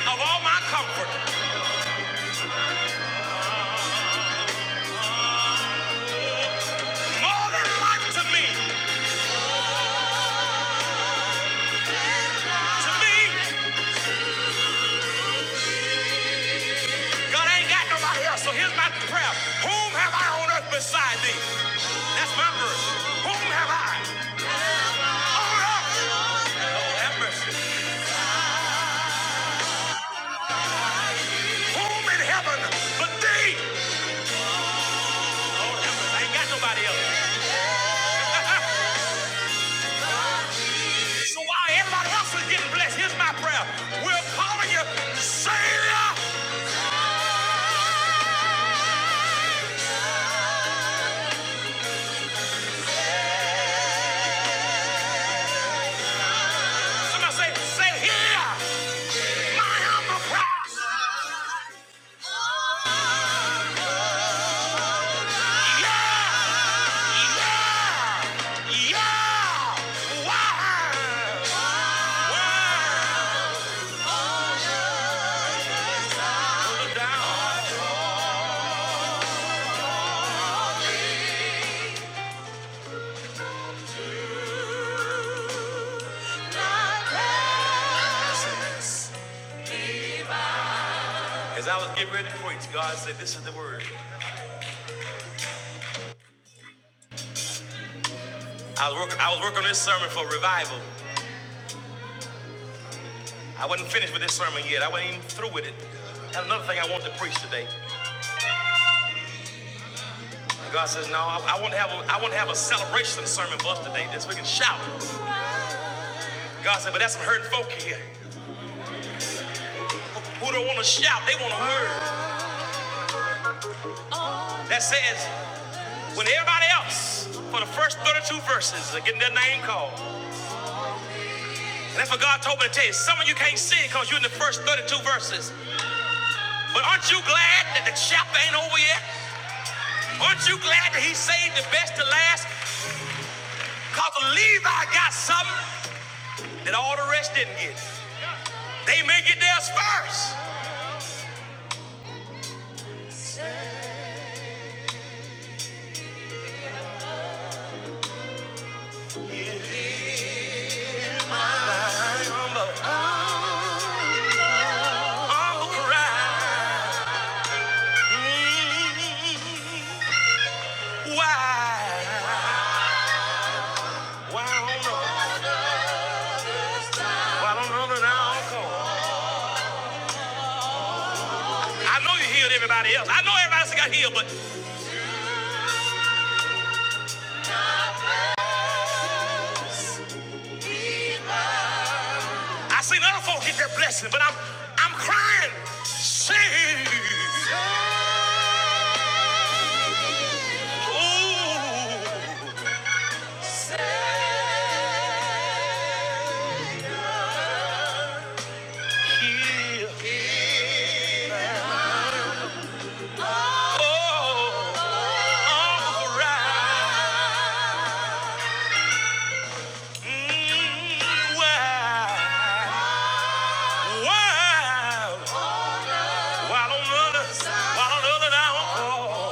of all my comfort. More than life to me. To me, God ain't got nobody else. So here's my prayer. Whom have I on earth beside thee? That's my verse. Whom have I? Oh, have mercy. Whom in heaven but thee? I ain't got nobody else. *laughs* so while everybody else is getting blessed, here's my prayer. We're calling you Savior. Somebody say, say here. My humble prayer. Yeah. As I was getting ready to preach, God said, this is the word. I was, work, I was working on this sermon for revival. I wasn't finished with this sermon yet. I wasn't even through with it. And another thing I want to preach today. God says, no, I, I want to have a, I want to have a celebration sermon for us today. This we can shout. God said, but that's some hurting folk here. who don't want to shout, they want a word that says, when everybody else, for the first 32 verses, are getting their name called. And that's what God told me to tell you. Some of you can't sing because you're in the first 32 verses. But aren't you glad that the chapter ain't over yet? Aren't you glad that he saved the best to last? Because Levi got something that all the rest didn't get. They may get theirs first. I'm a, I'm a cry. Mm, Why? Why? I know you healed everybody else. I know everybody else got healed, but I seen other folk get their blessing. But I'm I'm crying. Save. Mm, wow. Wow. Why don't others? Why don't others now? Oh.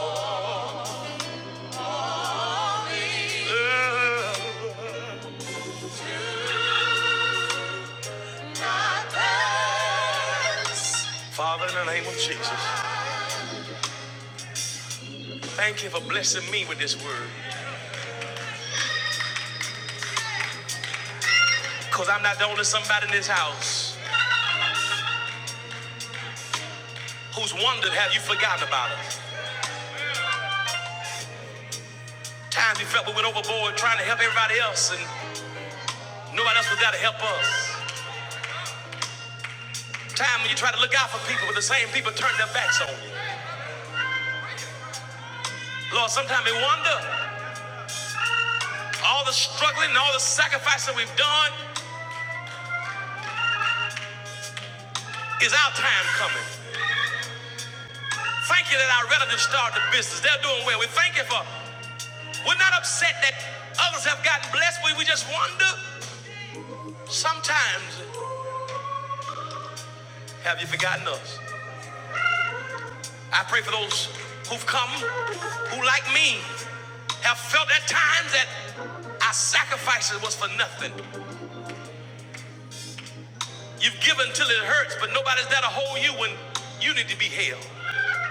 Father, in the name of Jesus, thank you for blessing me with this word. Because I'm not the only somebody in this house who's wondered, have you forgotten about us? Times we felt we went overboard trying to help everybody else, and nobody else was there to help us. Time when you try to look out for people, but the same people turn their backs on you. Lord, sometimes we wonder all the struggling and all the sacrificing we've done is our time coming. Thank you that our relatives started the business. They're doing well. We thank you for, we're not upset that others have gotten blessed, we we just wonder sometimes, have you forgotten us? I pray for those who've come, who like me, have felt at times that our sacrifices was for nothing. You've given till it hurts, but nobody's there to hold you when you need to be held.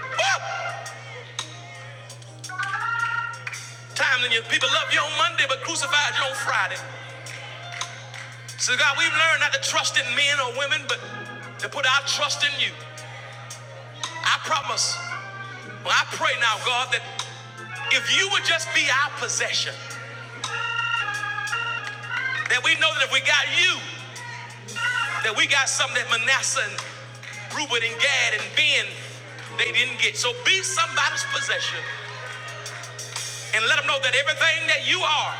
Woo! Times when your people love you on Monday, but crucified you on Friday. So God, we've learned not to trust in men or women, but to put our trust in you. I promise. Well, I pray now, God, that if you would just be our possession, that we know that if we got you, that we got something that Manasseh and Reuben and Gad and Ben, they didn't get. So be somebody's possession and let them know that everything that you are.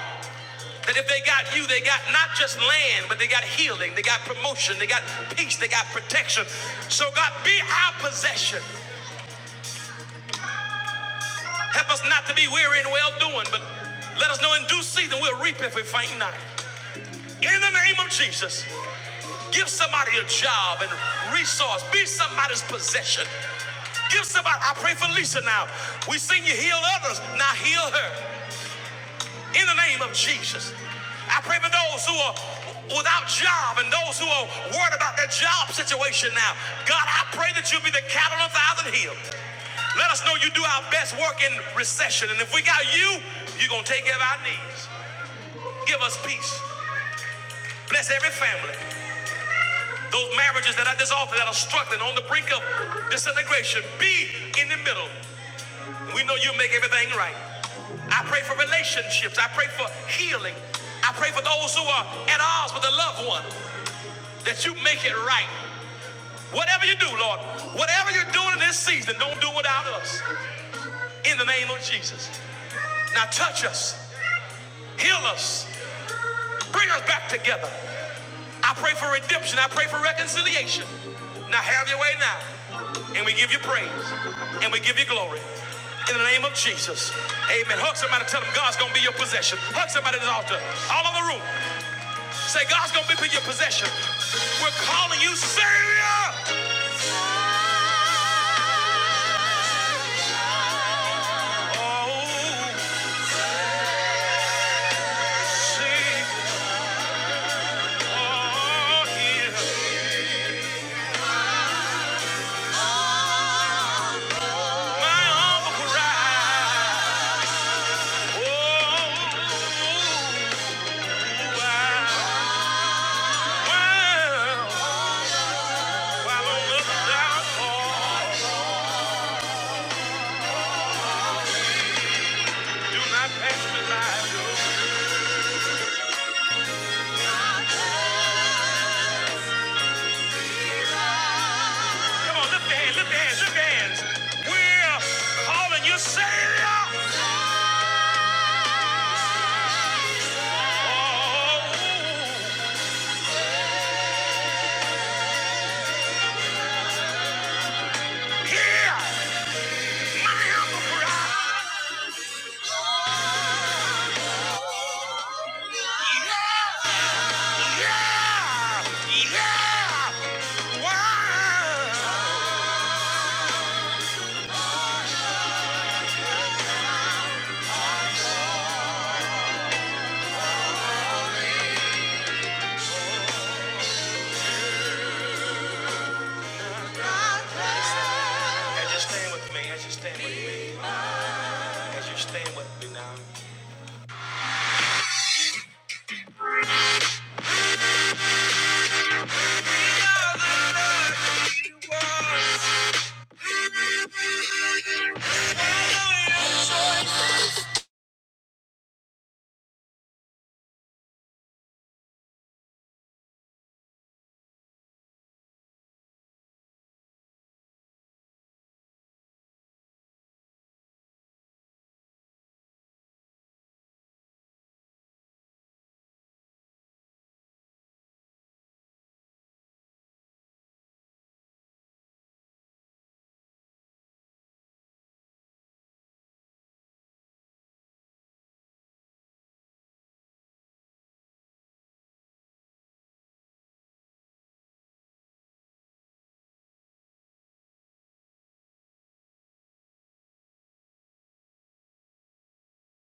That if they got you, they got not just land, but they got healing, they got promotion, they got peace, they got protection. So, God, be our possession. Help us not to be weary in well doing, but let us know in due season we'll reap if we faint not. In the name of Jesus, give somebody a job and resource, be somebody's possession. Give somebody, I pray for Lisa now. We sing you heal others, now heal her. In the name of Jesus, I pray for those who are without job and those who are worried about their job situation now. God, I pray that you be the cattle on a thousand hills. Let us know you do our best work in recession. And if we got you, you're going to take care of our needs. Give us peace. Bless every family. Those marriages that are dissolving, that are struggling on the brink of disintegration, be in the middle. We know you make everything right. I pray for relationships. I pray for healing. I pray for those who are at odds with a loved one that you make it right. Whatever you do, Lord, whatever you're doing in this season, don't do without us. In the name of Jesus. Now touch us, heal us, bring us back together. I pray for redemption. I pray for reconciliation. Now have your way now. And we give you praise. And we give you glory. In the name of Jesus. Amen. Hug somebody. Tell them God's going to be your possession. Hug somebody at the altar. All over the room. Say, God's going to be your possession. We're calling you Savior. Oh, Savior. hear My humble cry. Oh, wow. wow. Come on, lift your hands, lift your hands, lift your hands. We're calling you Savior. Yeah, yeah. Wow. As you stand with me, as you stand with me, as you stand with me now.